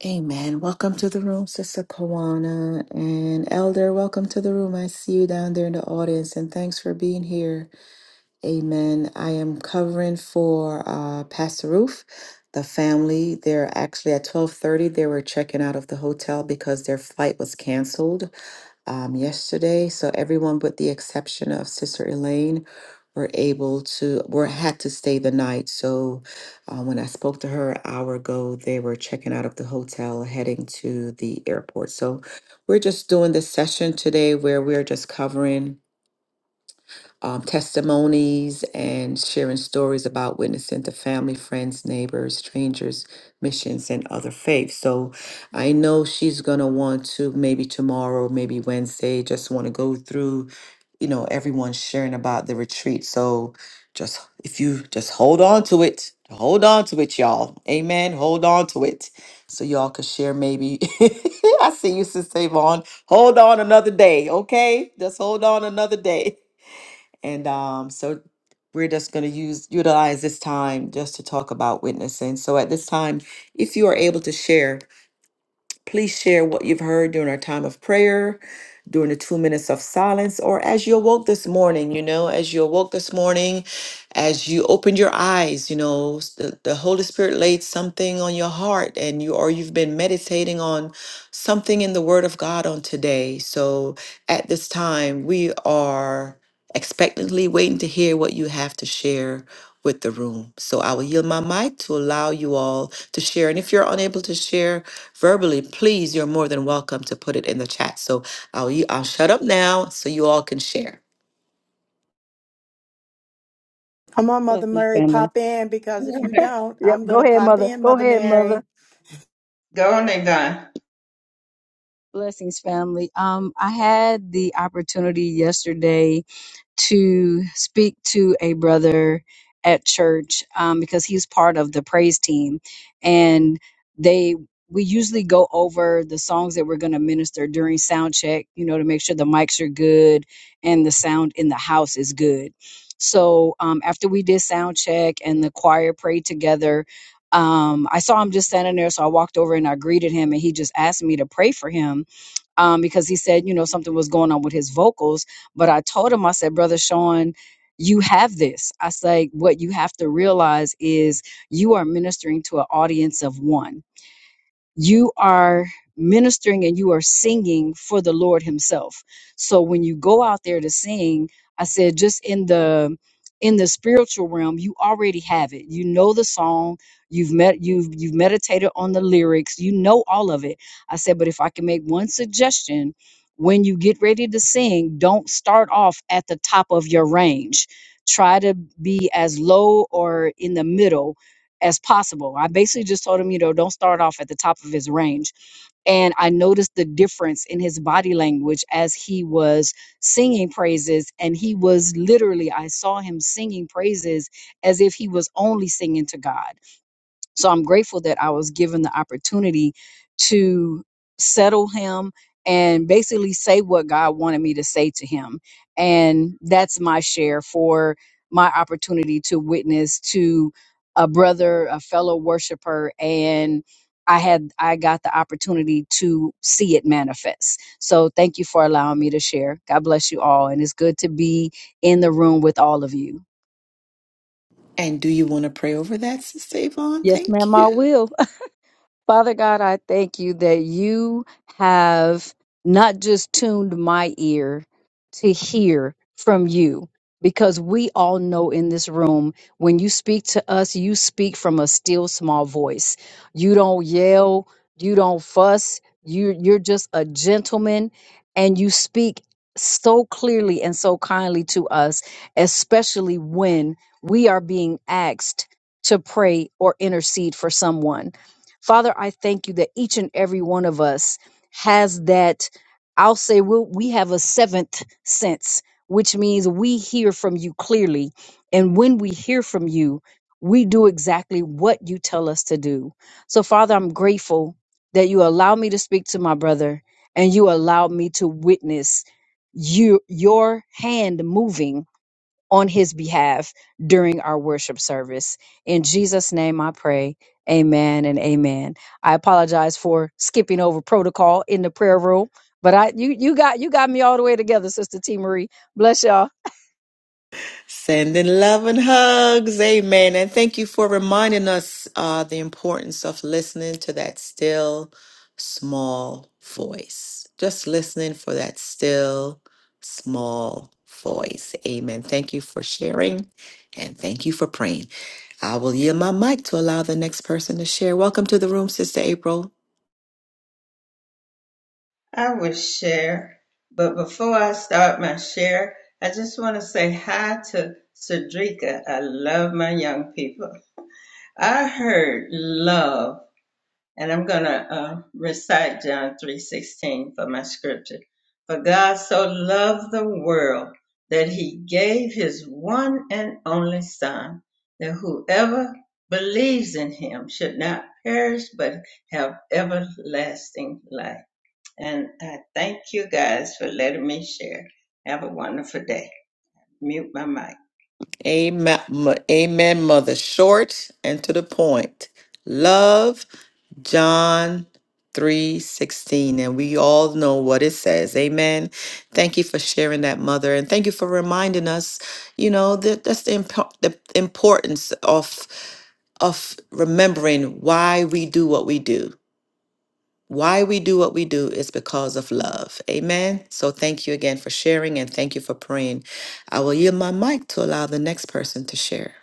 [SPEAKER 1] Amen. Welcome to the room, Sister Kawana and Elder. Welcome to the room. I see you down there in the audience, and thanks for being here. Amen. I am covering for uh, Pastor Roof, the family. They're actually at twelve thirty. They were checking out of the hotel because their flight was canceled um, yesterday. So everyone, but the exception of Sister Elaine, were able to were had to stay the night. So uh, when I spoke to her an hour ago, they were checking out of the hotel, heading to the airport. So we're just doing this session today where we're just covering um, testimonies and sharing stories about witnessing to family, friends, neighbors, strangers, missions, and other faiths. So I know she's going to want to maybe tomorrow, maybe Wednesday, just want to go through, you know, everyone sharing about the retreat. So just if you just hold on to it, hold on to it, y'all. Amen. Hold on to it. So y'all could share maybe. I see you, Sister Yvonne. Hold on another day, okay? Just hold on another day. And um, so we're just going to use utilize this time just to talk about witnessing. So at this time, if you are able to share, Please share what you've heard during our time of prayer, during the two minutes of silence, or as you awoke this morning, you know, as you awoke this morning, as you opened your eyes, you know, s- the, the Holy Spirit laid something on your heart and you or you've been meditating on something in the Word of God on today. So at this time, we are expectantly waiting to hear what you have to share with the room. So I will yield my mic to allow you all to share. And if you're unable to share, verbally, please, you're more than welcome to put it in the chat. So I'll, i I'll shut up now so you all can share.
[SPEAKER 8] Come on, Mother
[SPEAKER 9] Blessings,
[SPEAKER 8] Mary,
[SPEAKER 9] family.
[SPEAKER 8] pop in because if you don't,
[SPEAKER 9] Yep,
[SPEAKER 8] I'm going
[SPEAKER 9] go
[SPEAKER 8] to
[SPEAKER 9] ahead,
[SPEAKER 8] pop
[SPEAKER 9] mother.
[SPEAKER 8] in,
[SPEAKER 9] Go
[SPEAKER 8] Mother
[SPEAKER 9] ahead, mother.
[SPEAKER 8] Mary.
[SPEAKER 7] go on.
[SPEAKER 9] Blessings, family. Um, I had the opportunity yesterday to speak to a brother at church um, because he's part of the praise team and they we usually go over the songs that we're going to minister during sound check you know to make sure the mics are good and the sound in the house is good so um, after we did sound check and the choir prayed together um, i saw him just standing there so i walked over and i greeted him and he just asked me to pray for him um, because he said, you know, something was going on with his vocals. But I told him, I said, Brother Sean, you have this. I say, what you have to realize is you are ministering to an audience of one you are ministering and you are singing for the Lord Himself. So when you go out there to sing, I said just in the in the spiritual realm, you already have it. You know the song, you've met you've you've meditated on the lyrics, you know all of it. I said, but if I can make one suggestion, when you get ready to sing, don't start off at the top of your range. Try to be as low or in the middle as possible. I basically just told him, you know, don't start off at the top of his range. And I noticed the difference in his body language as he was singing praises. And he was literally, I saw him singing praises as if he was only singing to God. So I'm grateful that I was given the opportunity to settle him and basically say what God wanted me to say to him. And that's my share for my opportunity to witness to a brother, a fellow worshiper, and I had I got the opportunity to see it manifest. So thank you for allowing me to share. God bless you all and it's good to be in the room with all of you.
[SPEAKER 1] And do you want to pray over that, Sister Yvonne?
[SPEAKER 9] Yes,
[SPEAKER 1] Thank
[SPEAKER 9] ma'am,
[SPEAKER 1] you.
[SPEAKER 9] I will. Father God, I thank you that you have not just tuned my ear to hear from you, because we all know in this room when you speak to us, you speak from a still small voice. You don't yell, you don't fuss, you, you're just a gentleman and you speak so clearly and so kindly to us, especially when we are being asked to pray or intercede for someone. Father, I thank you that each and every one of us has that. I'll say we'll, we have a seventh sense, which means we hear from you clearly. And when we hear from you, we do exactly what you tell us to do. So, Father, I'm grateful that you allow me to speak to my brother and you allow me to witness you, your hand moving on his behalf during our worship service. In Jesus' name I pray. Amen and amen. I apologize for skipping over protocol in the prayer room, but I you you got you got me all the way together, Sister T Marie. Bless y'all.
[SPEAKER 1] Sending love and hugs. Amen. And thank you for reminding us uh, the importance of listening to that still small voice. Just listening for that still small voice. Amen. Thank you for sharing and thank you for praying. I will yield my mic to allow the next person to share. Welcome to the room, Sister April.
[SPEAKER 7] I will share, but before I start my share, I just want to say hi to Cedrica. I love my young people. I heard love, and I'm gonna uh, recite John three sixteen for my scripture. For God so loved the world that He gave His one and only Son, that whoever believes in Him should not perish but have everlasting life. And I thank you guys for letting me share. Have a wonderful day. Mute my mic.
[SPEAKER 1] Amen, mo- amen, mother. Short and to the point. Love John 3:16 and we all know what it says. Amen. Thank you for sharing that mother and thank you for reminding us, you know, that that's the, impo- the importance of of remembering why we do what we do. Why we do what we do is because of love. Amen. So thank you again for sharing and thank you for praying. I will yield my mic to allow the next person to share.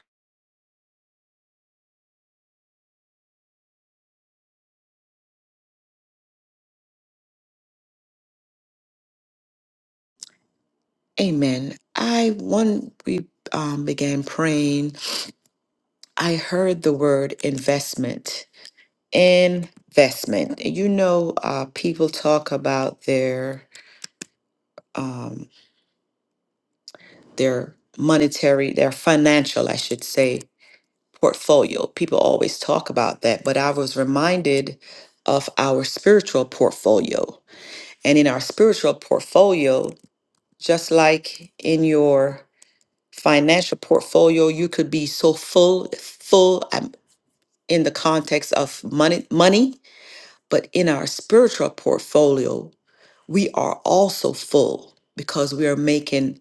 [SPEAKER 1] Amen. I when we um, began praying, I heard the word investment. Investment. You know, uh, people talk about their um, their monetary, their financial, I should say, portfolio. People always talk about that, but I was reminded of our spiritual portfolio. And in our spiritual portfolio, just like in your financial portfolio, you could be so full, full um, in the context of money, money, but in our spiritual portfolio, we are also full because we are making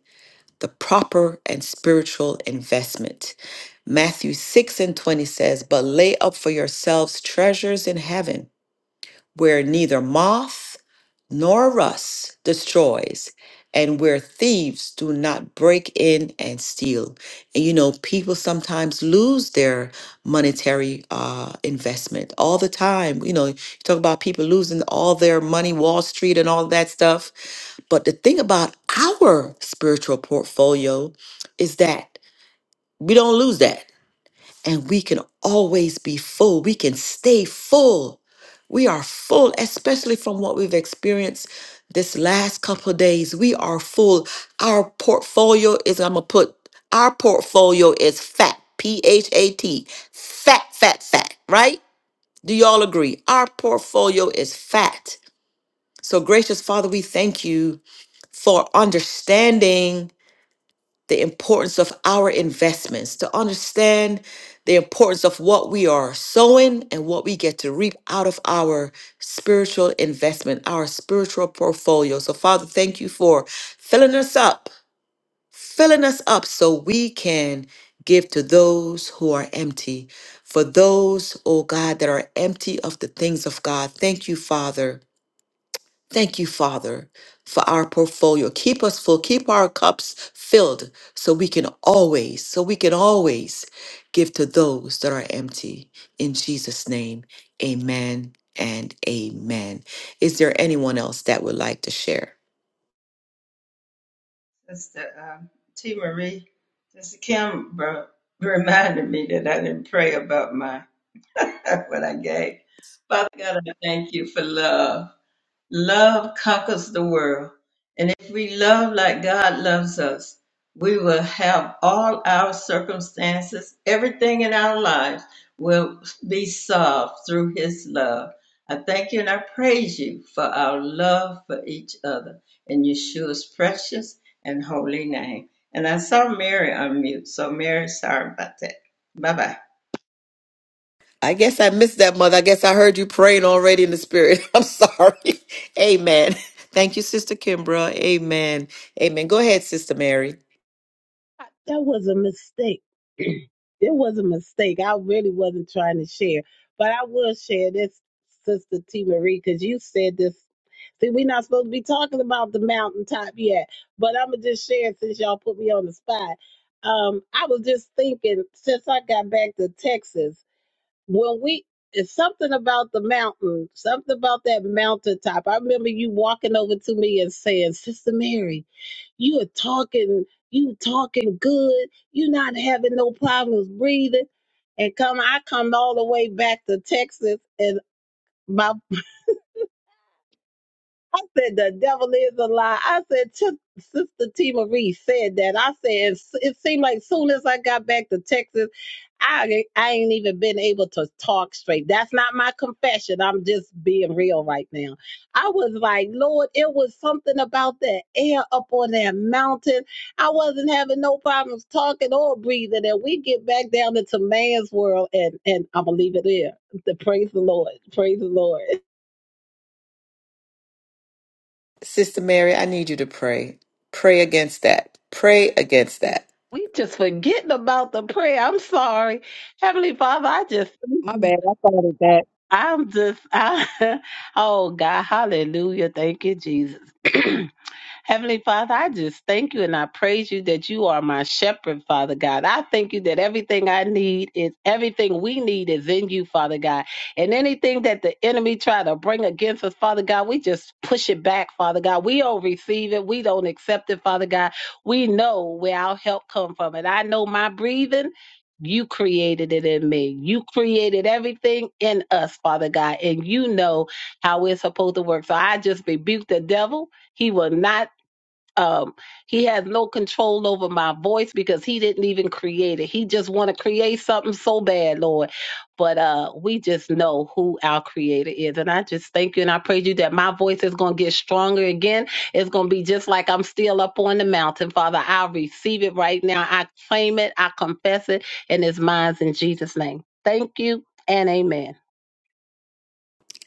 [SPEAKER 1] the proper and spiritual investment. Matthew 6 and 20 says, But lay up for yourselves treasures in heaven, where neither moth nor rust destroys, and where thieves do not break in and steal. And you know, people sometimes lose their monetary uh, investment all the time. You know, you talk about people losing all their money, Wall Street, and all that stuff but the thing about our spiritual portfolio is that we don't lose that. And we can always be full. We can stay full. We are full, especially from what we've experienced this last couple of days. We are full. Our portfolio is, I'm going to put, our portfolio is fat, P H A T, fat, fat, fat, right? Do y'all agree? Our portfolio is fat. So, gracious Father, we thank you for understanding the importance of our investments, to understand the importance of what we are sowing and what we get to reap out of our spiritual investment, our spiritual portfolio. So, Father, thank you for filling us up, filling us up so we can give to those who are empty, for those, oh God, that are empty of the things of God. Thank you, Father Thank you, Father, for our portfolio. Keep us full, keep our cups filled so we can always, so we can always give to those that are empty. In Jesus' name, amen and amen. Is there anyone else that would like to share?
[SPEAKER 7] Sister um, T. Marie, Sister Kim bro, reminded me that I didn't pray about my what I gave. Father God, I thank you for love. Love conquers the world. And if we love like God loves us, we will have all our circumstances, everything in our lives will be solved through His love. I thank you and I praise you for our love for each other in Yeshua's precious and holy name. And I saw Mary on mute, so Mary, sorry about that. Bye bye.
[SPEAKER 1] I guess I missed that, mother. I guess I heard you praying already in the spirit. I'm sorry. Amen. Thank you, Sister Kimbra. Amen. Amen. Go ahead, Sister Mary.
[SPEAKER 5] That was a mistake. It was a mistake. I really wasn't trying to share, but I will share this, Sister T. Marie, because you said this. See, we're not supposed to be talking about the mountaintop yet, but I'm gonna just share it since y'all put me on the spot. Um, I was just thinking since I got back to Texas. when we it's something about the mountain, something about that mountaintop. I remember you walking over to me and saying, Sister Mary, you are talking, you talking good, you not having no problems breathing. And come I come all the way back to Texas and my I said the devil is a lie. I said took Sister T Marie said that. I said it, it seemed like soon as I got back to Texas, I I ain't even been able to talk straight. That's not my confession. I'm just being real right now. I was like, Lord, it was something about that air up on that mountain. I wasn't having no problems talking or breathing. And we get back down into man's world, and and I'm gonna leave it there. The praise the Lord. Praise the Lord.
[SPEAKER 1] Sister Mary, I need you to pray. Pray against that. Pray against that.
[SPEAKER 5] We just forgetting about the prayer. I'm sorry. Heavenly Father, I just,
[SPEAKER 9] My bad. I thought of that.
[SPEAKER 5] I'm just, I, oh God, hallelujah. Thank you, Jesus. Heavenly Father, I just thank you and I praise you that you are my shepherd, Father God. I thank you that everything I need is everything we need is in you, Father God. And anything that the enemy try to bring against us, Father God, we just push it back, Father God. We don't receive it. We don't accept it, Father God. We know where our help come from. And I know my breathing. You created it in me. You created everything in us, Father God, and you know how we're supposed to work. So I just rebuke the devil. He will not um he has no control over my voice because he didn't even create it he just want to create something so bad lord but uh we just know who our creator is and i just thank you and i praise you that my voice is going to get stronger again it's going to be just like i'm still up on the mountain father i receive it right now i claim it i confess it and it's mine in jesus name thank you and amen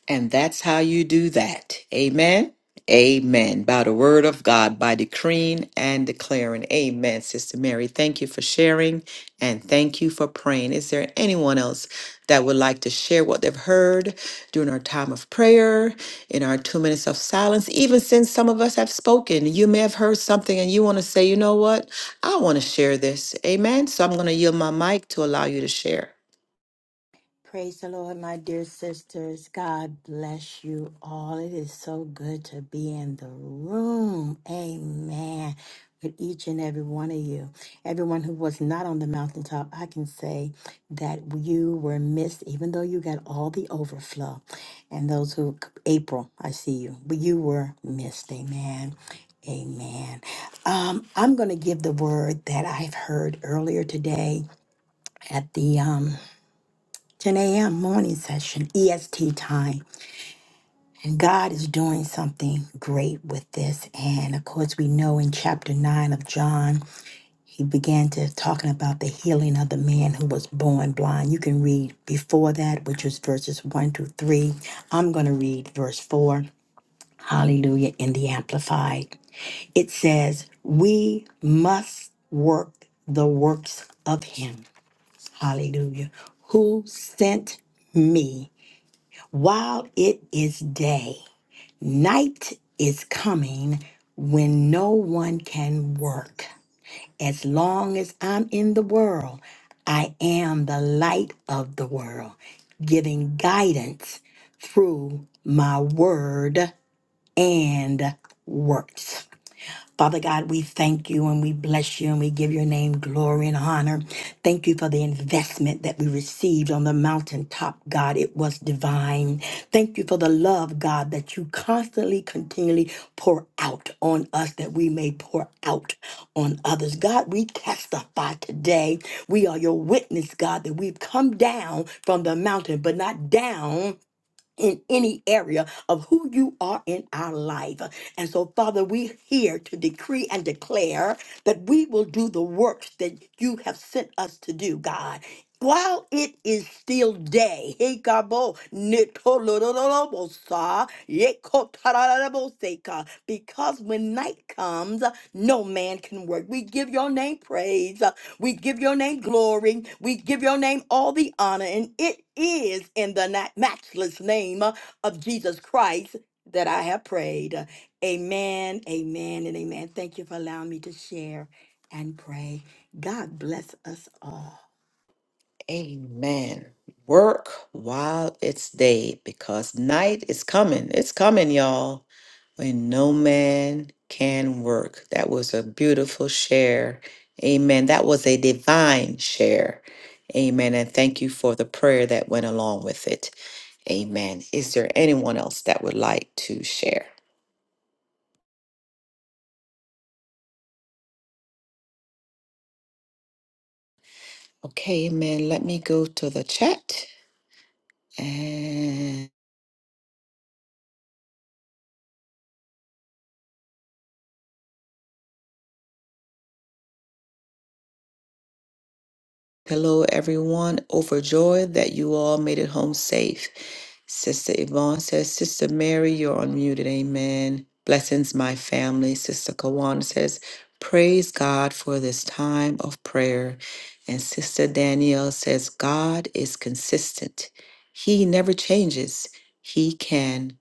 [SPEAKER 1] And that's how you do that. Amen. Amen. By the word of God, by decreeing and declaring. Amen. Sister Mary, thank you for sharing and thank you for praying. Is there anyone else that would like to share what they've heard during our time of prayer, in our two minutes of silence? Even since some of us have spoken, you may have heard something and you want to say, you know what? I want to share this. Amen. So I'm going to yield my mic to allow you to share.
[SPEAKER 8] Praise the Lord, my dear sisters. God bless you all. It is so good to be in the room. Amen. With each and every one of you. Everyone who was not on the mountaintop, I can say that you were missed, even though you got all the overflow. And those who, April, I see you, but you were missed. Amen. Amen. Um, I'm going to give the word that I've heard earlier today at the um, 10 a.m. morning session, EST time. And God is doing something great with this. And of course, we know in chapter 9 of John, he began to talking about the healing of the man who was born blind. You can read before that, which was verses 1 to 3. I'm going to read verse 4. Hallelujah in the Amplified. It says, We must work the works of him. Hallelujah. Who sent me While it is day, night is coming when no one can work. As long as I'm in the world, I am the light of the world, giving guidance through my word and works. Father God, we thank you and we bless you and we give your name glory and honor. Thank you for the investment that we received on the mountaintop, God. It was divine. Thank you for the love, God, that you constantly, continually pour out on us that we may pour out on others. God, we testify today. We are your witness, God, that we've come down from the mountain, but not down in any area of who you are in our life. And so, Father, we're here to decree and declare that we will do the works that you have sent us to do, God. While it is still day, hey, Gabo, nitolololobosa, yekotararaboseka, because when night comes, no man can work. We give your name praise. We give your name glory. We give your name all the honor. And it is in the na- matchless name of Jesus Christ that I have prayed. Amen, amen, and amen. Thank you for allowing me to share and pray. God bless us all.
[SPEAKER 1] Amen. Work while it's day because night is coming. It's coming, y'all, when no man can work. That was a beautiful share. Amen. That was a divine share. Amen. And thank you for the prayer that went along with it. Amen. Is there anyone else that would like to share? Okay, amen. Let me go to the chat. Hello, everyone. Overjoyed that you all made it home safe. Sister Yvonne says, Sister Mary, you're unmuted. Amen. Blessings, my family. Sister Kawana says, Praise God for this time of prayer. And Sister Danielle says, God is consistent. He never changes. He can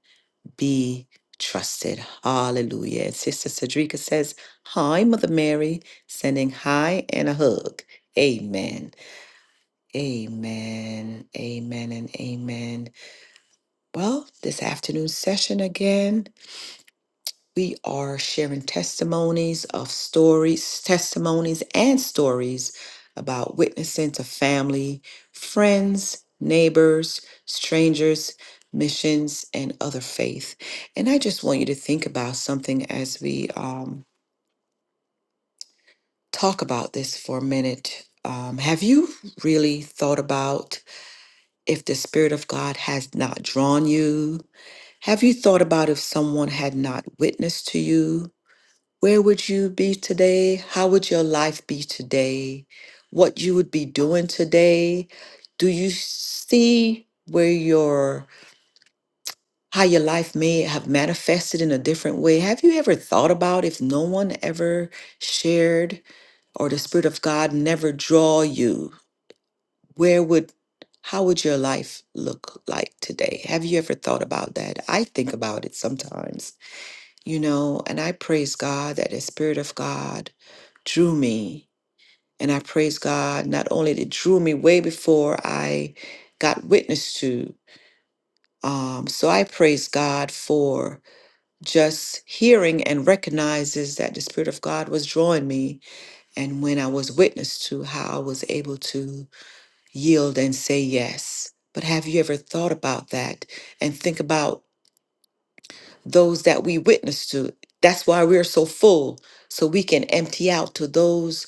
[SPEAKER 1] be trusted. Hallelujah. And Sister Cedrica says, Hi, Mother Mary, sending hi and a hug. Amen. Amen, amen, and amen. Well, this afternoon session again, we are sharing testimonies of stories, testimonies and stories about witnessing to family, friends, neighbors, strangers, missions, and other faith. And I just want you to think about something as we um, talk about this for a minute. Um, have you really thought about? if the Spirit of God has not drawn you? Have you thought about if someone had not witnessed to you? Where would you be today? How would your life be today? What you would be doing today? Do you see where your how your life may have manifested in a different way? Have you ever thought about if no one ever shared or the Spirit of God never draw you? where would how would your life look like today have you ever thought about that i think about it sometimes you know and i praise god that the spirit of god drew me and i praise god not only that it drew me way before i got witness to um, so i praise god for just hearing and recognizes that the spirit of god was drawing me and when i was witness to how i was able to yield and say yes. But have you ever thought about that and think about those that we witness to? That's why we're so full, so we can empty out to those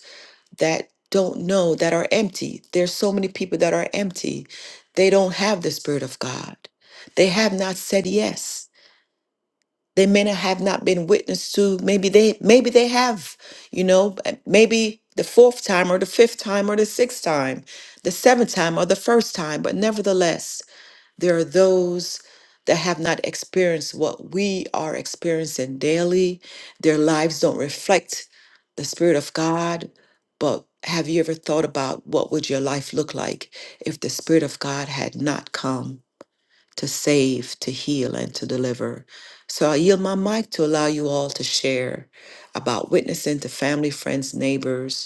[SPEAKER 1] that don't know that are empty. There's so many people that are empty. They don't have the Spirit of God. They have not said yes. They may not have not been witnessed to. Maybe they maybe they have, you know, uh, maybe the fourth time or the fifth time or the sixth time, the seventh time or the first time, but nevertheless, there are those that have not experienced what we are experiencing daily. Their lives don't reflect the Spirit of God. But have you ever thought about what would your life look like if the Spirit of God had not come to save, to heal, and to deliver? So I yield my mic to allow you all to share about witnessing to family, friends, neighbors,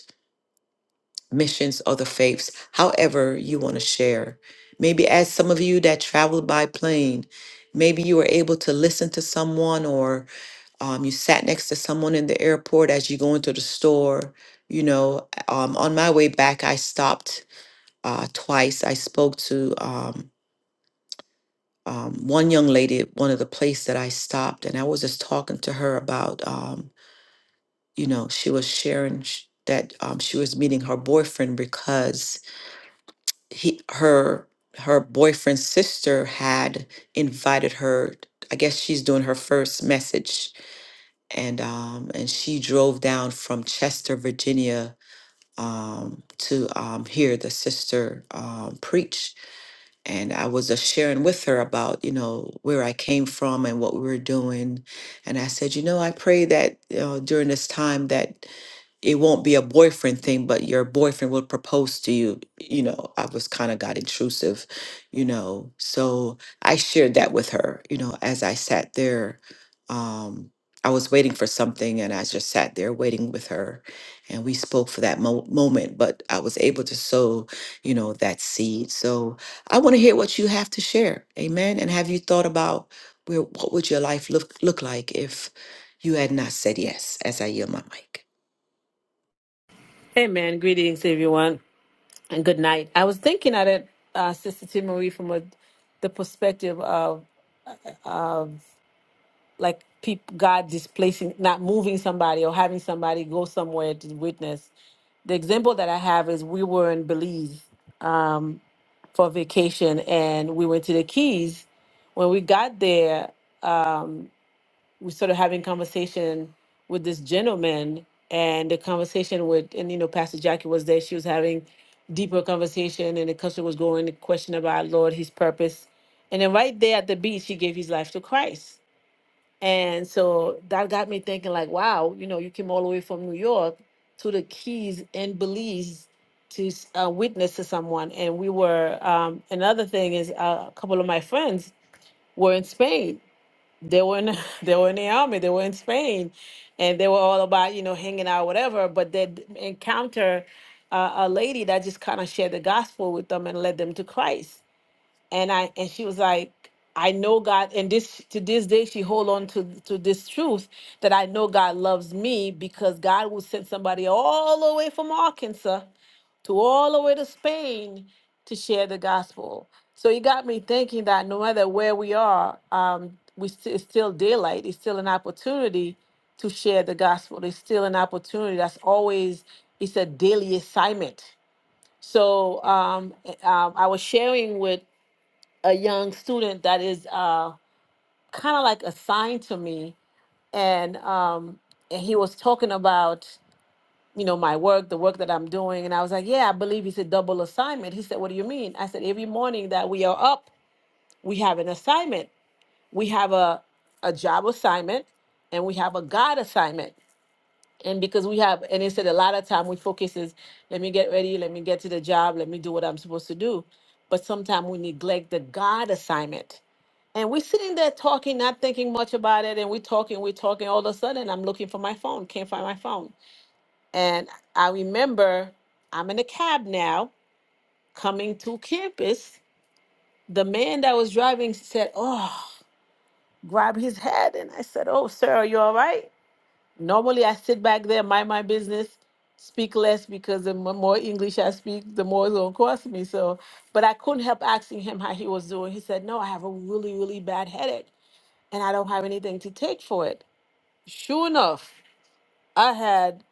[SPEAKER 1] missions, other faiths, however you want to share. Maybe as some of you that traveled by plane, maybe you were able to listen to someone or um, you sat next to someone in the airport as you go into the store. You know, um, on my way back, I stopped uh, twice. I spoke to um, um, one young lady at one of the places that I stopped, and I was just talking to her about, um, you know, she was sharing sh- that um, she was meeting her boyfriend because he her her boyfriend's sister had invited her i guess she's doing her first message and um and she drove down from chester virginia um to um hear the sister um preach and i was just sharing with her about you know where i came from and what we were doing and i said you know i pray that you know, during this time that it won't be a boyfriend thing, but your boyfriend will propose to you. You know, I was kind of got intrusive, you know. So I shared that with her, you know, as I sat there. Um, I was waiting for something and I just sat there waiting with her. And we spoke for that mo- moment, but I was able to sow, you know, that seed. So I want to hear what you have to share. Amen. And have you thought about where, what would your life look, look like if you had not said yes as I yield my mic?
[SPEAKER 10] Hey man, greetings everyone, and good night. I was thinking at it, uh, Sister T. Marie, from a, the perspective of like peop God displacing, not moving somebody or having somebody go somewhere to witness. The example that I have is we were in Belize um, for vacation, and we went to the Keys. When we got there, um, was sort of having conversation with this gentleman and the conversation with and you know pastor jackie was there she was having deeper conversation and the customer was going to question about lord his purpose and then right there at the beach he gave his life to christ and so that got me thinking like wow you know you came all the way from new york to the keys and belize to uh, witness to someone and we were um, another thing is uh, a couple of my friends were in spain they were in, they were in the army, they were in Spain, and they were all about you know hanging out, whatever. But they encounter uh, a lady that just kind of shared the gospel with them and led them to Christ and I and she was like, I know God, and this to this day she hold on to to this truth that I know God loves me because God will send somebody all the way from Arkansas to all the way to Spain to share the gospel. So it got me thinking that no matter where we are, um, we st- it's still daylight. It's still an opportunity to share the gospel. It's still an opportunity. That's always it's a daily assignment. So um, eh, um, I was sharing with a young student that is uh, kind of like assigned to me, and um, and he was talking about you know my work, the work that I'm doing, and I was like, yeah, I believe it's a double assignment. He said, what do you mean? I said, every morning that we are up, we have an assignment. We have a a job assignment, and we have a God assignment. And because we have, and he said a lot of time we focus is, let me get ready, let me get to the job, let me do what I'm supposed to do. But sometimes we neglect the God assignment And we're sitting there talking, not thinking much about it. And we're talking, we're talking. All of a sudden, I'm looking for my phone, can't find my phone. And I remember I'm in a cab now coming to campus. The man that was driving said, Oh, grab his head. And I said, Oh, sir, are you all right? Normally, I sit back there, mind my business, speak less because the mo- more English I speak, the more it's going to cost me. So, but I couldn't help asking him how he was doing. He said, No, I have a really, really bad headache. and I don't have anything to take for it. Sure enough, I had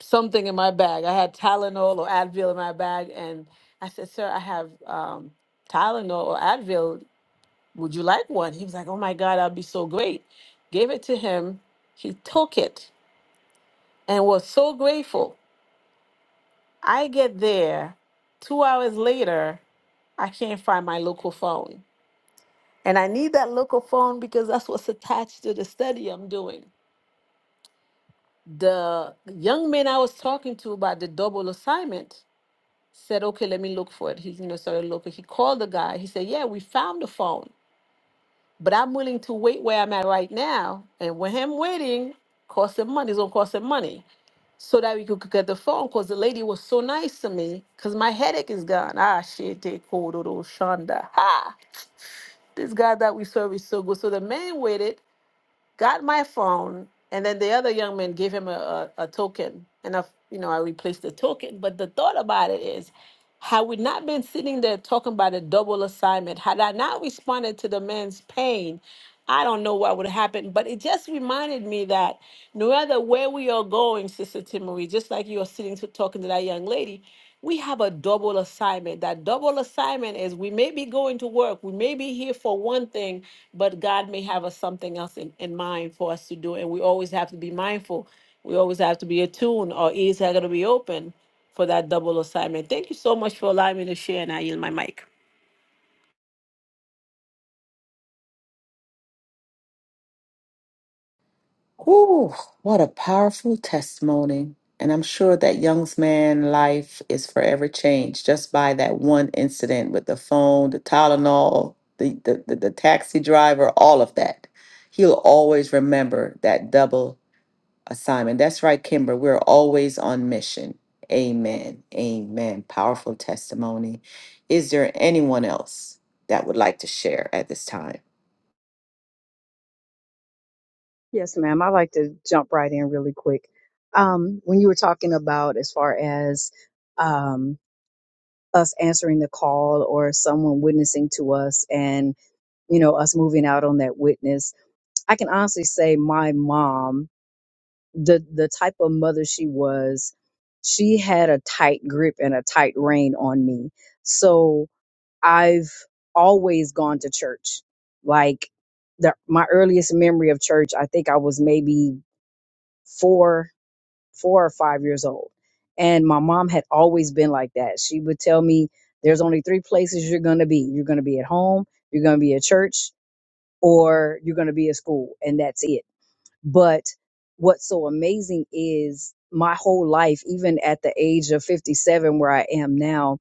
[SPEAKER 10] something in my bag. I had Tylenol or Advil in my bag, and I said, "Sir, I have um, Tylenol or Advil. Would you like one?" He was like, "Oh my God, that'd be so great." Gave it to him. He took it and was so grateful. I get there, two hours later, I can't find my local phone, and I need that local phone because that's what's attached to the study I'm doing. the young man I was talking to about the double assignment said, okay, let me look for it. He, you know, started looking. He called the guy. He said, yeah, we found the phone, but I'm willing to wait where I'm at right now. And with him waiting, cost him money. It's gonna cost him money so that we could could get the phone because the lady was so nice to me because my headache is gone. Ah, shit, they called Shonda. Ha! This guy that we serve is so good. So the man waited got my phone, and then the other young man gave him a, a, a token, and I, you know, I replaced the token. But the thought about it is, had we not been sitting there talking about a double assignment, had I not responded to the man's pain, I don't know what would happen. But it just reminded me that no matter where we are going, Sister Timory, just like you are sitting to talking to that young lady we have a double assignment. That double assignment is we may be going to work, we may be here for one thing, but God may have us something else in, in mind for us to do. And we always have to be mindful. We always have to be attuned. Our ears are going to be open for that double assignment. Thank you so much for allowing me to share, and I yield my mic.
[SPEAKER 1] Whew, what a powerful testimony. And I'm sure that young man's life is forever changed just by that one incident with the phone, the Tylenol, the, the, the, the taxi driver, all of that. He'll always remember that double assignment. That's right, Kimber. We're always on mission. Amen. Amen. Powerful testimony. Is there anyone else that would like to share at this time?
[SPEAKER 9] Yes, ma'am. I like to jump right in really quick. Um, when you were talking about as far as um us answering the call or someone witnessing to us and you know us moving out on that witness I can honestly say my mom, the the type of mother she was, she had a tight grip and a tight rein on me. So I've always gone to church. Like the my earliest memory of church, I think I was maybe four, four or five years old. And my mom had always been like that. She would tell me there's only three places you're gonna be. You're gonna be at home, you're gonna be at church, or you're gonna be at school, and that's it but what's so amazing is my whole life, even at the age of 57, where I am now,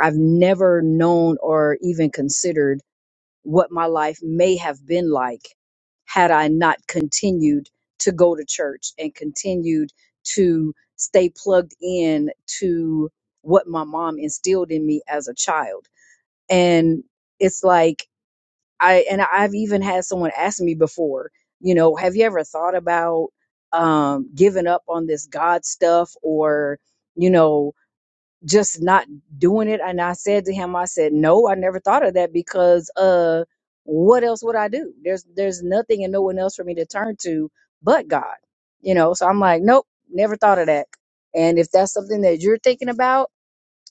[SPEAKER 9] I've never known or even considered what my life may have been like had I not continued to go to church and continued to stay plugged in to what my mom instilled in me as a child. And it's like, I and I've even had someone ask me before, you know, have you ever thought about um giving up on this God stuff or, you know, just not doing it? And I said to him, I said, No, I never thought of that because uh what else would I do? There's there's nothing and no one else for me to turn to but God. You know, so I'm like, Nope, never thought of that. And if that's something that you're thinking about,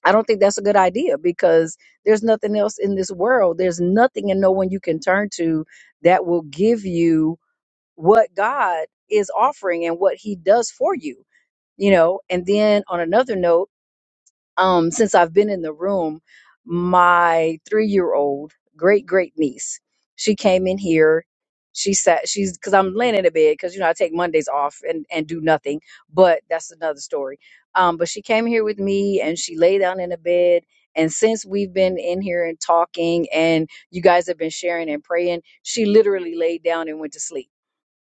[SPEAKER 9] I don't think that's a good idea because there's nothing else in this world. There's nothing and no one you can turn to that will give you what God is offering and what He does for you, you know. And then on another note, um, since I've been in the room, my three year old great great niece, she came in here. She sat, she's because I'm laying in the bed because, you know, I take Mondays off and, and do nothing, but that's another story. Um, but she came here with me and she lay down in the bed. And since we've been in here and talking and you guys have been sharing and praying, she literally laid down and went to sleep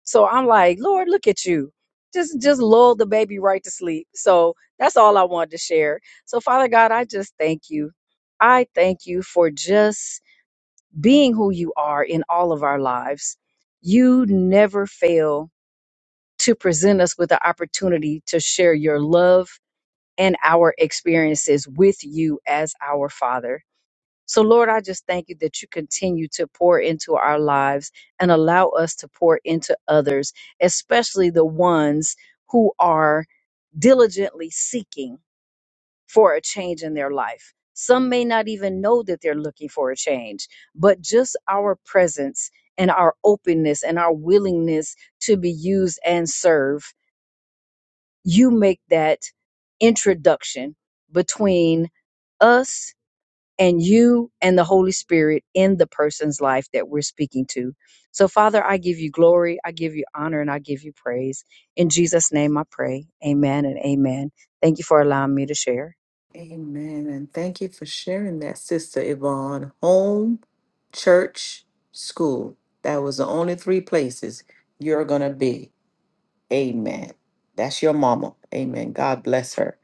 [SPEAKER 9] so I'm like, Lord, look at you. Just just lull the baby right to sleep. So that's all I wanted to share. So Father God, I just thank you. I thank you for just being who you are in all of our lives. You never fail to present us with the opportunity to share your love and our experiences with you as our Father. So, Lord, I just thank you that you continue to pour into our lives and allow us to pour into others, especially the ones who are diligently seeking for a change in their life. Some may not even know that they're looking for a change, but just our presence and our openness and our willingness to be used and serve, you make that introduction between us and you and the Holy Spirit in the person's life that we're speaking to. So, Father, I give you glory, I give you honor, and I give you praise. In Jesus' name I pray. Amen and amen. Thank you for allowing me to share.
[SPEAKER 1] Amen. And thank you for sharing that, Sister Yvonne. Home, church, school. That was the only three places you're going to be. Amen. That's your mama. Amen. God bless her.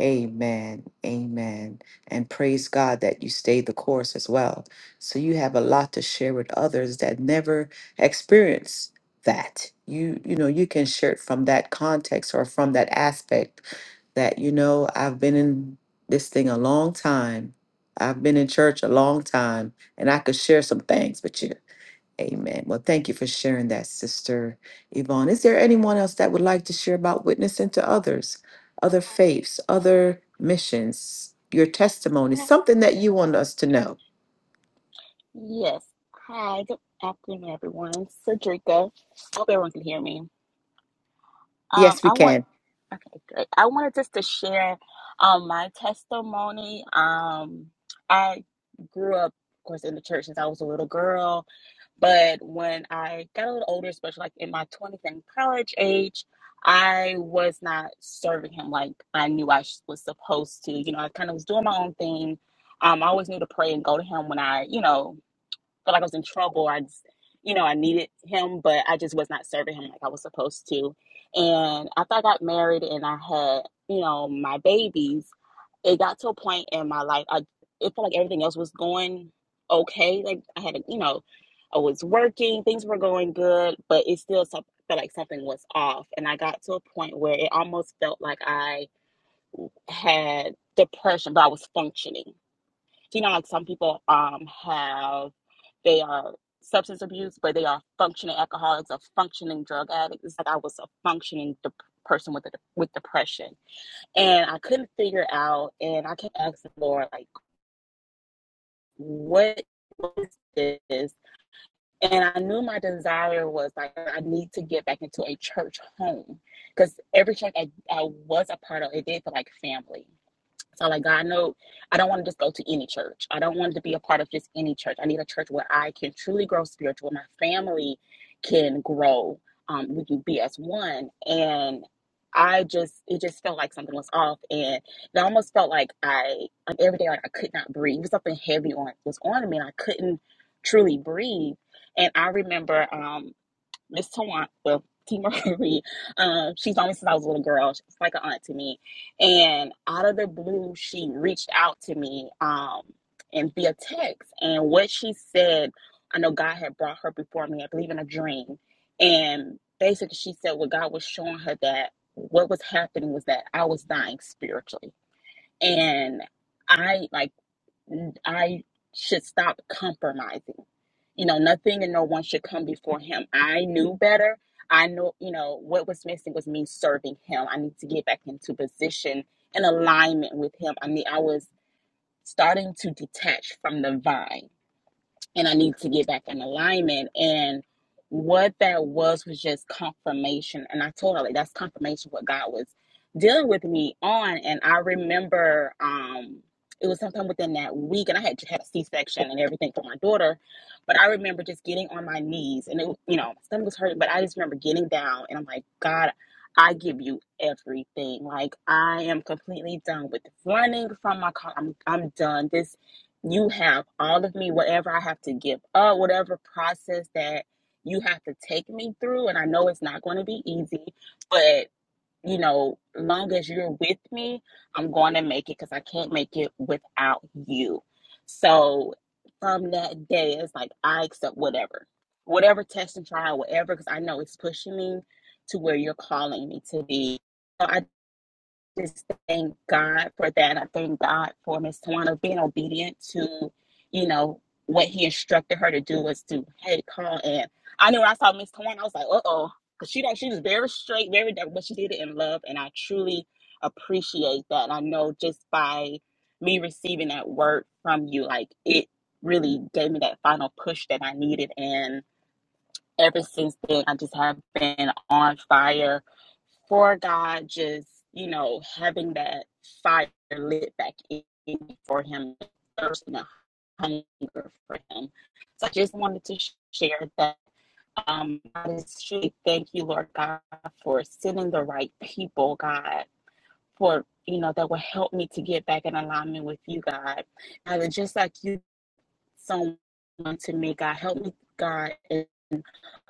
[SPEAKER 1] Amen. Amen. And praise God that you stayed the course as well. So you have a lot to share with others that never experience that. You you know, you can share it from that context or from that aspect that you know, I've been in this thing a long time. I've been in church a long time and I could share some things with you. Amen. Well, thank you for sharing that, Sister Yvonne. Is there anyone else that would like to share about witnessing to others, other faiths, other missions, your testimony, something that you want us to know?
[SPEAKER 11] Yes. Hi, good afternoon, everyone. Cedrica. I hope everyone can hear me. Um,
[SPEAKER 1] Yes, we
[SPEAKER 11] I want
[SPEAKER 1] can.
[SPEAKER 11] okay, great. I wanted just to share um my testimony. Um, I grew up, of course, in the church since I was a little girl, but when I got a little older, especially like in my twenties and college age, I was not serving him like I knew I sh- was supposed to. You know, I kind of was doing my own thing. Um, I always knew to pray and go to him when I, you know, felt like I was in trouble. I just, you know, I needed him, but I just was not serving him like I was supposed to. And after I got married and I had, you know, my babies, it got to a point in my life I it felt like everything else was going okay. Like I had, a, you know, I was working, things were going good, but it still felt like something was off. And I got to a point where it almost felt like I had depression, but I was functioning you know, like some people um have they are substance abuse, but they are functioning alcoholics or functioning drug addicts. It's like I was a functioning de- person with a, with depression, and I couldn't figure out. And I kept asking the Lord, like, what is this? And I knew my desire was like I need to get back into a church home because every church I, I was a part of, it did feel like family. So like God No, I don't want to just go to any church. I don't want to be a part of just any church. I need a church where I can truly grow spiritual, my family can grow. Um, we can be as one. And I just it just felt like something was off and it almost felt like I like every day like I could not breathe. It was something heavy on was on me and I couldn't truly breathe. And I remember um Miss Tawan, well, T. Marie, um, she's known me since I was a little girl. She's like an aunt to me. And out of the blue, she reached out to me um, and via text. And what she said, I know God had brought her before me, I believe in a dream. And basically, she said what God was showing her that what was happening was that I was dying spiritually. And I like. I should stop compromising. You know, nothing and no one should come before him. I knew better. I know, you know, what was missing was me serving him. I need to get back into position and alignment with him. I mean, I was starting to detach from the vine and I need to get back in alignment. And what that was was just confirmation. And I told her like that's confirmation what God was dealing with me on. And I remember um it was sometime within that week, and I had had a C section and everything for my daughter. But I remember just getting on my knees, and it was- you know my stomach was hurting, but I just remember getting down, and I'm like, God. I give you everything. Like I am completely done with running from my car. I'm I'm done. This you have all of me, whatever I have to give up, whatever process that you have to take me through. And I know it's not going to be easy, but you know, long as you're with me, I'm going to make it because I can't make it without you. So from that day, it's like I accept whatever, whatever test and trial, whatever, because I know it's pushing me to where you're calling me to be. So I just thank God for that. I thank God for Miss Tawana being obedient to, you know, what he instructed her to do was to, hey, call in. I knew when I saw Miss Tawana, I was like, uh oh. Because she don't, she was very straight, very direct, but she did it in love. And I truly appreciate that. And I know just by me receiving that word from you, like it really gave me that final push that I needed. and ever since then, I just have been on fire for God, just, you know, having that fire lit back in for Him, thirsting a hunger for Him. So I just wanted to share that. Um, I just truly thank you, Lord God, for sending the right people, God, for, you know, that will help me to get back in alignment with you, God. God, just like you, someone to me, God, help me, God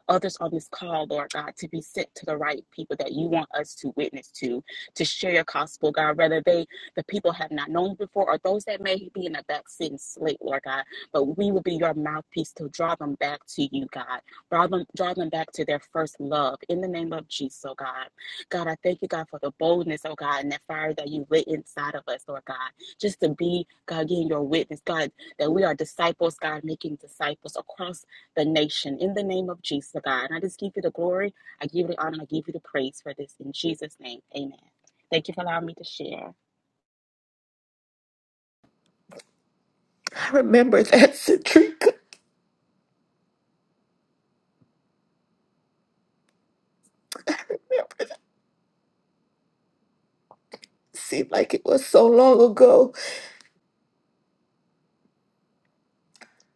[SPEAKER 11] others on this call, Lord God, to be sent to the right people that you want us to witness to, to share your gospel, God, whether they, the people have not known before or those that may be in the backseat and slate, Lord God, but we will be your mouthpiece to draw them back to you, God, draw them, draw them back to their first love in the name of Jesus, oh God. God, I thank you, God, for the boldness, oh God, and that fire that you lit inside of us, Lord God, just to be, God, getting your witness, God, that we are disciples, God, making disciples across the nation in the name of Jesus, oh God. And I just give you the glory, I give you the honor, I give you the praise for this in Jesus' name. Amen. Thank you for allowing me to share.
[SPEAKER 1] I remember that, Citrica. It seemed like it was so long ago.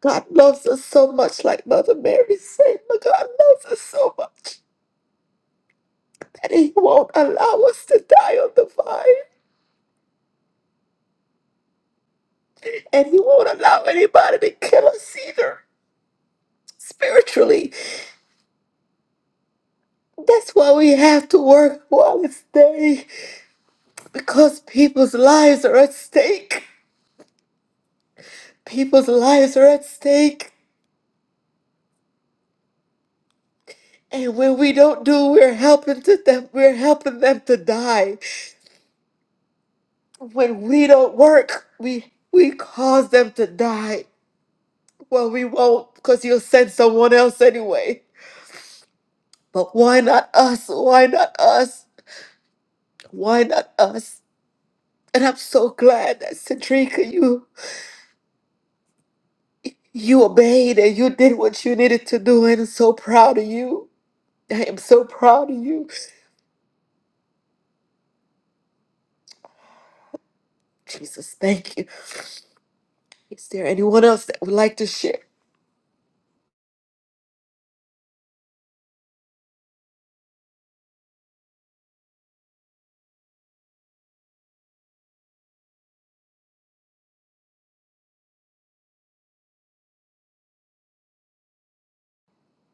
[SPEAKER 1] God loves us so much, like Mother Mary said. God loves us so much that He won't allow us to die on the vine and he won't allow anybody to kill us either spiritually. That's why we have to work while it's day, because people's lives are at stake. People's lives are at stake, and when we don't do, we're helping them. We're helping them to die. When we don't work, we we cause them to die. Well, we won't, because you'll send someone else anyway. But why not us? Why not us? Why not us? And I'm so glad that Centrica, you You obeyed and you did what you needed to do, and I'm so proud of you. I am so proud of you. Jesus, thank you. Is there anyone else that would like to share?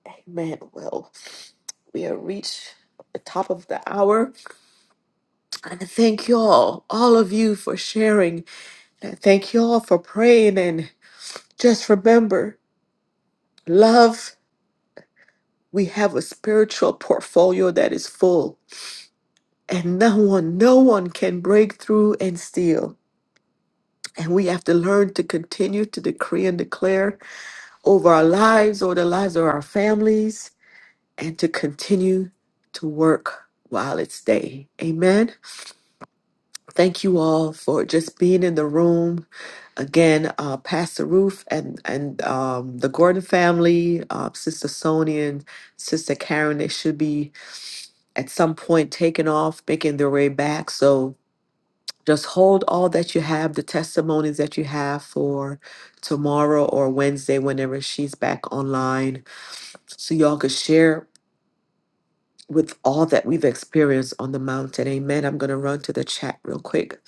[SPEAKER 1] Amen. Well, we have reached the top of the hour. And I thank you all, all of you for sharing. And I thank you all for praying. And just remember, love, we have a spiritual portfolio that is full. And no one, no one can break through and steal. And we have to learn to continue to decree and declare over our lives, over the lives of our families, and to continue to work while it's day. Amen. Thank you all for just being in the room. Again, uh, Pastor Roof and, and um, the Gordon family, uh, Sister Sonia and Sister Karen, they should be at some point taking off, making their way back. So Just hold all that you have, the testimonies that you have for tomorrow or Wednesday, whenever she's back online, so y'all could share with all that we've experienced on the mountain. Amen. I'm going to run to the chat real quick.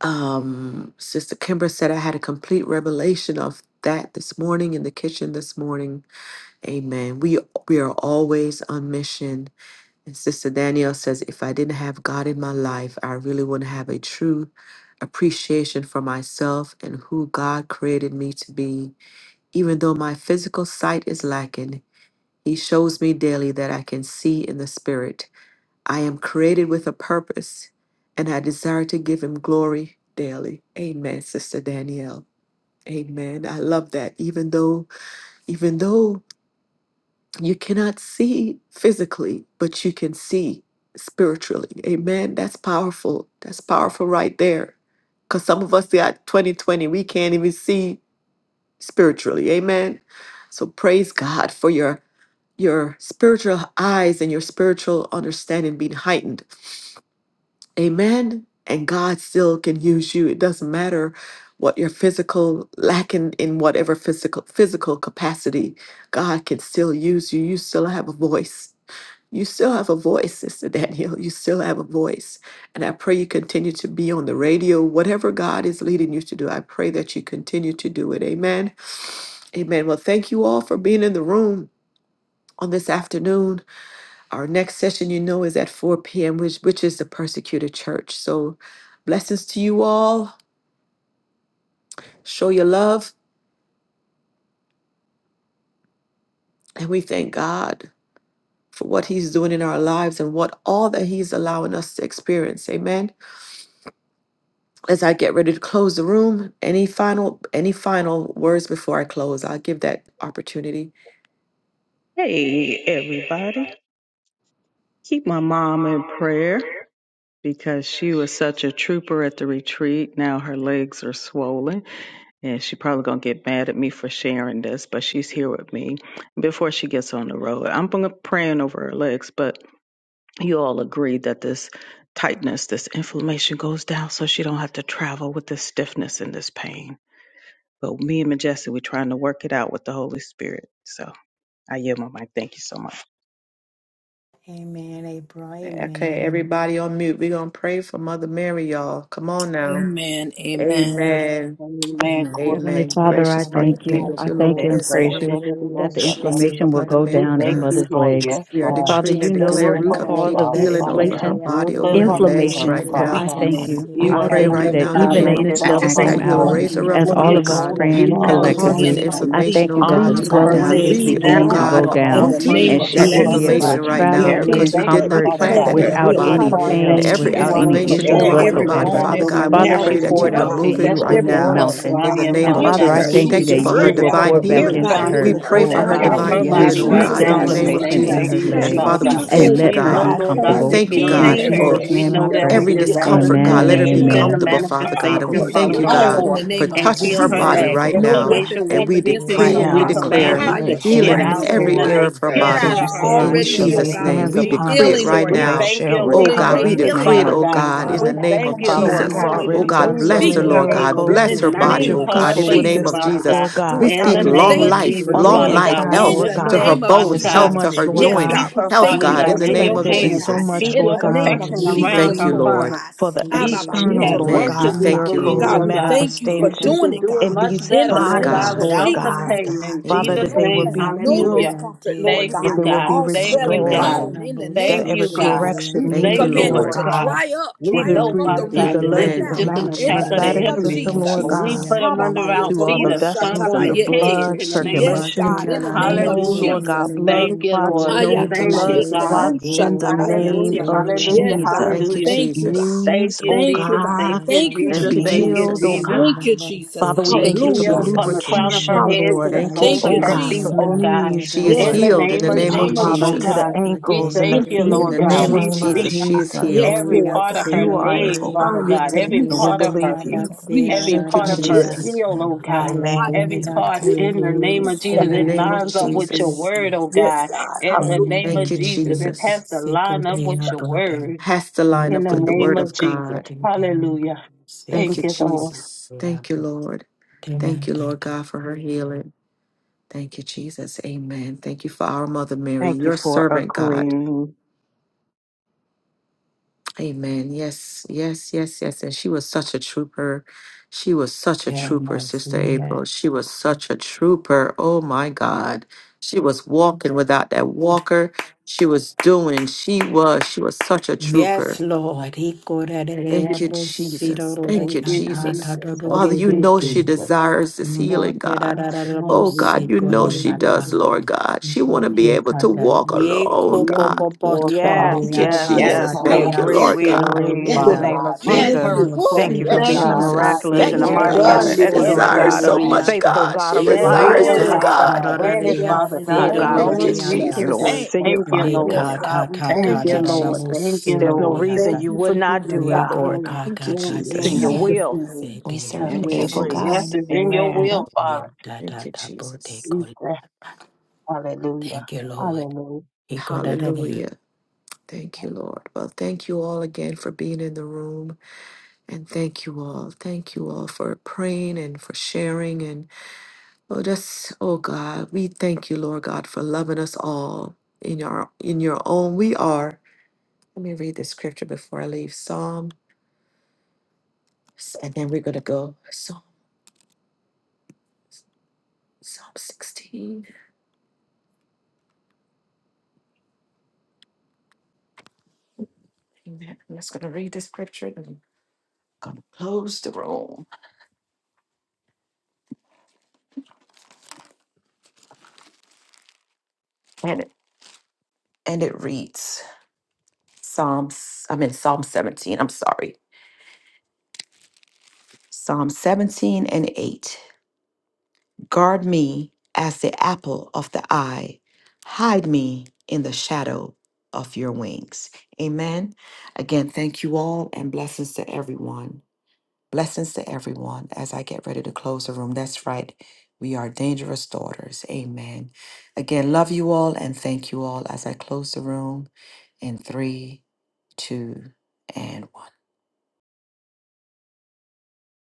[SPEAKER 1] Um, Sister Kimber said, I had a complete revelation of that this morning in the kitchen this morning. Amen. We we are always on mission And Sister Danielle says, if I didn't have God in my life, I really wouldn't have a true appreciation for myself and who God created me to be. Even though my physical sight is lacking, He shows me daily that I can see in the Spirit. I am created with a purpose, and I desire to give Him glory daily. Amen, Sister Danielle. Amen. I love that. Even though, even though you cannot see physically, but you can see spiritually. Amen. That's powerful. That's powerful right there. Because some of us got 2020, we can't even see spiritually. Amen. So praise God for your your spiritual eyes and your spiritual understanding being heightened. Amen. And God still can use you. It doesn't matter what your physical lacking in whatever physical physical capacity, God can still use you. You still have a voice. You still have a voice, Sister Danielle. You still have a voice. And I pray you continue to be on the radio. Whatever God is leading you to do, I pray that you continue to do it. Amen. Amen. Well, thank you all for being in the room on this afternoon. Our next session, you know, is at 4 p.m., which, which is the persecuted church. So blessings to you all. Show your love. And we thank God for what he's doing in our lives and what all that he's allowing us to experience. Amen. as I get ready to close the room, any final any final words before I close? I'll give that opportunity.
[SPEAKER 12] Hey, everybody. Keep my mom in prayer because she was such a trooper at the retreat. Now her legs are swollen, and she probably going to get mad at me for sharing this, but she's here with me before she gets on the road. I'm going to praying over her legs, but you all agree that this tightness, this inflammation goes down so she don't have to travel with this stiffness and this pain. But me and Majestic, we're trying to work it out with the Holy Spirit. So I yield my mic. Thank you so much.
[SPEAKER 8] Amen, April.
[SPEAKER 1] Okay,
[SPEAKER 8] Amen.
[SPEAKER 1] everybody on mute. We're gonna pray for Mother Mary, y'all. Come on now.
[SPEAKER 3] Amen.
[SPEAKER 5] Amen.
[SPEAKER 3] Amen.
[SPEAKER 1] Amen.
[SPEAKER 5] Amen.
[SPEAKER 3] Amen.
[SPEAKER 9] Heavenly
[SPEAKER 1] Amen.
[SPEAKER 5] Yes,
[SPEAKER 9] Father, I
[SPEAKER 1] Gracious
[SPEAKER 5] Lord
[SPEAKER 3] The
[SPEAKER 1] Father,
[SPEAKER 9] thank you.
[SPEAKER 3] God
[SPEAKER 5] Jesus.
[SPEAKER 1] thank
[SPEAKER 9] I
[SPEAKER 1] you,
[SPEAKER 9] thank you
[SPEAKER 1] Lord.
[SPEAKER 5] Yes,
[SPEAKER 9] and
[SPEAKER 3] is
[SPEAKER 9] praise
[SPEAKER 3] God.
[SPEAKER 9] you that the
[SPEAKER 5] Lord.
[SPEAKER 1] Thank
[SPEAKER 3] Jesus
[SPEAKER 1] you for
[SPEAKER 9] inflammation will
[SPEAKER 1] Mother
[SPEAKER 9] go
[SPEAKER 5] We
[SPEAKER 1] Mary,
[SPEAKER 9] down in
[SPEAKER 5] thank
[SPEAKER 1] God.
[SPEAKER 5] you,
[SPEAKER 3] is
[SPEAKER 9] mother's
[SPEAKER 5] Lord.
[SPEAKER 9] legs.
[SPEAKER 5] Yes,
[SPEAKER 1] We are
[SPEAKER 5] God.
[SPEAKER 8] Father,
[SPEAKER 9] Father,
[SPEAKER 3] touched
[SPEAKER 1] decreeing and
[SPEAKER 8] the
[SPEAKER 9] you know
[SPEAKER 3] us. This
[SPEAKER 5] Do
[SPEAKER 9] the
[SPEAKER 5] it
[SPEAKER 1] declaring
[SPEAKER 9] root
[SPEAKER 3] is
[SPEAKER 8] Tabara,
[SPEAKER 5] for
[SPEAKER 3] right
[SPEAKER 5] your
[SPEAKER 9] cause
[SPEAKER 3] now,
[SPEAKER 8] the
[SPEAKER 1] complete
[SPEAKER 9] of
[SPEAKER 5] daughter,
[SPEAKER 9] that
[SPEAKER 3] Lord
[SPEAKER 1] healing
[SPEAKER 5] Father
[SPEAKER 3] God.
[SPEAKER 1] over her
[SPEAKER 9] inflation,
[SPEAKER 8] Lady,
[SPEAKER 5] God.
[SPEAKER 8] I
[SPEAKER 5] Do it
[SPEAKER 1] body,
[SPEAKER 3] In
[SPEAKER 1] over
[SPEAKER 5] for
[SPEAKER 3] the
[SPEAKER 1] her
[SPEAKER 3] name
[SPEAKER 5] Mother
[SPEAKER 3] of
[SPEAKER 1] legs
[SPEAKER 13] Okay,
[SPEAKER 5] Mary,
[SPEAKER 9] inflammation.
[SPEAKER 1] right
[SPEAKER 3] Jesus,
[SPEAKER 9] So
[SPEAKER 13] kuna
[SPEAKER 5] Father
[SPEAKER 3] we
[SPEAKER 1] now.
[SPEAKER 9] I
[SPEAKER 5] God.
[SPEAKER 13] hola
[SPEAKER 9] thank
[SPEAKER 3] command
[SPEAKER 9] you.
[SPEAKER 5] You
[SPEAKER 1] We
[SPEAKER 3] every
[SPEAKER 13] makala
[SPEAKER 9] I
[SPEAKER 5] were the
[SPEAKER 1] pray
[SPEAKER 9] thank you
[SPEAKER 14] Heavenly
[SPEAKER 1] right
[SPEAKER 9] that
[SPEAKER 1] now
[SPEAKER 5] teacher.
[SPEAKER 1] in the
[SPEAKER 5] You
[SPEAKER 9] even
[SPEAKER 1] name
[SPEAKER 9] in
[SPEAKER 14] Father,
[SPEAKER 3] pain,
[SPEAKER 5] made
[SPEAKER 1] of
[SPEAKER 5] it
[SPEAKER 9] this
[SPEAKER 14] I
[SPEAKER 9] self
[SPEAKER 5] out,
[SPEAKER 1] Jesus
[SPEAKER 14] ask
[SPEAKER 3] every
[SPEAKER 9] same
[SPEAKER 1] that
[SPEAKER 5] Father
[SPEAKER 8] We
[SPEAKER 1] you'll
[SPEAKER 13] kutumbo
[SPEAKER 9] hour,
[SPEAKER 3] form
[SPEAKER 5] God.
[SPEAKER 8] thank
[SPEAKER 14] you,
[SPEAKER 3] of
[SPEAKER 1] raise
[SPEAKER 8] you
[SPEAKER 1] her
[SPEAKER 13] hivi
[SPEAKER 8] that
[SPEAKER 9] as
[SPEAKER 1] up,
[SPEAKER 5] And she
[SPEAKER 8] every
[SPEAKER 13] hivi
[SPEAKER 9] all
[SPEAKER 1] Father
[SPEAKER 5] is
[SPEAKER 9] of us
[SPEAKER 3] inflammation,
[SPEAKER 5] known
[SPEAKER 8] answer
[SPEAKER 1] God,
[SPEAKER 13] tumi.
[SPEAKER 5] that
[SPEAKER 8] to
[SPEAKER 3] God.
[SPEAKER 14] you
[SPEAKER 5] we
[SPEAKER 9] praying
[SPEAKER 8] give
[SPEAKER 1] and
[SPEAKER 3] We
[SPEAKER 5] all
[SPEAKER 14] know
[SPEAKER 8] every
[SPEAKER 1] cause
[SPEAKER 5] want
[SPEAKER 1] this
[SPEAKER 3] command
[SPEAKER 9] collectively,
[SPEAKER 8] answer,
[SPEAKER 5] it,
[SPEAKER 3] it
[SPEAKER 8] na
[SPEAKER 3] to
[SPEAKER 9] I
[SPEAKER 8] ba ba
[SPEAKER 3] leave.
[SPEAKER 1] inflammation,
[SPEAKER 9] thank
[SPEAKER 1] oh
[SPEAKER 9] you
[SPEAKER 8] ba
[SPEAKER 9] that
[SPEAKER 8] ba
[SPEAKER 1] God,
[SPEAKER 9] the
[SPEAKER 14] all
[SPEAKER 1] to
[SPEAKER 14] of
[SPEAKER 8] ba
[SPEAKER 5] and
[SPEAKER 3] Leave
[SPEAKER 14] our
[SPEAKER 1] go
[SPEAKER 8] ka
[SPEAKER 5] all
[SPEAKER 3] her
[SPEAKER 9] swelling
[SPEAKER 8] tu
[SPEAKER 5] wanted
[SPEAKER 1] down.
[SPEAKER 5] to
[SPEAKER 9] is
[SPEAKER 8] ya
[SPEAKER 13] Sasa
[SPEAKER 3] legs
[SPEAKER 1] We,
[SPEAKER 8] tu
[SPEAKER 5] see
[SPEAKER 13] wala
[SPEAKER 14] needs,
[SPEAKER 5] her
[SPEAKER 1] oh
[SPEAKER 9] beginning
[SPEAKER 8] ya
[SPEAKER 9] to
[SPEAKER 3] now.
[SPEAKER 8] tu
[SPEAKER 5] now.
[SPEAKER 14] Father.
[SPEAKER 5] we
[SPEAKER 13] kundo
[SPEAKER 1] God,
[SPEAKER 9] go
[SPEAKER 8] ya
[SPEAKER 5] are
[SPEAKER 12] Oh
[SPEAKER 13] domo
[SPEAKER 3] In
[SPEAKER 8] ya
[SPEAKER 9] down
[SPEAKER 5] all
[SPEAKER 3] the
[SPEAKER 1] uproot
[SPEAKER 5] pray
[SPEAKER 14] Please
[SPEAKER 3] name
[SPEAKER 9] and
[SPEAKER 8] spirit
[SPEAKER 13] kushika
[SPEAKER 5] for
[SPEAKER 3] of
[SPEAKER 13] kwa
[SPEAKER 9] she
[SPEAKER 8] of
[SPEAKER 5] her,
[SPEAKER 1] that
[SPEAKER 9] will
[SPEAKER 13] kuna.
[SPEAKER 8] every
[SPEAKER 9] be
[SPEAKER 14] bless
[SPEAKER 8] man
[SPEAKER 5] Father
[SPEAKER 9] able
[SPEAKER 3] Jesus,
[SPEAKER 14] Mother
[SPEAKER 9] to
[SPEAKER 8] tu
[SPEAKER 1] inflammation
[SPEAKER 5] God.
[SPEAKER 8] ya
[SPEAKER 1] right
[SPEAKER 5] And
[SPEAKER 3] we
[SPEAKER 1] now
[SPEAKER 8] tu.
[SPEAKER 9] travel
[SPEAKER 5] we
[SPEAKER 14] Mary.
[SPEAKER 3] plead
[SPEAKER 9] in
[SPEAKER 1] because
[SPEAKER 3] the
[SPEAKER 1] you
[SPEAKER 5] thank
[SPEAKER 1] did
[SPEAKER 3] blood.
[SPEAKER 5] you,
[SPEAKER 3] We
[SPEAKER 1] not
[SPEAKER 9] comfort
[SPEAKER 5] Father
[SPEAKER 13] Mama
[SPEAKER 1] plant
[SPEAKER 3] declare the
[SPEAKER 14] Bless
[SPEAKER 13] ni
[SPEAKER 5] God,
[SPEAKER 1] that
[SPEAKER 5] that
[SPEAKER 1] in
[SPEAKER 14] her,
[SPEAKER 3] blood.
[SPEAKER 1] her
[SPEAKER 5] you
[SPEAKER 3] We
[SPEAKER 9] without
[SPEAKER 8] Name
[SPEAKER 13] pani.
[SPEAKER 8] of the
[SPEAKER 5] will
[SPEAKER 3] apply
[SPEAKER 9] any
[SPEAKER 1] body.
[SPEAKER 3] the
[SPEAKER 8] Lord,
[SPEAKER 5] cause
[SPEAKER 3] blood
[SPEAKER 8] tu
[SPEAKER 3] of
[SPEAKER 1] And
[SPEAKER 5] that
[SPEAKER 9] pain,
[SPEAKER 1] every
[SPEAKER 9] without
[SPEAKER 8] ya tu ya tu ya
[SPEAKER 14] bless
[SPEAKER 3] Jesus
[SPEAKER 5] swelling
[SPEAKER 9] any
[SPEAKER 14] her
[SPEAKER 13] Mama
[SPEAKER 5] to
[SPEAKER 8] tu
[SPEAKER 1] inflammation
[SPEAKER 13] ni
[SPEAKER 9] issues
[SPEAKER 5] go
[SPEAKER 3] over
[SPEAKER 13] kundo
[SPEAKER 1] throughout
[SPEAKER 14] legs,
[SPEAKER 8] ya
[SPEAKER 5] away,
[SPEAKER 1] her
[SPEAKER 3] every
[SPEAKER 14] Father.
[SPEAKER 13] moto
[SPEAKER 5] Lord
[SPEAKER 1] body,
[SPEAKER 9] whatsoever.
[SPEAKER 8] tu.
[SPEAKER 3] bone,
[SPEAKER 13] ni
[SPEAKER 5] God,
[SPEAKER 1] Father
[SPEAKER 5] in
[SPEAKER 3] every
[SPEAKER 5] the
[SPEAKER 8] So
[SPEAKER 1] God, we
[SPEAKER 13] hivi
[SPEAKER 9] Father,
[SPEAKER 5] name
[SPEAKER 8] thank
[SPEAKER 9] she
[SPEAKER 5] of
[SPEAKER 1] pray
[SPEAKER 3] marrow,
[SPEAKER 14] I
[SPEAKER 8] you,
[SPEAKER 13] sasa
[SPEAKER 15] still
[SPEAKER 8] Lord,
[SPEAKER 1] that
[SPEAKER 8] in
[SPEAKER 1] you
[SPEAKER 9] poured
[SPEAKER 8] the
[SPEAKER 3] Lord
[SPEAKER 5] Jesus.
[SPEAKER 9] out
[SPEAKER 14] know
[SPEAKER 8] name
[SPEAKER 3] God,
[SPEAKER 9] to
[SPEAKER 8] of
[SPEAKER 13] mkiba
[SPEAKER 1] remove
[SPEAKER 14] what
[SPEAKER 1] it
[SPEAKER 14] it's
[SPEAKER 5] That's
[SPEAKER 9] you
[SPEAKER 13] klo
[SPEAKER 8] spirit
[SPEAKER 5] your
[SPEAKER 1] right
[SPEAKER 9] on
[SPEAKER 8] of
[SPEAKER 14] all
[SPEAKER 3] every
[SPEAKER 8] the
[SPEAKER 9] that
[SPEAKER 13] kama
[SPEAKER 1] now.
[SPEAKER 14] about.
[SPEAKER 5] daughter
[SPEAKER 13] ndo.
[SPEAKER 8] living
[SPEAKER 3] muscle,
[SPEAKER 9] mountain.
[SPEAKER 1] In
[SPEAKER 8] God.
[SPEAKER 1] the
[SPEAKER 3] God.
[SPEAKER 5] Ryan,
[SPEAKER 3] In
[SPEAKER 1] name
[SPEAKER 3] the
[SPEAKER 14] Father.
[SPEAKER 9] And
[SPEAKER 5] Father
[SPEAKER 1] of
[SPEAKER 14] Give
[SPEAKER 3] name
[SPEAKER 9] Father,
[SPEAKER 5] God,
[SPEAKER 3] of
[SPEAKER 9] I
[SPEAKER 5] and
[SPEAKER 1] Jesus,
[SPEAKER 14] her
[SPEAKER 1] we
[SPEAKER 5] we
[SPEAKER 8] Name
[SPEAKER 14] the
[SPEAKER 9] thank
[SPEAKER 8] of
[SPEAKER 9] you
[SPEAKER 1] thank
[SPEAKER 8] the
[SPEAKER 1] you
[SPEAKER 9] that
[SPEAKER 5] rebuke
[SPEAKER 3] Jesus,
[SPEAKER 1] for
[SPEAKER 8] Lord,
[SPEAKER 1] her
[SPEAKER 9] you
[SPEAKER 5] the
[SPEAKER 14] strength.
[SPEAKER 3] Lord
[SPEAKER 8] tu
[SPEAKER 9] will
[SPEAKER 13] Shaka.
[SPEAKER 8] ya
[SPEAKER 5] devil
[SPEAKER 3] God.
[SPEAKER 8] tu ya ba
[SPEAKER 1] divine
[SPEAKER 9] pour
[SPEAKER 5] for
[SPEAKER 9] back
[SPEAKER 8] ba
[SPEAKER 14] Give
[SPEAKER 5] even
[SPEAKER 1] healing.
[SPEAKER 8] ba
[SPEAKER 3] God,
[SPEAKER 14] her
[SPEAKER 9] into
[SPEAKER 3] that
[SPEAKER 5] trying
[SPEAKER 14] the
[SPEAKER 3] it
[SPEAKER 1] We
[SPEAKER 8] ba
[SPEAKER 9] her,
[SPEAKER 5] to
[SPEAKER 3] will
[SPEAKER 8] ba
[SPEAKER 1] pray
[SPEAKER 3] go
[SPEAKER 8] ba
[SPEAKER 14] character.
[SPEAKER 1] for her
[SPEAKER 3] down
[SPEAKER 8] ba.
[SPEAKER 14] Give
[SPEAKER 3] in
[SPEAKER 13] Mama
[SPEAKER 5] attack
[SPEAKER 3] the
[SPEAKER 13] ni
[SPEAKER 14] her
[SPEAKER 12] God,
[SPEAKER 1] divine
[SPEAKER 8] So
[SPEAKER 5] her
[SPEAKER 3] name
[SPEAKER 14] that
[SPEAKER 3] of
[SPEAKER 13] pani.
[SPEAKER 12] yes,
[SPEAKER 1] healing,
[SPEAKER 8] thank
[SPEAKER 5] body
[SPEAKER 1] oh
[SPEAKER 12] we
[SPEAKER 8] you,
[SPEAKER 9] reduce
[SPEAKER 5] right
[SPEAKER 14] love,
[SPEAKER 8] Lord, in
[SPEAKER 3] Jesus.
[SPEAKER 9] the
[SPEAKER 1] God,
[SPEAKER 8] the
[SPEAKER 1] in
[SPEAKER 3] God,
[SPEAKER 5] now
[SPEAKER 1] the
[SPEAKER 12] agree,
[SPEAKER 14] that
[SPEAKER 8] name of
[SPEAKER 5] in
[SPEAKER 1] name
[SPEAKER 3] she's
[SPEAKER 5] the
[SPEAKER 1] of
[SPEAKER 12] Lord.
[SPEAKER 3] gonna
[SPEAKER 8] the
[SPEAKER 9] inflammation
[SPEAKER 5] name
[SPEAKER 14] that
[SPEAKER 5] of
[SPEAKER 9] in
[SPEAKER 3] have
[SPEAKER 8] Lord,
[SPEAKER 12] Thank
[SPEAKER 1] Jesus.
[SPEAKER 3] a,
[SPEAKER 9] her
[SPEAKER 12] you,
[SPEAKER 8] so
[SPEAKER 5] Jesus,
[SPEAKER 8] thank
[SPEAKER 14] that
[SPEAKER 1] And
[SPEAKER 3] a
[SPEAKER 9] leg,
[SPEAKER 8] you.
[SPEAKER 5] Father
[SPEAKER 1] Father, we
[SPEAKER 5] God.
[SPEAKER 12] Jesus.
[SPEAKER 14] love,
[SPEAKER 13] Sumchis
[SPEAKER 9] and
[SPEAKER 3] peaceful
[SPEAKER 1] thank you,
[SPEAKER 14] Heavenly
[SPEAKER 9] let
[SPEAKER 5] We
[SPEAKER 9] her
[SPEAKER 5] know,
[SPEAKER 1] God.
[SPEAKER 9] be
[SPEAKER 3] ride
[SPEAKER 12] Thank
[SPEAKER 14] Father.
[SPEAKER 5] Lord
[SPEAKER 12] you, Lord.
[SPEAKER 1] We
[SPEAKER 5] God,
[SPEAKER 3] home
[SPEAKER 9] comfortable.
[SPEAKER 5] that
[SPEAKER 3] with
[SPEAKER 1] thank
[SPEAKER 3] no
[SPEAKER 1] you,
[SPEAKER 5] healing
[SPEAKER 8] Thank
[SPEAKER 14] Ease
[SPEAKER 9] In
[SPEAKER 1] God,
[SPEAKER 5] is
[SPEAKER 14] her
[SPEAKER 3] pain, no
[SPEAKER 1] for
[SPEAKER 12] Oh,
[SPEAKER 5] hers.
[SPEAKER 9] Jesus'
[SPEAKER 14] pain.
[SPEAKER 5] We
[SPEAKER 9] name I
[SPEAKER 5] know
[SPEAKER 3] no
[SPEAKER 5] that
[SPEAKER 14] Just
[SPEAKER 3] no
[SPEAKER 9] pray.
[SPEAKER 5] we
[SPEAKER 1] every
[SPEAKER 12] glory
[SPEAKER 5] just
[SPEAKER 14] ease
[SPEAKER 3] it-
[SPEAKER 12] to
[SPEAKER 5] ask
[SPEAKER 12] your
[SPEAKER 3] no,
[SPEAKER 14] her
[SPEAKER 1] discomfort,
[SPEAKER 12] name.
[SPEAKER 9] Amen
[SPEAKER 1] God.
[SPEAKER 3] no
[SPEAKER 9] and
[SPEAKER 1] Let her
[SPEAKER 5] that
[SPEAKER 1] be
[SPEAKER 5] you
[SPEAKER 14] pain,
[SPEAKER 9] amen.
[SPEAKER 5] send
[SPEAKER 3] pain
[SPEAKER 5] the
[SPEAKER 1] comfortable,
[SPEAKER 14] Heavenly
[SPEAKER 1] Father
[SPEAKER 3] this
[SPEAKER 1] God.
[SPEAKER 12] Lord.
[SPEAKER 14] Father,
[SPEAKER 1] And
[SPEAKER 12] Father,
[SPEAKER 5] manifestation,
[SPEAKER 1] we
[SPEAKER 12] we
[SPEAKER 14] for
[SPEAKER 3] prophet be
[SPEAKER 5] Father
[SPEAKER 1] thank you,
[SPEAKER 14] you
[SPEAKER 5] God,
[SPEAKER 12] bless
[SPEAKER 3] gone
[SPEAKER 12] you,
[SPEAKER 1] God,
[SPEAKER 14] know
[SPEAKER 5] forth
[SPEAKER 3] in the
[SPEAKER 12] Lord,
[SPEAKER 1] for
[SPEAKER 3] name of
[SPEAKER 5] and
[SPEAKER 12] um,
[SPEAKER 1] touching
[SPEAKER 12] for
[SPEAKER 1] her
[SPEAKER 5] heal
[SPEAKER 12] you
[SPEAKER 5] her
[SPEAKER 12] are
[SPEAKER 1] body
[SPEAKER 3] Jesus.
[SPEAKER 14] her.
[SPEAKER 5] land.
[SPEAKER 12] able,
[SPEAKER 1] right
[SPEAKER 3] No
[SPEAKER 12] Lord
[SPEAKER 1] now.
[SPEAKER 12] God.
[SPEAKER 3] weapon
[SPEAKER 5] Information
[SPEAKER 1] And
[SPEAKER 5] we
[SPEAKER 3] formed
[SPEAKER 1] we
[SPEAKER 5] speak
[SPEAKER 3] against
[SPEAKER 5] to
[SPEAKER 3] us
[SPEAKER 12] Right
[SPEAKER 1] decree
[SPEAKER 5] you
[SPEAKER 3] shall
[SPEAKER 5] and
[SPEAKER 1] and
[SPEAKER 16] Jesus,
[SPEAKER 1] we
[SPEAKER 5] we
[SPEAKER 12] now, Lord
[SPEAKER 3] prosper,
[SPEAKER 12] God,
[SPEAKER 5] command
[SPEAKER 3] God.
[SPEAKER 1] declare
[SPEAKER 12] we
[SPEAKER 14] I
[SPEAKER 3] By
[SPEAKER 5] you to
[SPEAKER 3] your
[SPEAKER 12] lay
[SPEAKER 14] thank
[SPEAKER 1] healing
[SPEAKER 5] get
[SPEAKER 1] in
[SPEAKER 3] stripes,
[SPEAKER 14] his
[SPEAKER 5] out
[SPEAKER 12] hands,
[SPEAKER 14] blessed
[SPEAKER 5] in
[SPEAKER 3] Lord
[SPEAKER 1] every
[SPEAKER 5] the
[SPEAKER 12] Lord,
[SPEAKER 3] God.
[SPEAKER 1] area of
[SPEAKER 5] name,
[SPEAKER 1] her
[SPEAKER 5] get
[SPEAKER 3] God,
[SPEAKER 5] out
[SPEAKER 12] because
[SPEAKER 1] body
[SPEAKER 12] you
[SPEAKER 3] she's
[SPEAKER 5] of her
[SPEAKER 14] Father
[SPEAKER 12] said
[SPEAKER 1] in
[SPEAKER 12] we
[SPEAKER 14] for
[SPEAKER 5] body
[SPEAKER 3] already
[SPEAKER 5] in
[SPEAKER 12] shall
[SPEAKER 5] the
[SPEAKER 3] healed,
[SPEAKER 12] lay
[SPEAKER 1] Jesus'
[SPEAKER 5] name
[SPEAKER 3] God. We
[SPEAKER 5] of
[SPEAKER 1] name.
[SPEAKER 12] hands
[SPEAKER 1] We
[SPEAKER 3] speak
[SPEAKER 5] Jesus.
[SPEAKER 12] upon
[SPEAKER 1] decree
[SPEAKER 12] the
[SPEAKER 1] it
[SPEAKER 3] healing,
[SPEAKER 8] you.
[SPEAKER 12] sick
[SPEAKER 1] right
[SPEAKER 3] Lord
[SPEAKER 12] and
[SPEAKER 5] We
[SPEAKER 12] they
[SPEAKER 3] God.
[SPEAKER 1] now.
[SPEAKER 5] thank
[SPEAKER 12] shall
[SPEAKER 5] you and
[SPEAKER 1] Oh
[SPEAKER 5] we
[SPEAKER 3] Holy he-
[SPEAKER 1] God,
[SPEAKER 12] recover
[SPEAKER 1] we
[SPEAKER 12] in
[SPEAKER 5] praise
[SPEAKER 12] the
[SPEAKER 5] you,
[SPEAKER 3] healing,
[SPEAKER 1] decree
[SPEAKER 12] name
[SPEAKER 1] it,
[SPEAKER 5] Father
[SPEAKER 12] of
[SPEAKER 3] God.
[SPEAKER 1] oh
[SPEAKER 5] God.
[SPEAKER 1] God,
[SPEAKER 3] God,
[SPEAKER 12] Jesus.
[SPEAKER 1] in the
[SPEAKER 5] We
[SPEAKER 3] over
[SPEAKER 1] name
[SPEAKER 5] thank
[SPEAKER 1] of
[SPEAKER 3] from
[SPEAKER 5] you,
[SPEAKER 3] her
[SPEAKER 12] Father,
[SPEAKER 3] thigh
[SPEAKER 5] Lord
[SPEAKER 12] you've
[SPEAKER 1] Jesus.
[SPEAKER 3] all the
[SPEAKER 5] God.
[SPEAKER 3] way
[SPEAKER 1] Oh
[SPEAKER 3] down
[SPEAKER 12] already
[SPEAKER 3] to
[SPEAKER 5] We
[SPEAKER 12] done
[SPEAKER 1] God,
[SPEAKER 3] her
[SPEAKER 12] so
[SPEAKER 5] know
[SPEAKER 1] bless her,
[SPEAKER 12] many
[SPEAKER 3] feet,
[SPEAKER 5] you're
[SPEAKER 1] Lord
[SPEAKER 3] God.
[SPEAKER 1] God.
[SPEAKER 5] able. This
[SPEAKER 12] miracles
[SPEAKER 3] In
[SPEAKER 1] Bless
[SPEAKER 5] is
[SPEAKER 1] her
[SPEAKER 3] the
[SPEAKER 5] not
[SPEAKER 12] with
[SPEAKER 1] body,
[SPEAKER 12] your
[SPEAKER 3] name
[SPEAKER 5] too
[SPEAKER 1] oh
[SPEAKER 3] of
[SPEAKER 1] God,
[SPEAKER 5] hard
[SPEAKER 1] in
[SPEAKER 12] people,
[SPEAKER 5] for
[SPEAKER 1] the
[SPEAKER 12] with
[SPEAKER 1] name
[SPEAKER 5] you,
[SPEAKER 12] this,
[SPEAKER 3] Jesus,
[SPEAKER 1] of
[SPEAKER 5] Father
[SPEAKER 3] God.
[SPEAKER 1] Jesus.
[SPEAKER 5] God.
[SPEAKER 12] Lord
[SPEAKER 3] Do
[SPEAKER 1] We
[SPEAKER 12] God,
[SPEAKER 3] it,
[SPEAKER 5] In
[SPEAKER 3] God.
[SPEAKER 5] the
[SPEAKER 1] speak
[SPEAKER 3] We
[SPEAKER 12] family
[SPEAKER 1] long
[SPEAKER 5] name of
[SPEAKER 3] thank you
[SPEAKER 1] life,
[SPEAKER 3] for
[SPEAKER 5] Jesus,
[SPEAKER 12] on
[SPEAKER 1] long
[SPEAKER 12] the
[SPEAKER 3] doing
[SPEAKER 5] Father
[SPEAKER 3] it, God.
[SPEAKER 1] life,
[SPEAKER 5] God,
[SPEAKER 12] inside,
[SPEAKER 5] we
[SPEAKER 3] In
[SPEAKER 1] health
[SPEAKER 12] Lord
[SPEAKER 3] the
[SPEAKER 5] lift
[SPEAKER 1] to
[SPEAKER 5] her
[SPEAKER 1] her
[SPEAKER 12] God.
[SPEAKER 5] up,
[SPEAKER 3] name of
[SPEAKER 5] Father
[SPEAKER 12] And
[SPEAKER 1] bones,
[SPEAKER 12] so
[SPEAKER 5] God.
[SPEAKER 1] health
[SPEAKER 3] Jesus.
[SPEAKER 1] to
[SPEAKER 12] much,
[SPEAKER 1] her
[SPEAKER 12] Lord
[SPEAKER 5] We
[SPEAKER 3] Yes,
[SPEAKER 1] joints,
[SPEAKER 5] keep
[SPEAKER 12] God,
[SPEAKER 3] God. We
[SPEAKER 5] her,
[SPEAKER 1] health,
[SPEAKER 3] thank
[SPEAKER 5] Father
[SPEAKER 12] we
[SPEAKER 3] you
[SPEAKER 1] God,
[SPEAKER 3] for
[SPEAKER 1] in
[SPEAKER 5] God,
[SPEAKER 1] the
[SPEAKER 5] in
[SPEAKER 3] doing
[SPEAKER 1] name
[SPEAKER 5] your
[SPEAKER 3] it,
[SPEAKER 12] expect
[SPEAKER 1] of
[SPEAKER 12] it, and
[SPEAKER 3] Lord
[SPEAKER 8] Yes,
[SPEAKER 5] hands.
[SPEAKER 12] so
[SPEAKER 3] God.
[SPEAKER 1] Jesus.
[SPEAKER 12] much,
[SPEAKER 5] Keep
[SPEAKER 3] In
[SPEAKER 12] Lord
[SPEAKER 5] your
[SPEAKER 3] the
[SPEAKER 12] God,
[SPEAKER 3] name of
[SPEAKER 5] protection
[SPEAKER 12] we
[SPEAKER 1] We
[SPEAKER 5] around
[SPEAKER 1] thank
[SPEAKER 3] Jesus,
[SPEAKER 1] you,
[SPEAKER 5] her,
[SPEAKER 12] believe
[SPEAKER 3] Lord
[SPEAKER 1] Lord.
[SPEAKER 5] Father.
[SPEAKER 3] God.
[SPEAKER 12] for the
[SPEAKER 5] Ye- She
[SPEAKER 12] external,
[SPEAKER 5] has
[SPEAKER 12] Lord
[SPEAKER 5] work
[SPEAKER 1] Amen. We
[SPEAKER 5] to
[SPEAKER 12] God,
[SPEAKER 5] do
[SPEAKER 3] Ababayeterushata.
[SPEAKER 1] thank
[SPEAKER 5] for
[SPEAKER 1] you,
[SPEAKER 5] you,
[SPEAKER 12] miracles
[SPEAKER 3] God,
[SPEAKER 12] and
[SPEAKER 1] Lord.
[SPEAKER 5] Lord
[SPEAKER 3] we
[SPEAKER 5] God.
[SPEAKER 3] thank you for
[SPEAKER 5] And she
[SPEAKER 12] manifestation
[SPEAKER 3] doing
[SPEAKER 5] can
[SPEAKER 3] it,
[SPEAKER 5] do it
[SPEAKER 3] God,
[SPEAKER 12] in
[SPEAKER 5] much
[SPEAKER 12] these
[SPEAKER 3] in
[SPEAKER 5] better,
[SPEAKER 3] the
[SPEAKER 1] Yes,
[SPEAKER 5] Lord
[SPEAKER 3] name of
[SPEAKER 12] bodies,
[SPEAKER 5] God,
[SPEAKER 1] God.
[SPEAKER 12] Lord
[SPEAKER 5] without the
[SPEAKER 12] God.
[SPEAKER 3] Jesus,
[SPEAKER 5] pain.
[SPEAKER 3] God.
[SPEAKER 5] In
[SPEAKER 12] Father,
[SPEAKER 5] Jesus'
[SPEAKER 12] that
[SPEAKER 1] Amen.
[SPEAKER 3] No
[SPEAKER 12] they will
[SPEAKER 5] name,
[SPEAKER 3] pain,
[SPEAKER 12] be
[SPEAKER 3] no
[SPEAKER 12] healed,
[SPEAKER 5] hallelujah.
[SPEAKER 3] discomfort, Lord
[SPEAKER 5] Thank
[SPEAKER 12] that
[SPEAKER 5] you,
[SPEAKER 3] God.
[SPEAKER 12] they will be
[SPEAKER 5] God.
[SPEAKER 3] All
[SPEAKER 5] Thank you,
[SPEAKER 3] swelling
[SPEAKER 12] restored
[SPEAKER 5] God.
[SPEAKER 3] gone
[SPEAKER 1] Amen.
[SPEAKER 3] in the name
[SPEAKER 12] that
[SPEAKER 5] Thank
[SPEAKER 3] of
[SPEAKER 12] every
[SPEAKER 5] you, God.
[SPEAKER 3] Jesus.
[SPEAKER 12] correction
[SPEAKER 5] We
[SPEAKER 3] We
[SPEAKER 1] Thank you,
[SPEAKER 12] needed,
[SPEAKER 5] thank you,
[SPEAKER 3] command
[SPEAKER 12] Lord
[SPEAKER 3] it
[SPEAKER 5] Lord
[SPEAKER 3] to
[SPEAKER 1] Lord.
[SPEAKER 5] God.
[SPEAKER 12] God,
[SPEAKER 3] dry up,
[SPEAKER 5] We
[SPEAKER 3] dry
[SPEAKER 12] whether it
[SPEAKER 3] up
[SPEAKER 5] know,
[SPEAKER 3] from
[SPEAKER 12] be
[SPEAKER 3] the
[SPEAKER 5] Father
[SPEAKER 12] through
[SPEAKER 3] root
[SPEAKER 5] God,
[SPEAKER 12] the
[SPEAKER 5] that
[SPEAKER 3] right
[SPEAKER 5] this
[SPEAKER 1] Amen.
[SPEAKER 5] is
[SPEAKER 3] now
[SPEAKER 5] just
[SPEAKER 1] Thank
[SPEAKER 12] lymphomat-
[SPEAKER 1] you,
[SPEAKER 5] an
[SPEAKER 3] in
[SPEAKER 5] attack
[SPEAKER 3] the
[SPEAKER 5] of
[SPEAKER 1] Jesus.
[SPEAKER 5] the
[SPEAKER 3] name
[SPEAKER 12] lymphatic
[SPEAKER 3] of
[SPEAKER 5] enemy.
[SPEAKER 1] Thank
[SPEAKER 12] system,
[SPEAKER 1] you,
[SPEAKER 12] Lord
[SPEAKER 3] Jesus.
[SPEAKER 5] And we
[SPEAKER 12] God,
[SPEAKER 5] put
[SPEAKER 1] Jesus.
[SPEAKER 5] him under our
[SPEAKER 12] through all
[SPEAKER 5] feet
[SPEAKER 12] the
[SPEAKER 5] and stomp
[SPEAKER 12] vessels
[SPEAKER 5] on
[SPEAKER 12] and the
[SPEAKER 5] his
[SPEAKER 3] Hababayeterushatabayete.
[SPEAKER 1] Thank
[SPEAKER 5] head
[SPEAKER 1] you,
[SPEAKER 12] blood
[SPEAKER 5] in the name
[SPEAKER 3] Yes,
[SPEAKER 5] of
[SPEAKER 1] Jesus.
[SPEAKER 12] circulation.
[SPEAKER 1] Thank
[SPEAKER 3] God,
[SPEAKER 1] you,
[SPEAKER 3] in
[SPEAKER 5] Jesus.
[SPEAKER 8] Hallelujah.
[SPEAKER 3] the
[SPEAKER 1] God.
[SPEAKER 3] name
[SPEAKER 12] No,
[SPEAKER 3] of
[SPEAKER 5] Hallelujah.
[SPEAKER 12] Lord
[SPEAKER 3] Jesus.
[SPEAKER 12] God, blood
[SPEAKER 5] Thank you,
[SPEAKER 12] clots,
[SPEAKER 5] Lord.
[SPEAKER 12] no
[SPEAKER 1] Thank you,
[SPEAKER 5] Thank
[SPEAKER 12] blood
[SPEAKER 5] you,
[SPEAKER 3] Ayatabayete,
[SPEAKER 1] Jesus.
[SPEAKER 5] God.
[SPEAKER 12] clots
[SPEAKER 3] Rusha
[SPEAKER 12] in the name
[SPEAKER 5] Hallelujah.
[SPEAKER 3] Tabayete.
[SPEAKER 12] of
[SPEAKER 3] Yes,
[SPEAKER 5] Hallelujah.
[SPEAKER 3] God.
[SPEAKER 12] Jesus.
[SPEAKER 1] Thank you,
[SPEAKER 5] Hallelujah.
[SPEAKER 3] Thank you, God.
[SPEAKER 1] Jesus.
[SPEAKER 5] Thank
[SPEAKER 12] Knees,
[SPEAKER 5] you,
[SPEAKER 12] oh
[SPEAKER 3] Thank you,
[SPEAKER 5] Jesus.
[SPEAKER 3] God.
[SPEAKER 12] God,
[SPEAKER 5] Thank you,
[SPEAKER 3] Thank you,
[SPEAKER 12] to
[SPEAKER 5] Jesus.
[SPEAKER 1] Thank you,
[SPEAKER 12] be
[SPEAKER 3] Jesus.
[SPEAKER 5] Thank you,
[SPEAKER 12] healed, oh
[SPEAKER 1] Jesus.
[SPEAKER 5] Jesus.
[SPEAKER 3] Thank
[SPEAKER 12] God.
[SPEAKER 3] you, Jesus.
[SPEAKER 12] Father, we
[SPEAKER 5] She's
[SPEAKER 1] Thank
[SPEAKER 12] thank
[SPEAKER 1] you,
[SPEAKER 12] you for the
[SPEAKER 3] Hallelujah.
[SPEAKER 5] healed from the
[SPEAKER 1] Jesus.
[SPEAKER 5] crown of her
[SPEAKER 12] lubrication,
[SPEAKER 5] head to
[SPEAKER 12] Lord.
[SPEAKER 5] the
[SPEAKER 3] Hallelujah.
[SPEAKER 1] Thank you,
[SPEAKER 5] soles
[SPEAKER 3] Thank
[SPEAKER 5] of
[SPEAKER 12] Oh
[SPEAKER 3] you,
[SPEAKER 5] her
[SPEAKER 12] God,
[SPEAKER 5] feet,
[SPEAKER 3] Jesus.
[SPEAKER 1] Jesus.
[SPEAKER 12] from the
[SPEAKER 5] oh God.
[SPEAKER 12] knees,
[SPEAKER 1] She is
[SPEAKER 3] Yes,
[SPEAKER 5] In
[SPEAKER 12] Lord.
[SPEAKER 5] the
[SPEAKER 1] healed in
[SPEAKER 3] Lord.
[SPEAKER 5] name
[SPEAKER 1] the
[SPEAKER 3] In
[SPEAKER 5] of
[SPEAKER 3] the
[SPEAKER 1] name
[SPEAKER 12] Now,
[SPEAKER 1] of
[SPEAKER 3] name of
[SPEAKER 5] Jesus,
[SPEAKER 12] Father,
[SPEAKER 5] oh
[SPEAKER 12] to
[SPEAKER 1] Jesus.
[SPEAKER 12] the
[SPEAKER 5] God.
[SPEAKER 3] Jesus.
[SPEAKER 5] We
[SPEAKER 12] ankles and the
[SPEAKER 3] In
[SPEAKER 5] thank
[SPEAKER 3] the
[SPEAKER 5] you,
[SPEAKER 12] feet
[SPEAKER 1] In
[SPEAKER 3] name
[SPEAKER 5] Lord
[SPEAKER 1] the
[SPEAKER 3] of
[SPEAKER 12] in the
[SPEAKER 5] God.
[SPEAKER 1] name of
[SPEAKER 5] We
[SPEAKER 12] name
[SPEAKER 3] Jesus,
[SPEAKER 12] of
[SPEAKER 3] oh
[SPEAKER 5] speak
[SPEAKER 1] Jesus, she
[SPEAKER 3] God.
[SPEAKER 1] is
[SPEAKER 5] to
[SPEAKER 12] Jesus.
[SPEAKER 3] Yes,
[SPEAKER 1] healed.
[SPEAKER 5] every
[SPEAKER 8] Moria
[SPEAKER 3] Lord
[SPEAKER 5] part of
[SPEAKER 3] God.
[SPEAKER 5] her
[SPEAKER 12] You
[SPEAKER 8] sera
[SPEAKER 12] are
[SPEAKER 5] legs,
[SPEAKER 12] able,
[SPEAKER 8] bibina
[SPEAKER 12] God,
[SPEAKER 5] Father God,
[SPEAKER 3] Ayete,
[SPEAKER 8] bula
[SPEAKER 5] every
[SPEAKER 12] and we
[SPEAKER 8] dena
[SPEAKER 3] Rusha
[SPEAKER 5] part of her
[SPEAKER 12] believe
[SPEAKER 8] bula
[SPEAKER 12] you.
[SPEAKER 5] feet,
[SPEAKER 3] Tabayete,
[SPEAKER 8] basera
[SPEAKER 3] Risha
[SPEAKER 5] every
[SPEAKER 1] Thank you,
[SPEAKER 5] part
[SPEAKER 12] In
[SPEAKER 5] of her
[SPEAKER 3] Tabayete,
[SPEAKER 12] Jesus'
[SPEAKER 1] Jesus.
[SPEAKER 5] heel, oh
[SPEAKER 12] name,
[SPEAKER 8] I
[SPEAKER 5] God.
[SPEAKER 8] am
[SPEAKER 12] amen and
[SPEAKER 5] Every
[SPEAKER 8] going out
[SPEAKER 12] amen.
[SPEAKER 5] part in
[SPEAKER 3] Ayatabayete,
[SPEAKER 5] the
[SPEAKER 8] to
[SPEAKER 5] name of
[SPEAKER 8] see
[SPEAKER 3] Rusha
[SPEAKER 5] Jesus,
[SPEAKER 1] In the
[SPEAKER 12] Amen.
[SPEAKER 5] it
[SPEAKER 8] my
[SPEAKER 1] name of
[SPEAKER 5] lines up
[SPEAKER 3] Tabayete.
[SPEAKER 5] with your
[SPEAKER 8] baby.
[SPEAKER 1] Jesus.
[SPEAKER 5] word, oh
[SPEAKER 3] Yes,
[SPEAKER 5] God.
[SPEAKER 3] God.
[SPEAKER 5] In the
[SPEAKER 3] Hallelujah.
[SPEAKER 8] I'm
[SPEAKER 5] name
[SPEAKER 3] Thank
[SPEAKER 1] Thank
[SPEAKER 5] of
[SPEAKER 1] you,
[SPEAKER 8] going to
[SPEAKER 5] Jesus, it
[SPEAKER 1] Jesus.
[SPEAKER 5] has to
[SPEAKER 8] sick of
[SPEAKER 5] line up
[SPEAKER 8] the
[SPEAKER 5] with your
[SPEAKER 8] body. I'm
[SPEAKER 5] word.
[SPEAKER 1] has to line
[SPEAKER 5] In
[SPEAKER 1] up
[SPEAKER 5] the
[SPEAKER 1] with
[SPEAKER 8] going
[SPEAKER 1] the
[SPEAKER 8] to
[SPEAKER 5] name
[SPEAKER 1] word
[SPEAKER 5] of
[SPEAKER 1] of
[SPEAKER 5] Jesus.
[SPEAKER 1] God.
[SPEAKER 8] be
[SPEAKER 5] Hallelujah.
[SPEAKER 8] sick
[SPEAKER 1] Thank you,
[SPEAKER 5] Thank
[SPEAKER 8] of
[SPEAKER 5] you, Lord.
[SPEAKER 1] Jesus. Thank you, Lord. Thank you, Lord God, for her healing. Thank you, Jesus. Amen. Thank you for our Mother Mary,
[SPEAKER 12] Thank you
[SPEAKER 1] your
[SPEAKER 12] for
[SPEAKER 1] servant, God.
[SPEAKER 12] agreeing.
[SPEAKER 1] Amen. Yes, yes, yes, yes. And she was such a trooper. She was such a trooper, Sister April.
[SPEAKER 8] the
[SPEAKER 1] She was such a trooper. Oh, my God. She was walking without that walker. She was doing. She was. She was such a
[SPEAKER 8] Yes,
[SPEAKER 1] trooper.
[SPEAKER 8] Lord. He could have a
[SPEAKER 1] Thank you, Jesus.
[SPEAKER 8] busiro
[SPEAKER 1] Thank
[SPEAKER 5] Thank
[SPEAKER 1] you,
[SPEAKER 5] you,
[SPEAKER 8] legata,
[SPEAKER 1] Jesus.
[SPEAKER 5] Jesus.
[SPEAKER 1] Father,
[SPEAKER 5] Thank
[SPEAKER 1] you
[SPEAKER 5] you,
[SPEAKER 1] know she
[SPEAKER 8] tadore,
[SPEAKER 5] Jesus.
[SPEAKER 1] desires this healing,
[SPEAKER 8] Mote
[SPEAKER 1] God.
[SPEAKER 8] da da
[SPEAKER 5] Yes,
[SPEAKER 8] da
[SPEAKER 5] Lord.
[SPEAKER 1] Oh,
[SPEAKER 5] Yes,
[SPEAKER 1] God, you
[SPEAKER 5] yes.
[SPEAKER 1] know she
[SPEAKER 5] Thank you,
[SPEAKER 1] does, Lord
[SPEAKER 5] Lord.
[SPEAKER 1] God. She want to be
[SPEAKER 8] Mote
[SPEAKER 5] Yes,
[SPEAKER 1] able to
[SPEAKER 5] Lord.
[SPEAKER 8] kata
[SPEAKER 1] walk
[SPEAKER 5] Lord.
[SPEAKER 1] on her
[SPEAKER 8] ye
[SPEAKER 1] own,
[SPEAKER 8] kobo
[SPEAKER 1] God.
[SPEAKER 5] Yes,
[SPEAKER 8] bobo
[SPEAKER 5] Lord God.
[SPEAKER 12] Yes,
[SPEAKER 8] tole
[SPEAKER 1] Thank you,
[SPEAKER 8] ya
[SPEAKER 5] Yes,
[SPEAKER 12] yes,
[SPEAKER 5] Lord
[SPEAKER 8] tata
[SPEAKER 12] yes.
[SPEAKER 1] Jesus.
[SPEAKER 14] Yes,
[SPEAKER 12] We
[SPEAKER 8] te
[SPEAKER 14] Lord.
[SPEAKER 1] Thank
[SPEAKER 5] God.
[SPEAKER 1] you,
[SPEAKER 8] ya
[SPEAKER 12] agree.
[SPEAKER 14] Yes.
[SPEAKER 1] Lord
[SPEAKER 12] We
[SPEAKER 8] siro
[SPEAKER 5] Thank
[SPEAKER 1] God.
[SPEAKER 8] ro
[SPEAKER 5] you,
[SPEAKER 12] agree in
[SPEAKER 8] te
[SPEAKER 3] you,
[SPEAKER 12] the
[SPEAKER 14] Yes,
[SPEAKER 8] ya
[SPEAKER 5] Father.
[SPEAKER 12] name
[SPEAKER 14] Lord.
[SPEAKER 3] God.
[SPEAKER 12] of
[SPEAKER 5] Grant
[SPEAKER 3] Thank
[SPEAKER 12] Jesus.
[SPEAKER 14] Yes.
[SPEAKER 5] her
[SPEAKER 3] you.
[SPEAKER 8] mo
[SPEAKER 14] Woo.
[SPEAKER 5] request,
[SPEAKER 12] Thank
[SPEAKER 8] se
[SPEAKER 12] you
[SPEAKER 1] Thank you,
[SPEAKER 12] for
[SPEAKER 8] ra
[SPEAKER 5] oh
[SPEAKER 14] Yes,
[SPEAKER 8] ra
[SPEAKER 3] Thank
[SPEAKER 12] being
[SPEAKER 8] ra
[SPEAKER 12] a
[SPEAKER 3] you,
[SPEAKER 14] Lord.
[SPEAKER 8] ra
[SPEAKER 5] God.
[SPEAKER 8] mo
[SPEAKER 3] God,
[SPEAKER 1] Jesus.
[SPEAKER 12] miraculous
[SPEAKER 3] because
[SPEAKER 8] te
[SPEAKER 12] and a
[SPEAKER 1] Thank
[SPEAKER 14] Yes.
[SPEAKER 8] le
[SPEAKER 3] it's
[SPEAKER 1] you,
[SPEAKER 8] re
[SPEAKER 12] mighty
[SPEAKER 5] Grant
[SPEAKER 8] re
[SPEAKER 5] her
[SPEAKER 1] God.
[SPEAKER 8] ya
[SPEAKER 12] God,
[SPEAKER 14] Oh,
[SPEAKER 12] an
[SPEAKER 3] done,
[SPEAKER 1] She
[SPEAKER 8] se
[SPEAKER 3] Lord
[SPEAKER 5] request,
[SPEAKER 12] excellent
[SPEAKER 8] ro
[SPEAKER 3] God.
[SPEAKER 8] ro
[SPEAKER 1] desires
[SPEAKER 5] oh
[SPEAKER 12] God,
[SPEAKER 8] ro
[SPEAKER 12] a
[SPEAKER 1] so
[SPEAKER 8] re
[SPEAKER 5] God.
[SPEAKER 8] ya
[SPEAKER 14] yes.
[SPEAKER 1] much,
[SPEAKER 12] faithful
[SPEAKER 8] ta
[SPEAKER 1] God.
[SPEAKER 12] God, a
[SPEAKER 1] She
[SPEAKER 5] Yes,
[SPEAKER 14] Oh,
[SPEAKER 8] mo
[SPEAKER 1] desires
[SPEAKER 5] Lord
[SPEAKER 12] reliable
[SPEAKER 14] your
[SPEAKER 1] this,
[SPEAKER 8] ka
[SPEAKER 3] Yes,
[SPEAKER 12] God.
[SPEAKER 5] God.
[SPEAKER 8] ta
[SPEAKER 1] God.
[SPEAKER 3] God,
[SPEAKER 8] ra
[SPEAKER 14] Father.
[SPEAKER 8] ra
[SPEAKER 3] it's
[SPEAKER 5] Grant
[SPEAKER 8] re
[SPEAKER 5] it,
[SPEAKER 8] ya
[SPEAKER 14] Yes.
[SPEAKER 3] done.
[SPEAKER 5] Father
[SPEAKER 3] In
[SPEAKER 8] se
[SPEAKER 5] God,
[SPEAKER 12] Oh,
[SPEAKER 3] the
[SPEAKER 8] ro
[SPEAKER 5] as
[SPEAKER 3] name
[SPEAKER 8] ro
[SPEAKER 12] God,
[SPEAKER 3] of
[SPEAKER 8] ro
[SPEAKER 12] we
[SPEAKER 1] Thank
[SPEAKER 8] re
[SPEAKER 5] only
[SPEAKER 1] you,
[SPEAKER 14] Yes.
[SPEAKER 12] just
[SPEAKER 8] ya
[SPEAKER 5] you
[SPEAKER 12] thank
[SPEAKER 3] Jesus.
[SPEAKER 12] you,
[SPEAKER 5] can
[SPEAKER 8] ta
[SPEAKER 12] Lord.
[SPEAKER 5] do.
[SPEAKER 1] Jesus.
[SPEAKER 14] Thank.
[SPEAKER 12] Send your
[SPEAKER 5] Thank you,
[SPEAKER 8] ne
[SPEAKER 12] fire,
[SPEAKER 3] Yes,
[SPEAKER 5] Lord.
[SPEAKER 12] Lord
[SPEAKER 8] ka
[SPEAKER 14] Yes.
[SPEAKER 12] God.
[SPEAKER 8] ta
[SPEAKER 3] God, we
[SPEAKER 8] ta
[SPEAKER 3] thank
[SPEAKER 5] Thank
[SPEAKER 8] ta
[SPEAKER 1] Thank
[SPEAKER 5] you,
[SPEAKER 1] you,
[SPEAKER 8] ra
[SPEAKER 3] you,
[SPEAKER 8] ra ra
[SPEAKER 3] God.
[SPEAKER 5] Lord.
[SPEAKER 8] mo
[SPEAKER 5] Thank
[SPEAKER 1] Jesus.
[SPEAKER 8] se
[SPEAKER 5] you,
[SPEAKER 8] lo
[SPEAKER 12] There's
[SPEAKER 8] re
[SPEAKER 12] no
[SPEAKER 5] Lord.
[SPEAKER 8] ya
[SPEAKER 12] reason
[SPEAKER 8] ta
[SPEAKER 3] Thank
[SPEAKER 12] you
[SPEAKER 3] you
[SPEAKER 12] would
[SPEAKER 3] for
[SPEAKER 12] not
[SPEAKER 3] doing it,
[SPEAKER 12] do it,
[SPEAKER 8] ne
[SPEAKER 5] Yes,
[SPEAKER 3] God.
[SPEAKER 12] Lord
[SPEAKER 8] ko
[SPEAKER 12] God.
[SPEAKER 5] Lord.
[SPEAKER 8] ka
[SPEAKER 1] Thank you,
[SPEAKER 8] ka
[SPEAKER 5] Yes,
[SPEAKER 8] ka
[SPEAKER 12] It's
[SPEAKER 5] Lord
[SPEAKER 8] te
[SPEAKER 12] in
[SPEAKER 8] ra
[SPEAKER 12] your
[SPEAKER 1] Jesus.
[SPEAKER 8] ra
[SPEAKER 5] God.
[SPEAKER 4] Amen.
[SPEAKER 12] will,
[SPEAKER 8] se
[SPEAKER 4] We
[SPEAKER 8] te ya
[SPEAKER 4] serve
[SPEAKER 5] Yes,
[SPEAKER 12] and
[SPEAKER 4] an
[SPEAKER 1] Thank
[SPEAKER 12] we
[SPEAKER 1] you,
[SPEAKER 8] bus
[SPEAKER 5] Lord.
[SPEAKER 4] able
[SPEAKER 12] agree.
[SPEAKER 5] Yes,
[SPEAKER 1] Jesus.
[SPEAKER 4] God.
[SPEAKER 5] it's in your
[SPEAKER 12] Amen.
[SPEAKER 4] Yep.
[SPEAKER 5] will, Father.
[SPEAKER 8] ta ta
[SPEAKER 1] Thank you,
[SPEAKER 8] ta po te
[SPEAKER 1] Jesus.
[SPEAKER 8] ko le ya
[SPEAKER 5] Jesus.
[SPEAKER 8] ta.
[SPEAKER 5] Hallelujah.
[SPEAKER 8] Thank you, Lord.
[SPEAKER 5] Hallelujah.
[SPEAKER 8] He got that of you.
[SPEAKER 1] Hallelujah. Thank you, Lord. Well, thank you all again for being in the room. And thank you all. Thank you all for praying and for sharing. And oh, just, oh God, we thank you, Lord God, for loving us all in your in your own. We are. Let me read the scripture before I leave. Psalm, and then we're gonna go. Psalm Psalm 16. Amen. I'm just gonna read the scripture and I'm gonna close the room. And and it reads Psalms, I'm in Psalm 17. I'm sorry. Psalm 17 and 8. Guard me as the apple of the eye, hide me in the shadow of your wings. Amen. Again, thank you all and blessings to everyone. Blessings to everyone as I get ready to close the room. That's right. We are dangerous daughters. Amen. Again, love you all and thank you all as I close the room in three, two, and one.